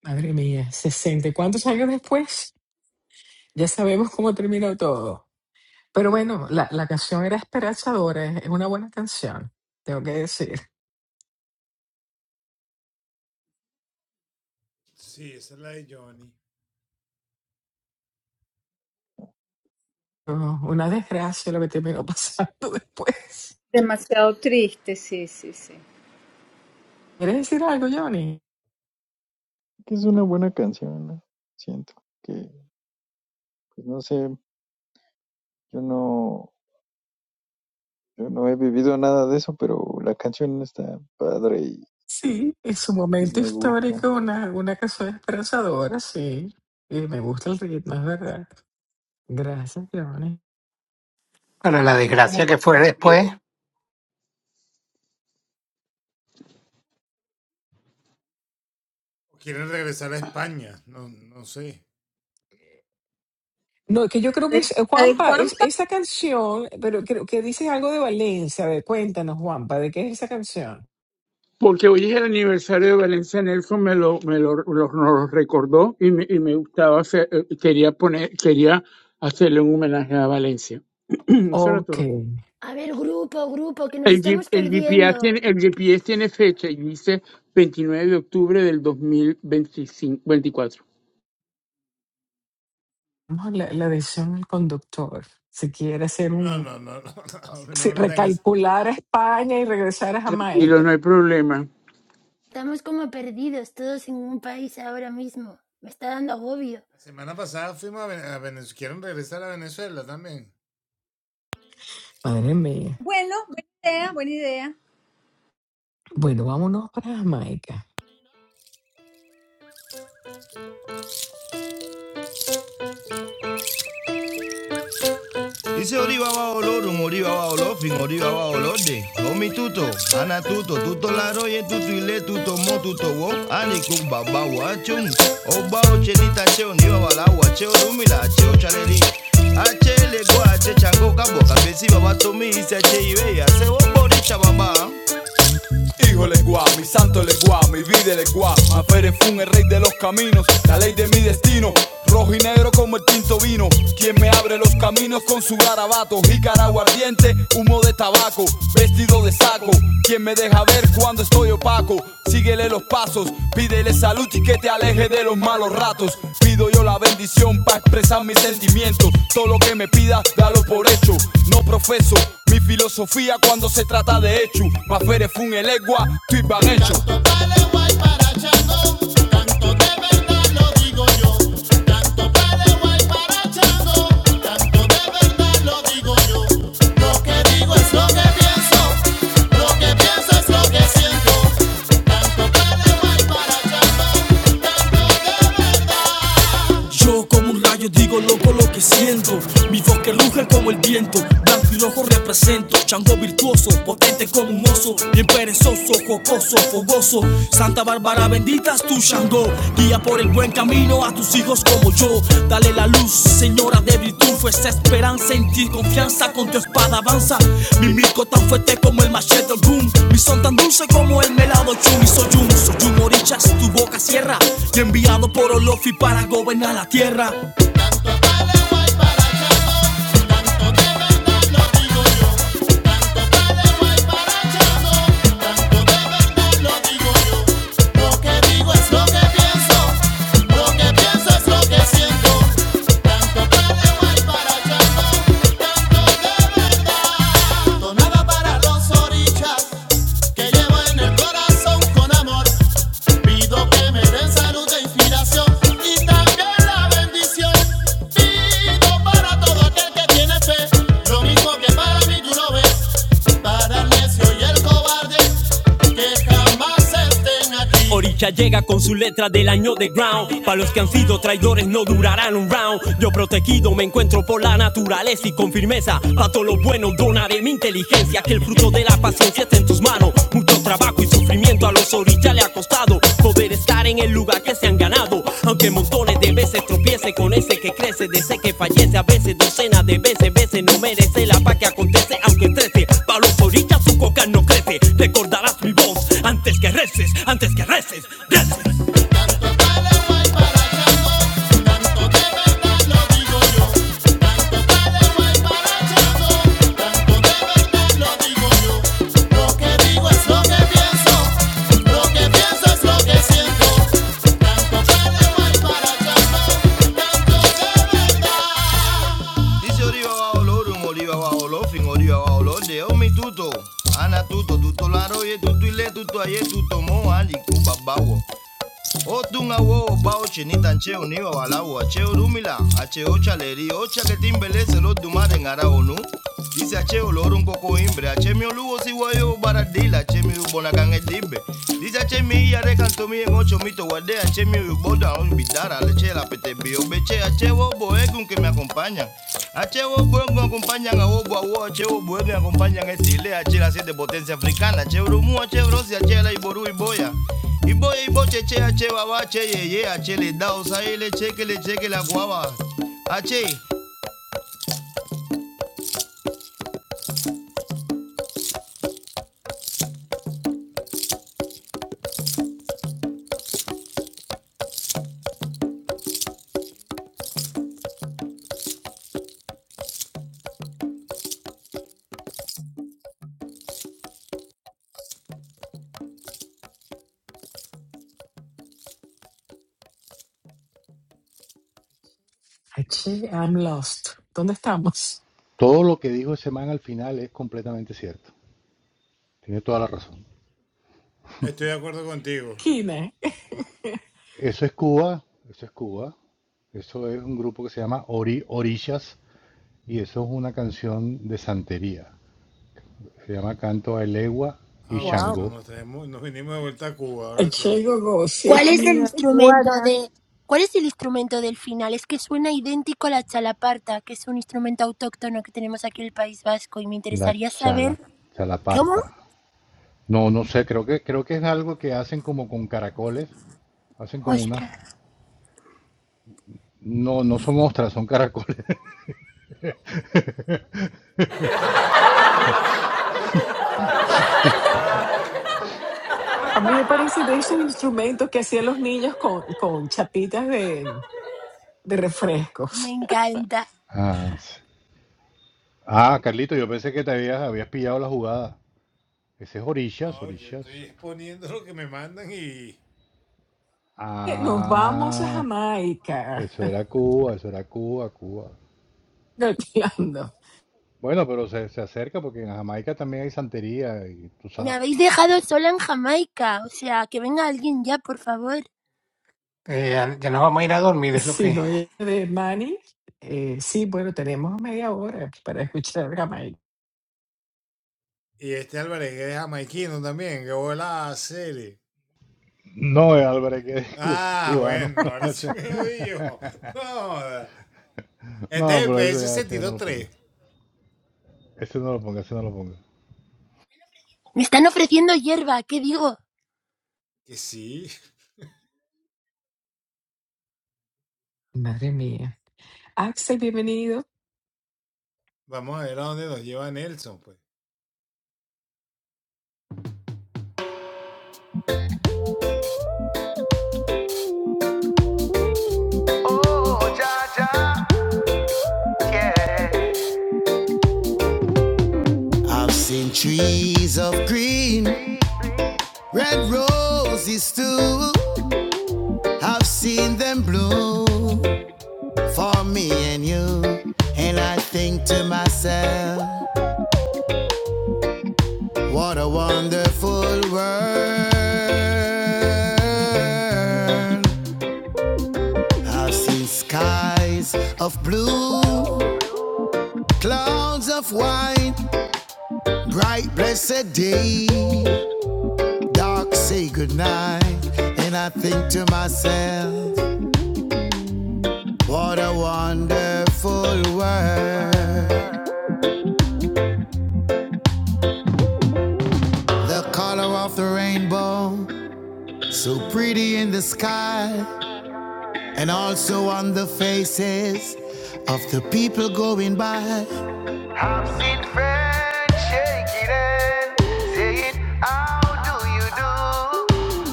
A: Madre mía, 60, ¿Cuántos años después? Ya sabemos cómo terminó todo. Pero bueno, la, la canción era esperanzadora, es es una buena canción, tengo que decir. No, una desgracia lo que terminó pasando después.
B: Demasiado triste, sí, sí, sí.
A: ¿Quieres decir algo, Johnny?
K: Que es una buena canción, ¿no? Siento que, pues no sé, yo no, yo no he vivido nada de eso, pero la canción está padre y,
A: Sí, en su
K: y
A: momento
K: me
A: histórico,
K: gusta.
A: una, una canción esperanzadora, sí. Y me gusta el ritmo, es verdad. Gracias, Johnny.
D: Para la
I: Tú Como
D: desgracia
I: pa-
D: que fue después,
I: viejo.
A: No, que yo creo que es, eh,
B: La de-
A: Juanpa, es esa canción, pero creo que dices algo de Valencia. A ver, cuéntanos, Juanpa, ¿de qué es esa canción?
I: Porque hoy es el aniversario de Valencia Nelson, me lo, me lo, lo- nos lo recordó y me, y me gustaba, hacer- eh, quería poner, quería hacerle un homenaje a Valencia. Eso era
A: Ok,
I: todo.
F: A ver, grupo, grupo, que nos
I: El, G-
F: estamos
I: el GPS
F: perdiendo.
I: tiene, el GPS tiene fecha y dice 29 de octubre del 2025 24
A: vamos a la, la decisión del conductor. Si quiere hacer un... Si recalcular a España y regresar a
I: Tranquilo,
A: Jamaica.
I: no hay problema.
F: Estamos como perdidos todos en un país ahora mismo. Me está dando agobio.
A: Madre mía.
B: Bueno, buena idea, buena idea.
A: Bueno, vámonos para Jamaica.
C: Dice Oriba va olorum, Oriba va olofin, Oriba va olorde. Omi tuto, ana tuto, tuto la roye, tuto ile, tuto mo, tuto wo. Ani kum baba wachum. Oba ochelita cheo, niwa wala wacheo, rumila cheo chaleri. Ache lego, ache chango, kabo, kabesi baba tomi, isi ache iwe, ase wo borisha baba. Híjole guau, mi santo le guau, mi vida le legua. Maferefun, el rey de los caminos, la ley de mi destino. Rojo y negro como el tinto vino. Quien me abre los caminos con su garabato. Jícara aguardiente, humo de tabaco, vestido de saco. Quien me deja ver cuando estoy opaco. Sigue Síguele los pasos, pídele salud y que te aleje de los malos ratos. Pido yo la bendición para expresar mis sentimientos. Todo lo que me pidas, dalo por hecho. No profeso mi filosofía cuando se trata de hecho. Mafere fun el egua, estoy van hecho. Tanto pa'l guay para Chango, tanto de verdad lo digo yo. Tanto pa'l guay para Chango, tanto de verdad lo digo yo. Lo que digo es lo que pienso, lo que pienso es lo que siento. Yo como un rayo digo loco lo que siento. Mi voz que ruge como el viento. Blanco y rojo represento. Chango virtuoso, potente como un oso. Bien perezoso, jocoso, fogoso. Santa Bárbara bendita es tu Chango. Guía por el buen camino a tus hijos como yo. Dale la luz, señora de virtud, fuerza, esperanza en ti, confianza con tu espada avanza. Mi mico tan fuerte como el machete del boom, mi son tan dulce como el melado chum. Y soy un, soy un orichas, tu boca cierra, y enviado por Olofi para gobernar la tierra. Donabra los orichas. Orisha llega con su letra del año de ground. Para los que han sido traidores no durarán un round. Yo protegido me encuentro por por la naturaleza y con firmeza. Pa' todo lo bueno donaré mi inteligencia, que el fruto de la paciencia esté en tus manos. Mucho trabajo y sufrimiento a los orillas le ha costado poder estar en el lugar que se han ganado. Aunque montones de veces tropiece con ese que crece, de ese que fallece a veces, docenas de veces, veces no merece la paz que acontece, aunque trece. Pa' los orillas su coca no crece, recordarás mi voz antes que reces, antes que reces. Dice Oriva va Olorum, Oriva va Olofin, Oriva va Olode, Omi Tuto, Ana Tuto, Tuto Laroye, Tuto Ile, Tuto Aye, Tuto Mo, Ali Kubabawo. Otun awo bao chinitan che uniwa walawa che urumila ache ocha leri ocha que timbelece lo dumare ngara onu. Dice acheo olor un poco imbre ache mi olugo si guayo baradila ache mi ubonakan edimbe. Dice ache mi ya recanto mi en ocho mito guarde ache mi uboda un bidara leche la pete bio beche ache bobo que me acompañan. acheo boegun egun acompañan a bobo awo ache bobo egun acompañan estile ache la siete potencia africana ache urumu ache brosi ache la iboru iboya. Ibo ibo cheche ache wawa che ye ye ache le da usaile cheke le cheke la guava. Ache.
A: H, I'm lost. ¿Dónde estamos?
G: Todo lo que dijo ese man al final es completamente cierto. Tiene toda la razón.
A: Kina.
G: Eso es Cuba, eso es Cuba. Eso es un grupo que se llama Ori, Orishas y eso es una canción de santería. Se llama Canto a Elegua y
B: Wow.
G: Shango,
A: H, gogo, sí.
F: ¿Cuál es el instrumento
B: Naguará.
F: de ¿Cuál es el instrumento del final? Es que suena idéntico a la chalaparta, que es un instrumento autóctono que tenemos aquí en el País Vasco y me
G: la
F: interesaría
G: chala,
F: saber ¿Cómo?
G: chalaparta. No, no sé, creo que, creo que es algo que hacen como con caracoles. Hacen como una...
F: Ostras,
G: No, no son ostras, son caracoles.
A: A mí me parece de esos instrumentos que hacían los niños con, con chapitas de, de
F: me
A: refrescos.
F: encanta.
G: Ah, sí. Ah, Carlito, yo pensé que te habías, habías pillado la jugada. Ese es Orillas, Orillas.
A: Nos vamos a
G: Ah,
A: Jamaica.
G: eso era Cuba, eso era Cuba, Cuba.
A: Gateando.
G: Bueno, pero se, se acerca porque en Jamaica también hay santería y tú
F: Me
G: sabes.
F: habéis dejado sola en Jamaica. O sea, que venga alguien ya, por favor.
D: eh, ya, ya nos vamos a ir a dormir, es lo
A: Si
D: que
A: no hay de Manny, eh, sí, bueno, tenemos media hora para escuchar Jamaica.
G: No, eh, Álvarez, que es cu- cubano. Ese- No, pero ese ya, ese ya no lo ponga. Ese no lo ponga, ese no lo ponga.
F: Me están ofreciendo hierba, ¿qué digo?
A: Madre mía. Axel, bienvenido.
C: I've seen trees of green, red roses too. I've seen them bloom for me and you. And I think to myself, what a wonderful world. I've seen skies of blue, clouds of white. Bright, blessed day, dark, say goodnight. And I think to myself, what a wonderful world. The color of the rainbow, so pretty in the sky, and also on the faces of the people going by. I've seen friends shaking hands, saying, How do you do?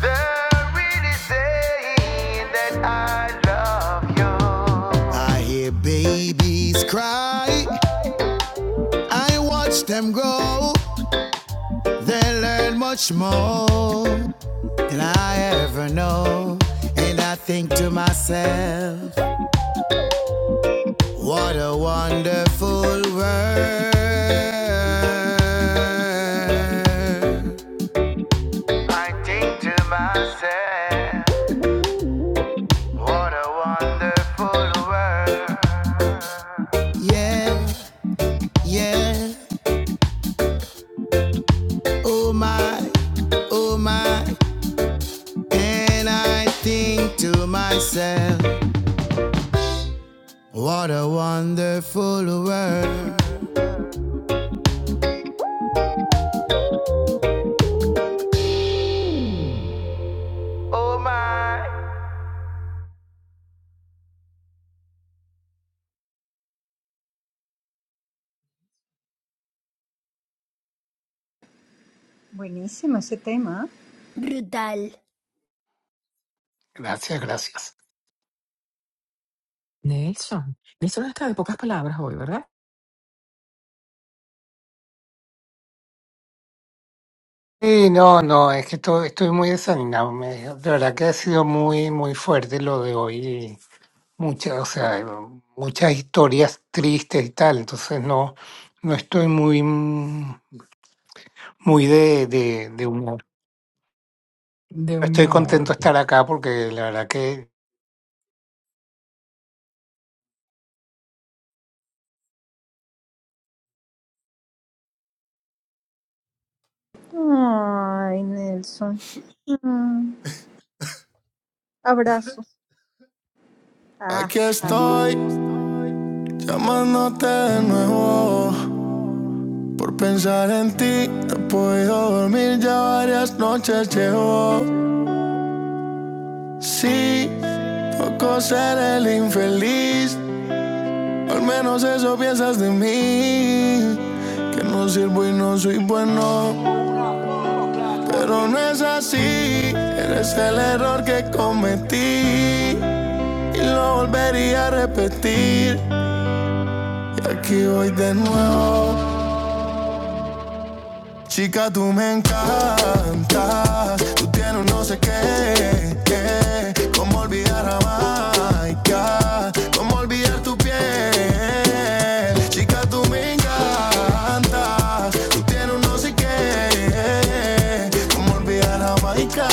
C: They're really saying that I love you. I hear babies cry. I watch them grow. They learn much more than I ever know. And I think to myself, what a wonderful world. I think to myself. What a wonderful world. Yeah, yeah, oh my, oh Oh
B: Buenísimo ese tema. ¿eh?
F: Brutal.
D: Gracias, gracias.
A: Nelson. Nelson está de pocas palabras hoy, ¿verdad?
D: Sí, no, no, es que estoy, estoy muy desanimado. me- de verdad que ha sido muy, muy fuerte lo de hoy. muchas, o sea, hay muchas historias tristes y tal, entonces no, no estoy muy, mm, muy de, de, de humor.
A: De
D: Estoy
A: humor.
D: contento de estar acá porque la verdad que...
B: Ay, Nelson. Mm, abrazo. Ah,
C: Aquí
B: ah.
C: estoy, llamándote de nuevo. Por pensar en ti, no he podido dormir, ya varias noches llevo. Sí, poco ser el infeliz. Al menos eso piensas de mí. Que no sirvo y no soy bueno. Pero no es así. Eres el error que cometí. Y lo volvería a repetir. Y aquí voy de nuevo. Chica, tú me encantas. Tú tienes un no sé qué. qué. ¿Cómo olvidar a Maika? ¿Cómo olvidar tu piel? Chica, tú me encantas. Tú tienes un no sé qué. Cómo Como olvidar Jamaica,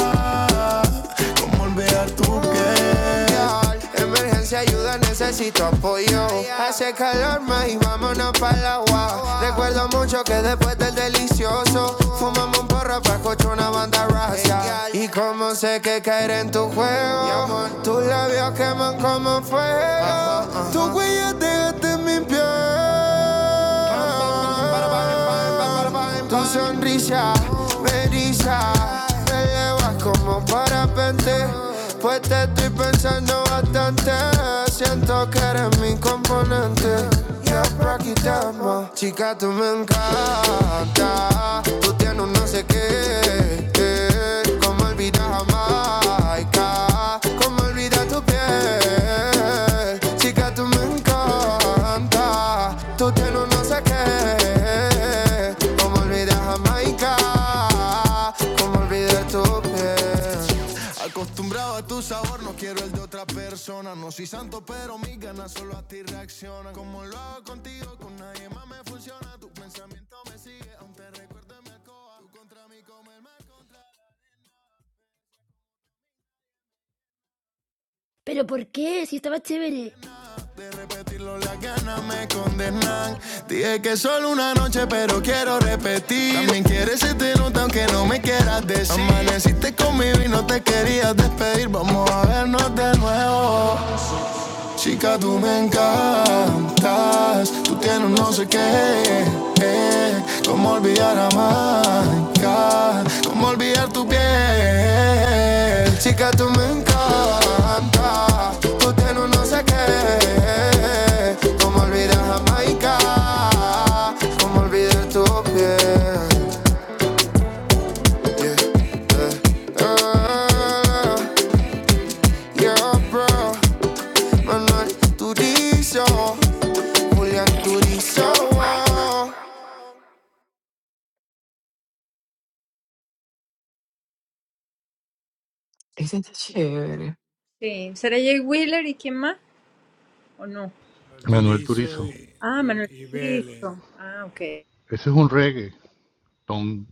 C: cómo olvidar tu piel. Emergencia, ayuda, necesito apoyo. Hace calor más y vámonos para el agua. Recuerdo mucho que después del delicioso, fumamos un porro para escuchar una banda raza. Y como sé que caer en tu juego, tus labios queman como fuego. Tu huella te gasta en mi piel. Tu sonrisa me eriza, me llevas como parapente. Pues te estoy pensando bastante. Siento que eres mi componente. Ya por Chica, tú me encanta. Tú tienes un no sé qué. eh. Como olvidar Jamaica Como olvidar tu piel Chica, tú me encanta Tú tienes no sé qué Como olvidar Jamaica Como olvidar tu piel Acostumbrado a tu sabor No quiero el de otra persona No soy santo, pero mis ganas solo a ti reaccionan Como lo hago contigo Con nadie más me funciona Tu pensamiento me
F: ¿Pero por qué? Si estaba chévere.
C: repetirlo, las ganas me condenan. Dije que solo una noche, pero quiero repetir. También quieres irte nota, aunque no me quieras decir. Amaneciste conmigo y no te querías despedir. Vamos a vernos de nuevo. Chica, tú me encantas, tú tienes un no sé qué, eh, cómo olvidar a Maika, cómo olvidar tu piel. Chica, tú me encantas, tú tienes un no sé qué, cómo olvidar a Maika, cómo olvidar tu piel. Yeah, yeah, ah, yeah, bro. Manuel Turizo, Julián Turizo. oh.
A: Ese está chévere.
B: Sí, ¿será Jay Wheeler y quién más? ¿O no?
G: Manuel Turizo.
B: Ah, Manuel Turizo. Ah, ok.
G: Ese es un reggae. Tom.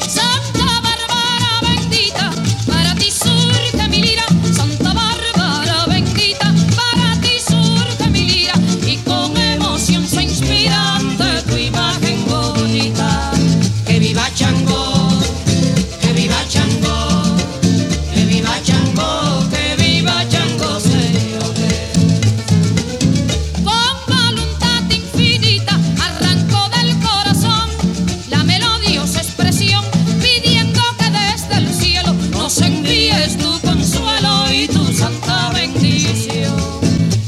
C: Santa Bárbara bendita, para ti surge mi lira. Santa Bárbara bendita, para ti surge mi lira. Y con emoción se inspira ante tu imagen bonita. Que viva Chango, que viva Chango, que viva Chango, que viva Chango, se Con voluntad infinita arrancó del corazón la melodiosa expresión pidiendo que desde el cielo nos envíes tu consuelo y tu santa bendición.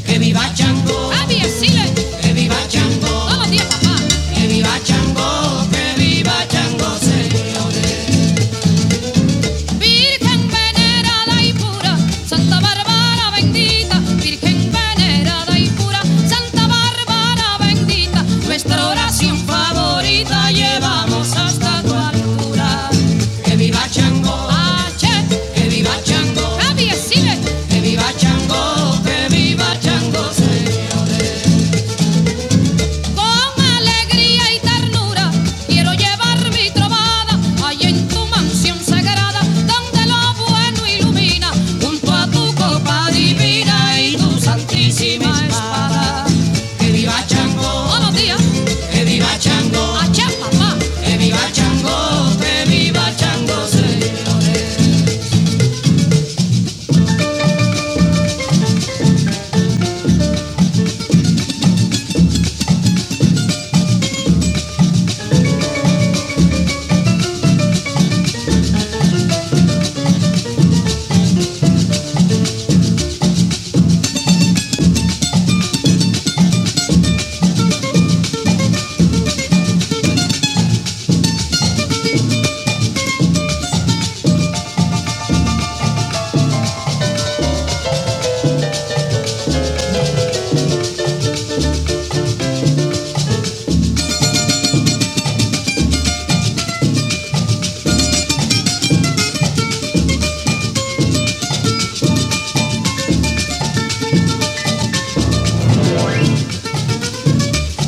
C: Que viva Chango, que viva Chango, que viva Chango, que viva Chango, señores. Virgen venerada y pura, Santa Bárbara bendita, Virgen venerada y pura, Santa Bárbara bendita, nuestra oración favorita llevamos hasta tu altura. Que viva Chango, que viva Chango, que viva Chango, que viva Chango, señores. Con alegría y ternura quiero llevar mi trovada allá en tu mansión sagrada, donde lo bueno ilumina, junto a tu copa divina y tu santísima espada. Que viva Chango, Todos los que viva Chango, allá papá. que viva Chango, que viva Chango, señores.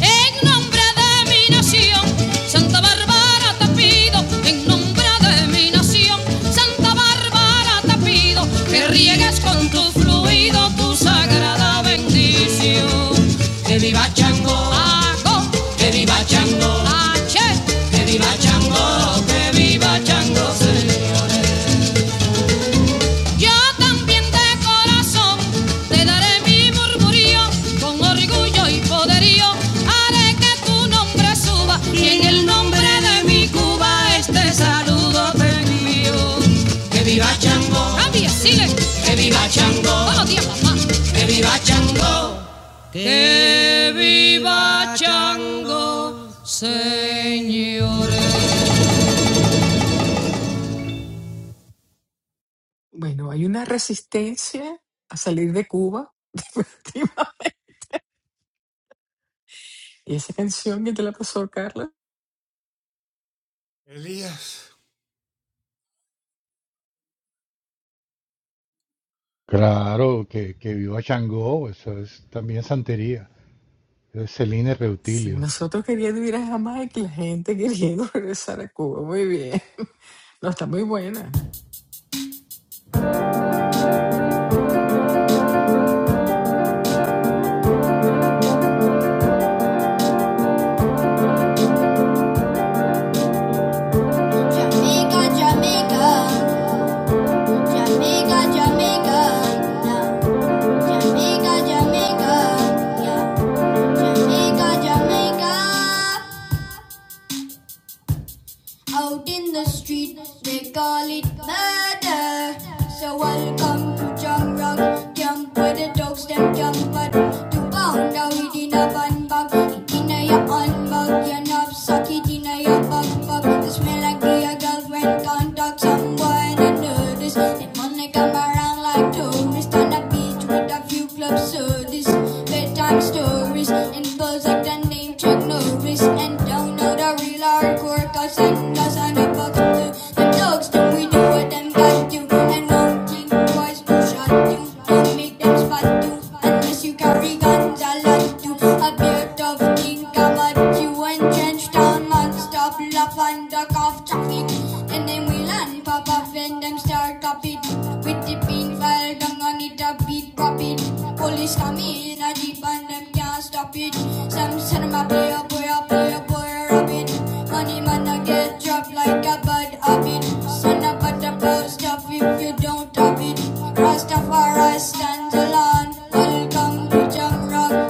C: En nombre de mi nación, Santa Bárbara te pido. En nombre de mi nación, Santa Bárbara te pido que riegues con tu fluido tu sagrada bendición. Que viva Chango, que viva Chango, que viva Chango, que viva Chango, señor. Yo también de corazón te daré mi murmurío, con orgullo y poderío haré que tu nombre suba y en el nombre de mi Cuba este saludo te envío. Que viva Chango, Cambia, sigue, que viva Chango. todos los días, papá. Jamaica,
A: Bueno, hay una resistencia a salir de Cuba. definitivamente. y esa canción que te la pasó, Carla.
G: Claro, que, que viva Changó, eso es también santería. Es Celine
A: Sí,
G: Reutilio.
A: nosotros queriendo ir a Jamaica y la gente queriendo regresar a Cuba. Muy bien. No, está muy buena.
C: Jamaica, Jamaica, yeah. Jamaica, yeah. Jamaica, Jamaica. Out in the street, they call it murder. So welcome to Jump Rock, jump where the dogs them jump, but to pound out it in a bun bag, it in a your unbug, your knapsack, it in a your bug bug. The smell like your girlfriend contact someone and notice. Then money come around like tourists on the beach with a few clubs soda stories, bedtime stories, and birds like the name Chuck Norris. And don't know the real hardcore, cause I cause I know fuck to the dogs. Then we do what them guys do, and won't think twice, no shot you. Don't make them spot you, unless you carry guns. I like you, a beard of think about you, and trench down, non-stop, love under cough traffic. And then we land pop off and them start up it With the pink file on it a beat pop it Police come in a jeep and them can't stop it Some son of a player boy a player boy a rabbit Money man I get dropped like a bad habit Son of a the pro stuff if you don't have it Rastafari stands alone Welcome to Jamrock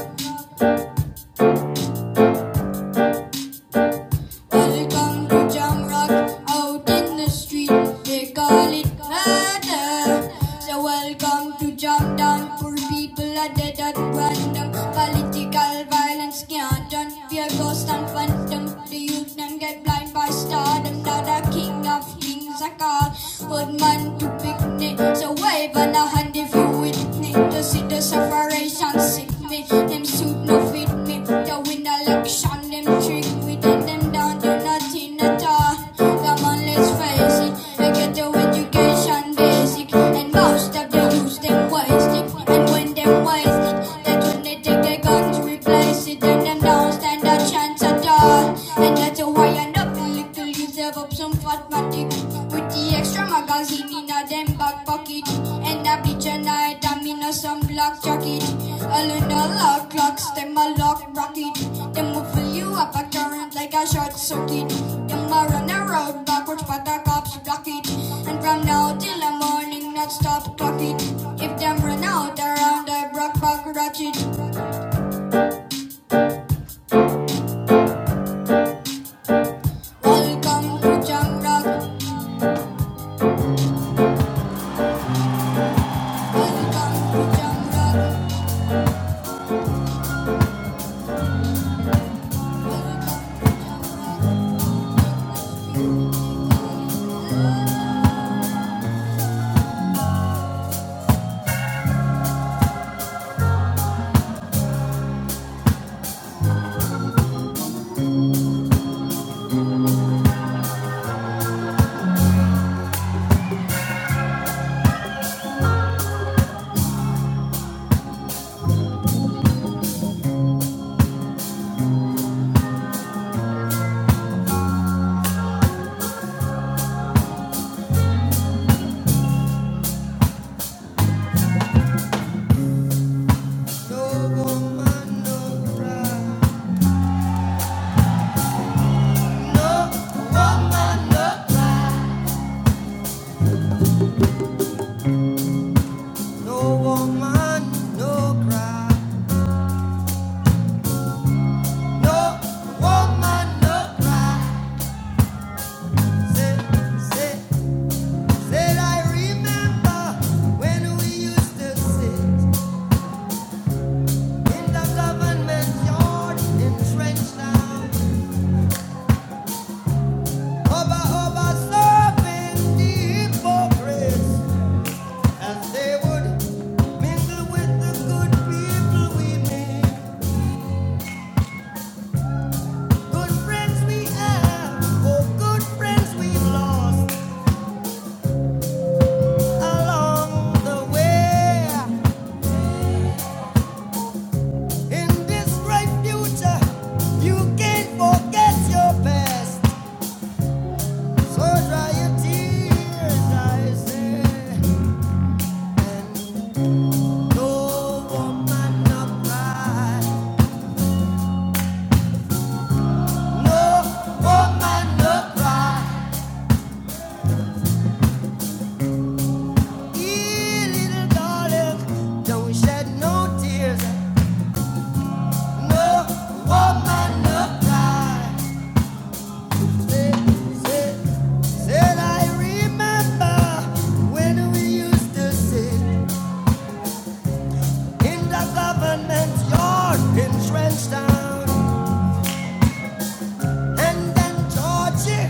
C: There's a jungle jam rock out in the street. They call it murder. So welcome to jam down. Poor people are dead at random. Political violence can't done. Fear ghost and phantom. The youth them get blind by stardom. Now the king of kings I call. Old man to picnic. So wave on a hand if you with me to see see the separation sick me. Them suit no fit me. They win the election, them trick me. Then them down do nothing at all. Come on, let's face it. I get the education basic. And most of the youth, them waste it. And when they waste it, that's when they take their guns to replace it. then them don't stand a chance at all. And that's why I know little youth have up some fat magic with the extra magazine in a them back pocket. And a bitch and I'm in a some black jacket. All in a lock clocks, them a lock rocket. Them will fill you up a current like a short circuit. Them a run around backwards, but the cops block it. And from now till the morning, not stop clock it. If them run out around, I broke back ratchet. Welcome to Jam Rock. Welcome to Jam Rock. Welcome to Jam Rock. No woman, no cry. No woman, no cry. Say, say, said I remember when we used to sit in the government yard in trench town. Hubba, serving the hypocrites as they would mingle with the good people we meet. Good friends we have, oh good friends we've lost along the way. In this bright future, you can't forget your past. So dry your tears, I say. No woman no cry, no woman no cry. Ee, little darling, don't shed no tears. No woman no cry. Said I remember when we used to sit in the government yard in Trenchtown, and then Georgie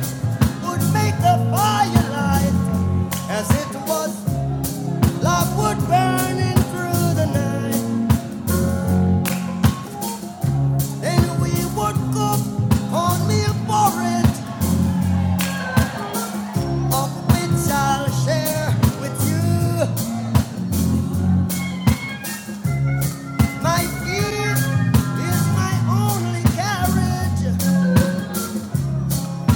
C: would make the firelight as it was love burning through the night. Then we would cook cornmeal porridge, of which I'll share with you. My fear is my only carriage,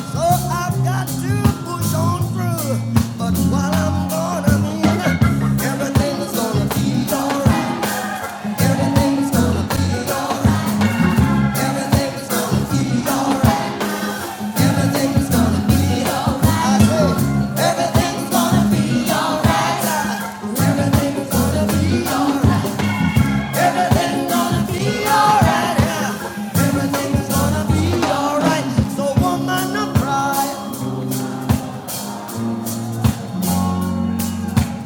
C: so I've got to push on through. But what I'm gonna mean, everything's gonna be alright. Everything's gonna be, gonna be alright. Everything's gonna be alright. So woman, no cry,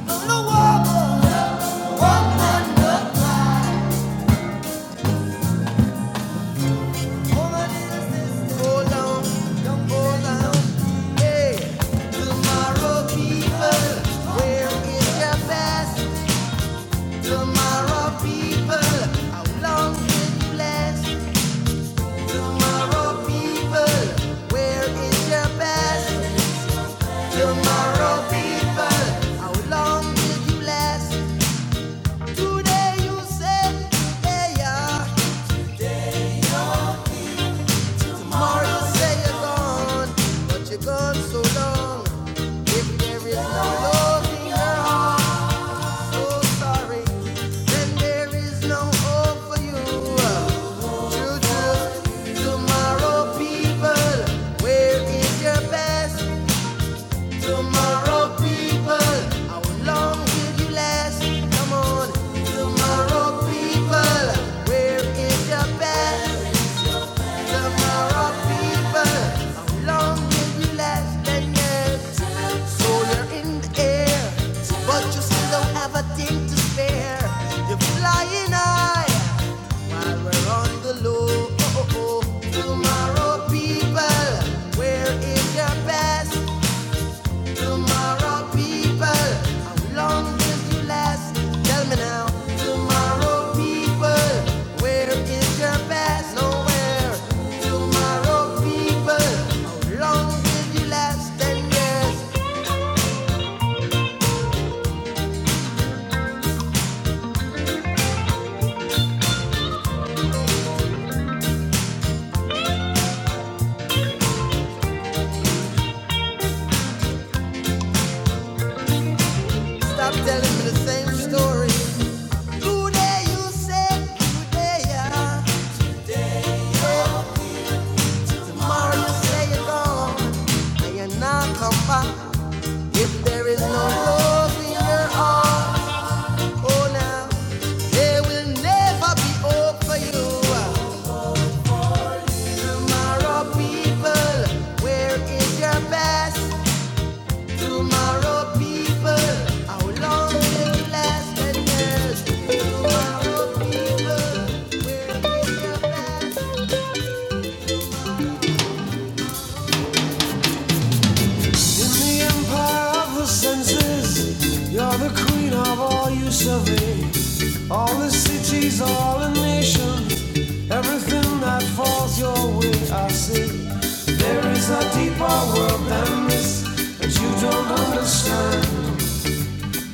C: no woman, woman, no cry. people, how long did you last? Today you said, hey, yeah. Tomorrow say you're gone, but you're gone so long. If there is no love in your heart, so sorry, then there is no hope for you. True, true, tomorrow people, where is your best? Tomorrow people, how long will you last? Come on, tomorrow people, where is your best? Tomorrow, people, how long will you last and yet? So you're in the air, but you still don't have a thing to spare. You're flying high while we're on the low. Tomorrow, people, where is your best? Tomorrow, people, how long will you last? Tell me now. Tomorrow, people, where is your best? Nowhere. Tomorrow, people, how long will you last? Ten years. Stop telling me the same story. Today you say today, yeah. Tomorrow you say you're gone, and you not come back. If there is no love in your heart. Oh, now there will never be hope for you. Tomorrow, people, where is your best? Tomorrow, people, how long will you last Tomorrow, people, where is your best? In the empire of the senses, you're the queen of all you survey. All the cities, all the nations, everything that falls your way, I see. There is a deeper world than this that you don't understand.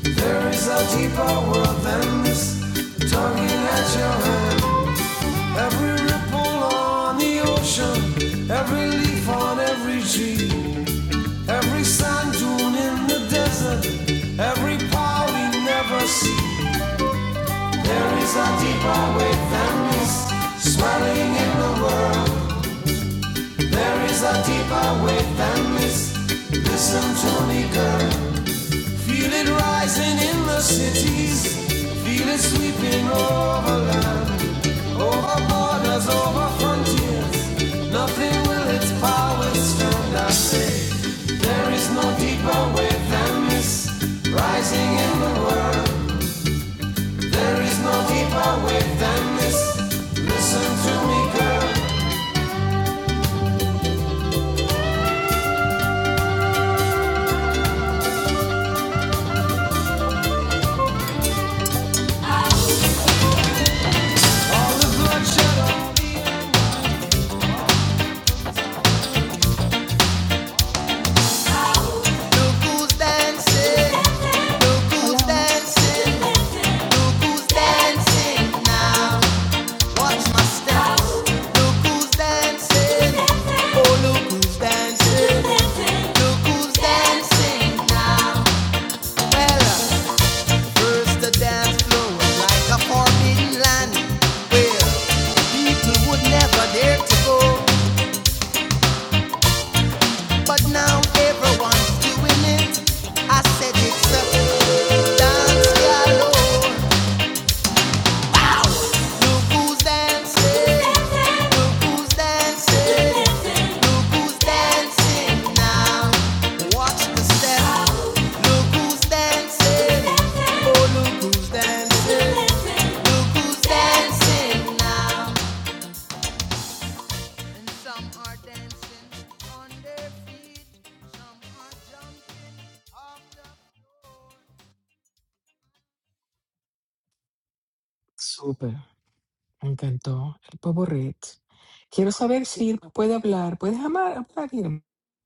C: There is a deeper world than this, tugging at your hand. Every ripple on the ocean, every leaf on every tree. Every sand dune in the desert, every power we never see. There is a deeper way than this, swelling in the world. There is a deeper way than this. Listen to me, girl. Feel it rising in the cities, feel it sweeping over Over borders, over frontiers, nothing will its powers stand. I there is no deeper way than this. Rising in the world, there is no deeper way than this. Listen to me, girl. Look who's dancing. Look who's
L: Hola, hola.
C: dancing. Look who's dancing now. Watch my steps. Look who's dancing. Oh, look who's dancing. I said it's a dance galore. Look who's dancing. dancing! on their feet, Some are jumping off the
A: Súper. Me encantó. El Poborrit. Quiero saber si Irma puede hablar. ¿Puedes amar- hablar, Irma?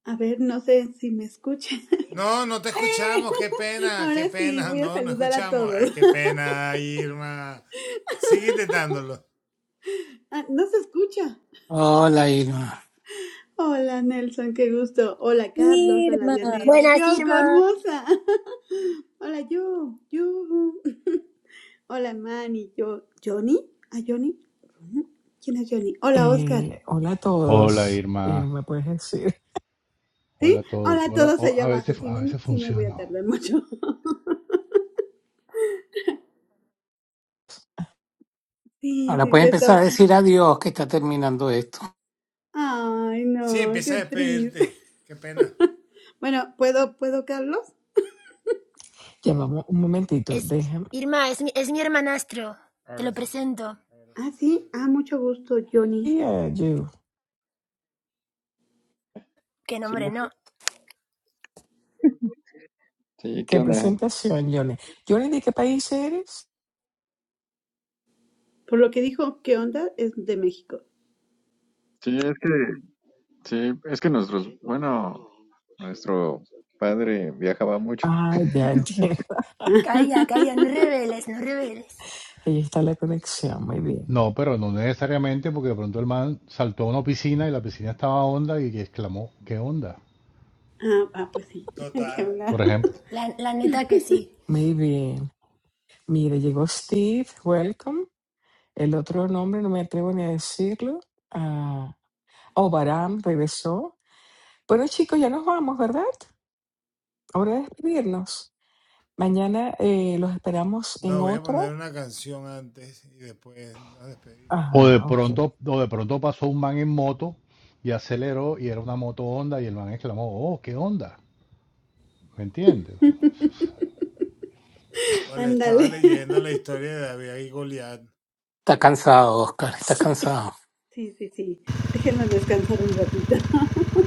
L: A ver, no sé si me escuchan. ¡Eh! Ahora sí, voy a saludar a todos. Ah, no se escucha.
D: Hola, Irma.
L: Hola, Nelson, qué gusto. Hola, Carlos. Hola,
B: Irma.
L: Dianela.
F: Buenas,
L: yo
F: Irma.
L: hermosa. Hola, yo. Yo. Hola, Manny. Yo. ¿Johnny? ¿A Johnny? ¿Quién es Johnny? Hola, Oscar.
A: Eh, hola a
G: Hola
A: todos.
G: Irma,
A: Irma, puedes decir.
G: hola
L: ¿Sí?
G: a todos.
L: Hola a
G: Hola,
L: todos
G: o-
L: allá
G: a
L: abajo.
G: veces,
L: Si
G: a
L: no, no-
G: veces
L: sí me voy
G: funciona.
L: a tardar mucho. Sí,
D: Ahora
L: sí,
D: puede
L: ya
D: empezar
L: estaba.
D: a decir adiós que está terminando esto.
L: Ay, no, qué triste. Bueno, ¿puedo, puedo, Carlos?
A: Ya vamos un momentito.
F: Es
A: Déjame.
F: Irma, es mi, es mi hermanastro. Te lo presento.
L: Ah, sí. Ah, mucho gusto, Johnny.
A: Yeah,
F: Qué
K: Sí,
F: nombre, no.
K: sí, ¿qué
A: Qué
K: onda?
A: presentación, Johnny. Johnny, ¿de qué país eres?
L: Por lo que dijo, ¿qué onda? Es de México.
K: Sí, es que, sí, es que nuestros, bueno, nuestro padre viajaba mucho.
A: Ay, ya entiendo.
F: Calla, calla, no reveles, no reveles.
A: Ahí está la conexión. Muy bien.
G: No, pero no necesariamente, porque de pronto el man saltó a una piscina y la piscina estaba honda y exclamó, ¿qué onda?
L: Ah, ah, pues sí. ¿Qué
G: Por
L: onda?
G: ejemplo.
F: La, la neta que sí.
A: Muy bien. Mira, llegó Steve. Welcome. El otro nombre no me atrevo ni a decirlo. Ah, oh, Baram regresó. Bueno, chicos, ya nos vamos, ¿verdad? Ahora de despedirnos. Mañana eh, los esperamos en otra.
G: O de
A: Ajá, ok.
G: pronto, o de pronto pasó un man en moto y aceleró y era una moto honda y el man exclamó, oh, ¿qué onda? ¿Me entiendes?
L: Ándale.
D: Está cansado, Oscar, está
A: Sí,
D: cansado.
L: Sí, sí, sí. Déjenlo descansar un ratito.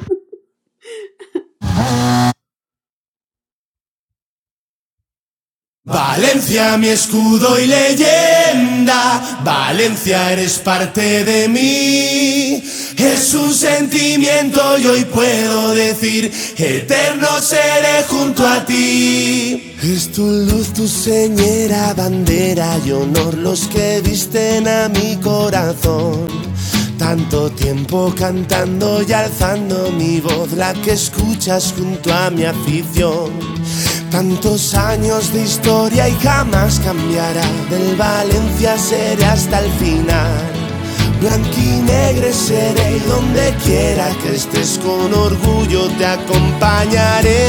C: Valencia, mi escudo y leyenda, Valencia eres parte de mí. Es un sentimiento y hoy puedo decir, eterno seré junto a ti. Es tu luz, tu señera, bandera y honor los que visten a mi corazón. Tanto tiempo cantando y alzando mi voz, la que escuchas junto a mi afición. Tantos años de historia y jamás cambiará. Del Valencia seré hasta el final. Blanquinegre seré y donde quiera que estés con orgullo te acompañaré.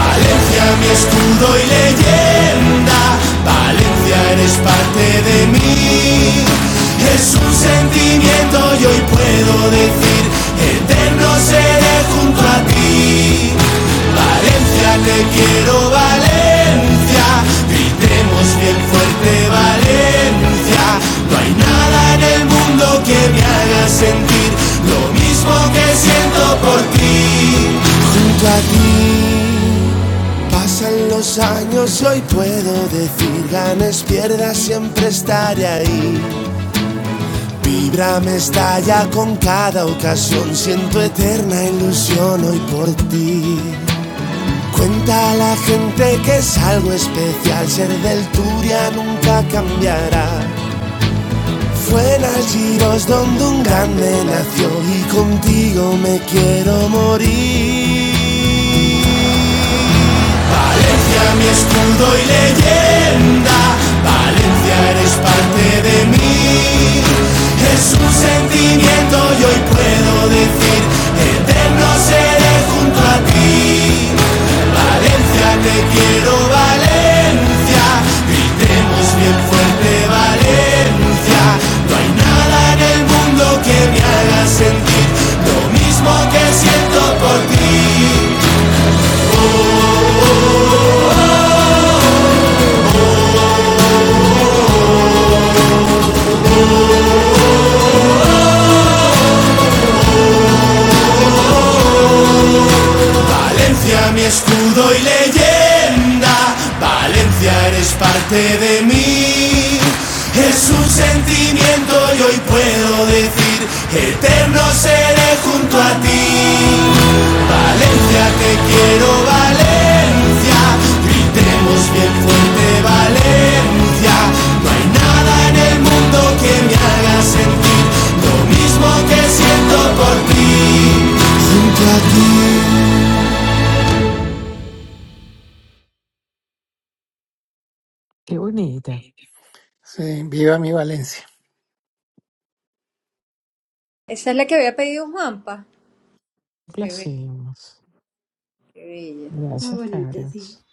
C: Valencia mi escudo y leyenda. Valencia, eres parte de mí. Es un sentimiento y hoy puedo decir, eterno seré junto a ti. Valencia, te quiero, Valencia. Gritemos bien fuerte, Valencia. Valencia, no hay nada en el mundo que me haga sentir lo mismo que siento por ti. Junto a ti pasan los años, hoy puedo decir ganes, pierdas, siempre estaré ahí. Vibra me estalla con cada ocasión, siento eterna ilusión hoy por ti. Cuenta a la gente que es algo especial, ser del Turia nunca cambiará. Fue en Algiros donde un grande nació y contigo me quiero morir. Valencia, mi escudo y leyenda, Valencia eres parte de mí. Es un sentimiento y hoy puedo decir, eterno seré junto a ti. Valencia, te quiero, Valencia, gritemos bien fuerte, Valencia. No hay nada en el mundo que me haga sentir lo mismo que siento por ti. Valencia, mi escudo y leyenda, Valencia eres parte de mí. Es un sentimiento y hoy puedo decir, eterno seré junto a ti. Valencia, te quiero, Valencia, gritemos bien fuerte, Valencia. No hay nada en el mundo que me haga sentir lo mismo que siento por ti, junto a ti.
A: qué bonita.
D: Sí, viva mi Valencia.
B: Esa es la que había pedido Juanpa. Qué bella,
A: Complacimos.
B: qué bella.
L: Muy
A: Gracias,
L: bonita, sí.
A: Carlos.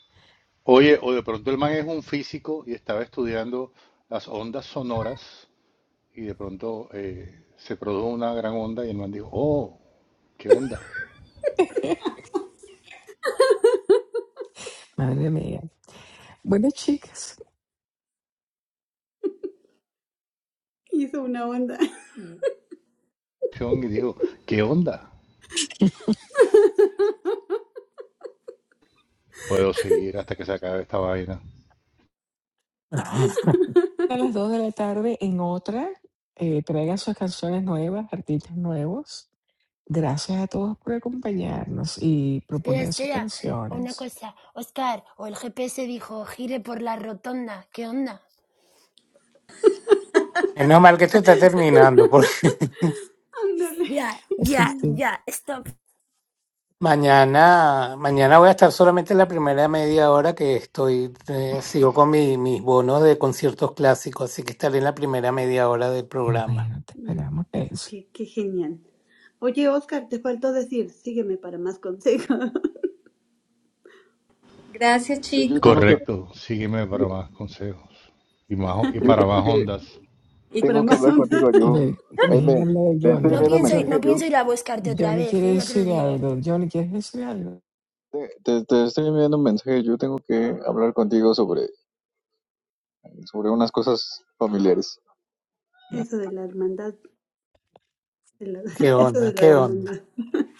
G: Oye, o de pronto el man es un físico y estaba estudiando las ondas sonoras y de pronto eh, se produjo una gran onda y el man dijo, oh, qué onda.
A: Madre mía. Bueno, chicas.
L: Hizo una onda.
G: Y dijo, ¿qué onda? Puedo seguir hasta que se acabe esta vaina.
A: a las 2 de la tarde en otra. Eh, traigan sus canciones nuevas, artistas nuevos. Gracias a todos por acompañarnos y
F: Espera,
A: proponer sus
F: espera. Una
A: canciones.
F: cosa, Oscar, o el GPS dijo, gire por la rotonda. ¿Qué onda?
D: Menos mal que esto está terminando, porque
L: Ándale.
F: Ya,
A: Así
F: ya,
A: es tú.
F: ya, stop.
D: Mañana, mañana voy a estar solamente la primera media hora que estoy, eh, sigo con mi- mis bonos de conciertos clásicos, así que estaré en la primera media hora del programa.
A: Bueno, te
L: Mm,
A: esperamos eso.
L: Qué, qué genial. Oye, Oscar, te faltó decir, sígueme para más consejos,
B: Gracias
K: Yo, yo
B: chicos,
K: tengo que,
G: Correcto, sígueme para
K: yo
G: más consejos y, más, y para
K: tengo
G: más
K: que
G: ondas.
L: para
K: Tengo que
L: más
K: hablar contigo,
L: onda.
A: A
K: yo.
A: ver,
K: Ahí
A: dejen
K: me,
A: hablar de
K: te estoy
F: No
K: enviando un
A: Johnny.
F: pienso,
A: Jo-
F: no
K: mensaje, yo.
F: pienso ir a buscarte otra
A: Johnny
F: vez,
A: quiere
F: ¿eh? ya te lo
A: decir
F: digo.
A: algo. Johnny, ¿quieres decir algo?
K: Te, te- te estoy enviando un mensaje, yo. Tengo que hablar contigo sobre, sobre unas cosas familiares.
L: Eso de la hermandad de la-
D: ¿Qué
L: Eso
D: onda?
L: de la
D: ¿Qué onda?
L: hermandad.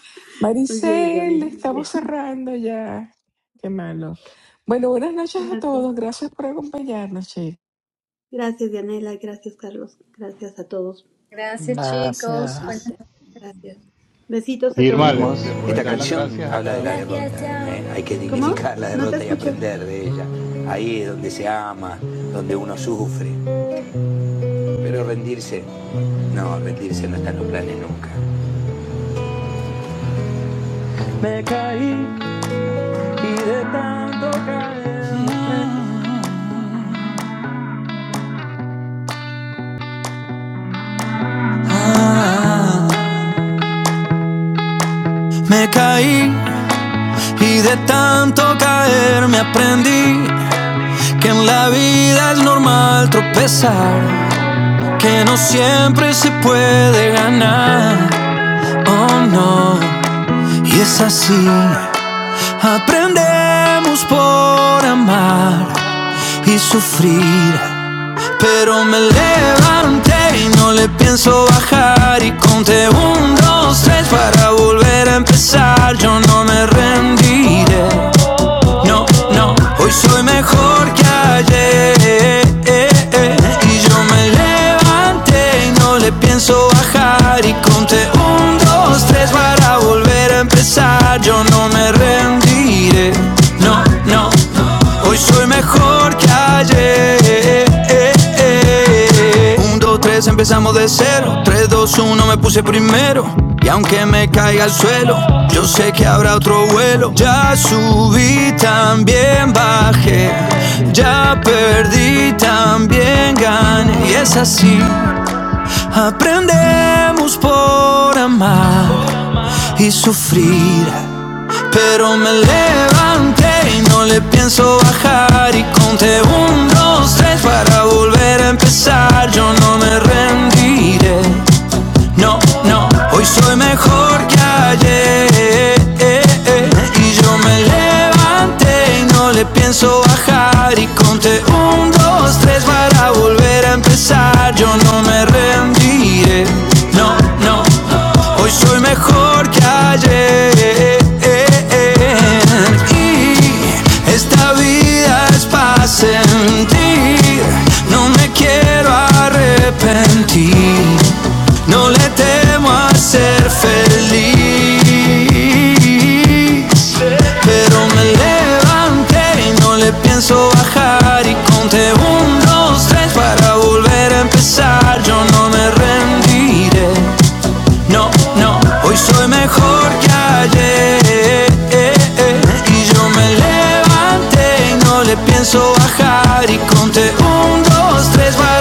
L: Muy bien, Johnny,
A: Maricel,
L: muy
A: estamos
L: bien.
A: cerrando ya. Qué malo. Bueno, buenas noches a
L: Gracias.
A: todos. Gracias por acompañarnos, chicos.
L: Gracias, Dianela. Gracias, Carlos. Gracias a todos
B: gracias
L: por
B: chicos.
D: Gracias.
B: Buenas
L: invitar. Gracias. Besitos a
K: Nos
G: Irma,
L: todos.
G: le, le
K: vemos. Bye,
G: puedes
C: Esta
G: dar
K: bye.
G: las
C: canción
G: gracias a
C: habla de
G: cada
C: la
G: uno
F: Gracias,
C: derrota,
G: también.
F: chao.
C: ¿eh? hay que
L: ¿Cómo?
C: dignificar la
L: No te
C: derrota y
L: escuché.
C: aprender de ella. Ahí es donde se ama, donde uno sufre. Pero rendirse, no, rendirse no está en los planes nunca. Me caí y de tanto caer me aprendí que en la vida es normal tropezar, que no siempre se puede ganar. Oh no, y es así, aprendemos por amar. y sufrir. Pero me levanté y no me soy mejor. No le pienso a volver a empezar. Yo no me rendiré. Eh, eh, eh. Un, dos, tres, empezamos de cero. Tres, dos, uno, me puse primero. Y aunque me caiga al suelo, yo sé que habrá otro vuelo. Ya subí, también bajé. Ya perdí, también gané. Y es así. Aprendemos por amar y sufrir. Pero me levanté y no le pienso bajos a volver a empezar. Yo no me rendí, no, no. Hoy soy mejor que ayer. Y yo me levanté y no le pienso bajar. Y conté un, dos, tres para volver a empezar. Yo no me rendiré, no, no. Hoy soy mejor que ayer. Hoy soy mejor que levanté y no le pienso bajar y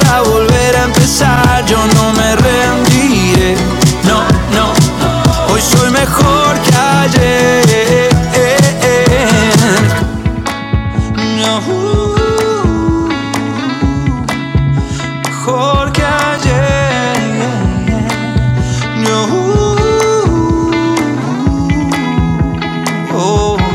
C: a volver a no me rendiré. No, hoy soy mejor que ayer. No, mejor que ayer. No, oh.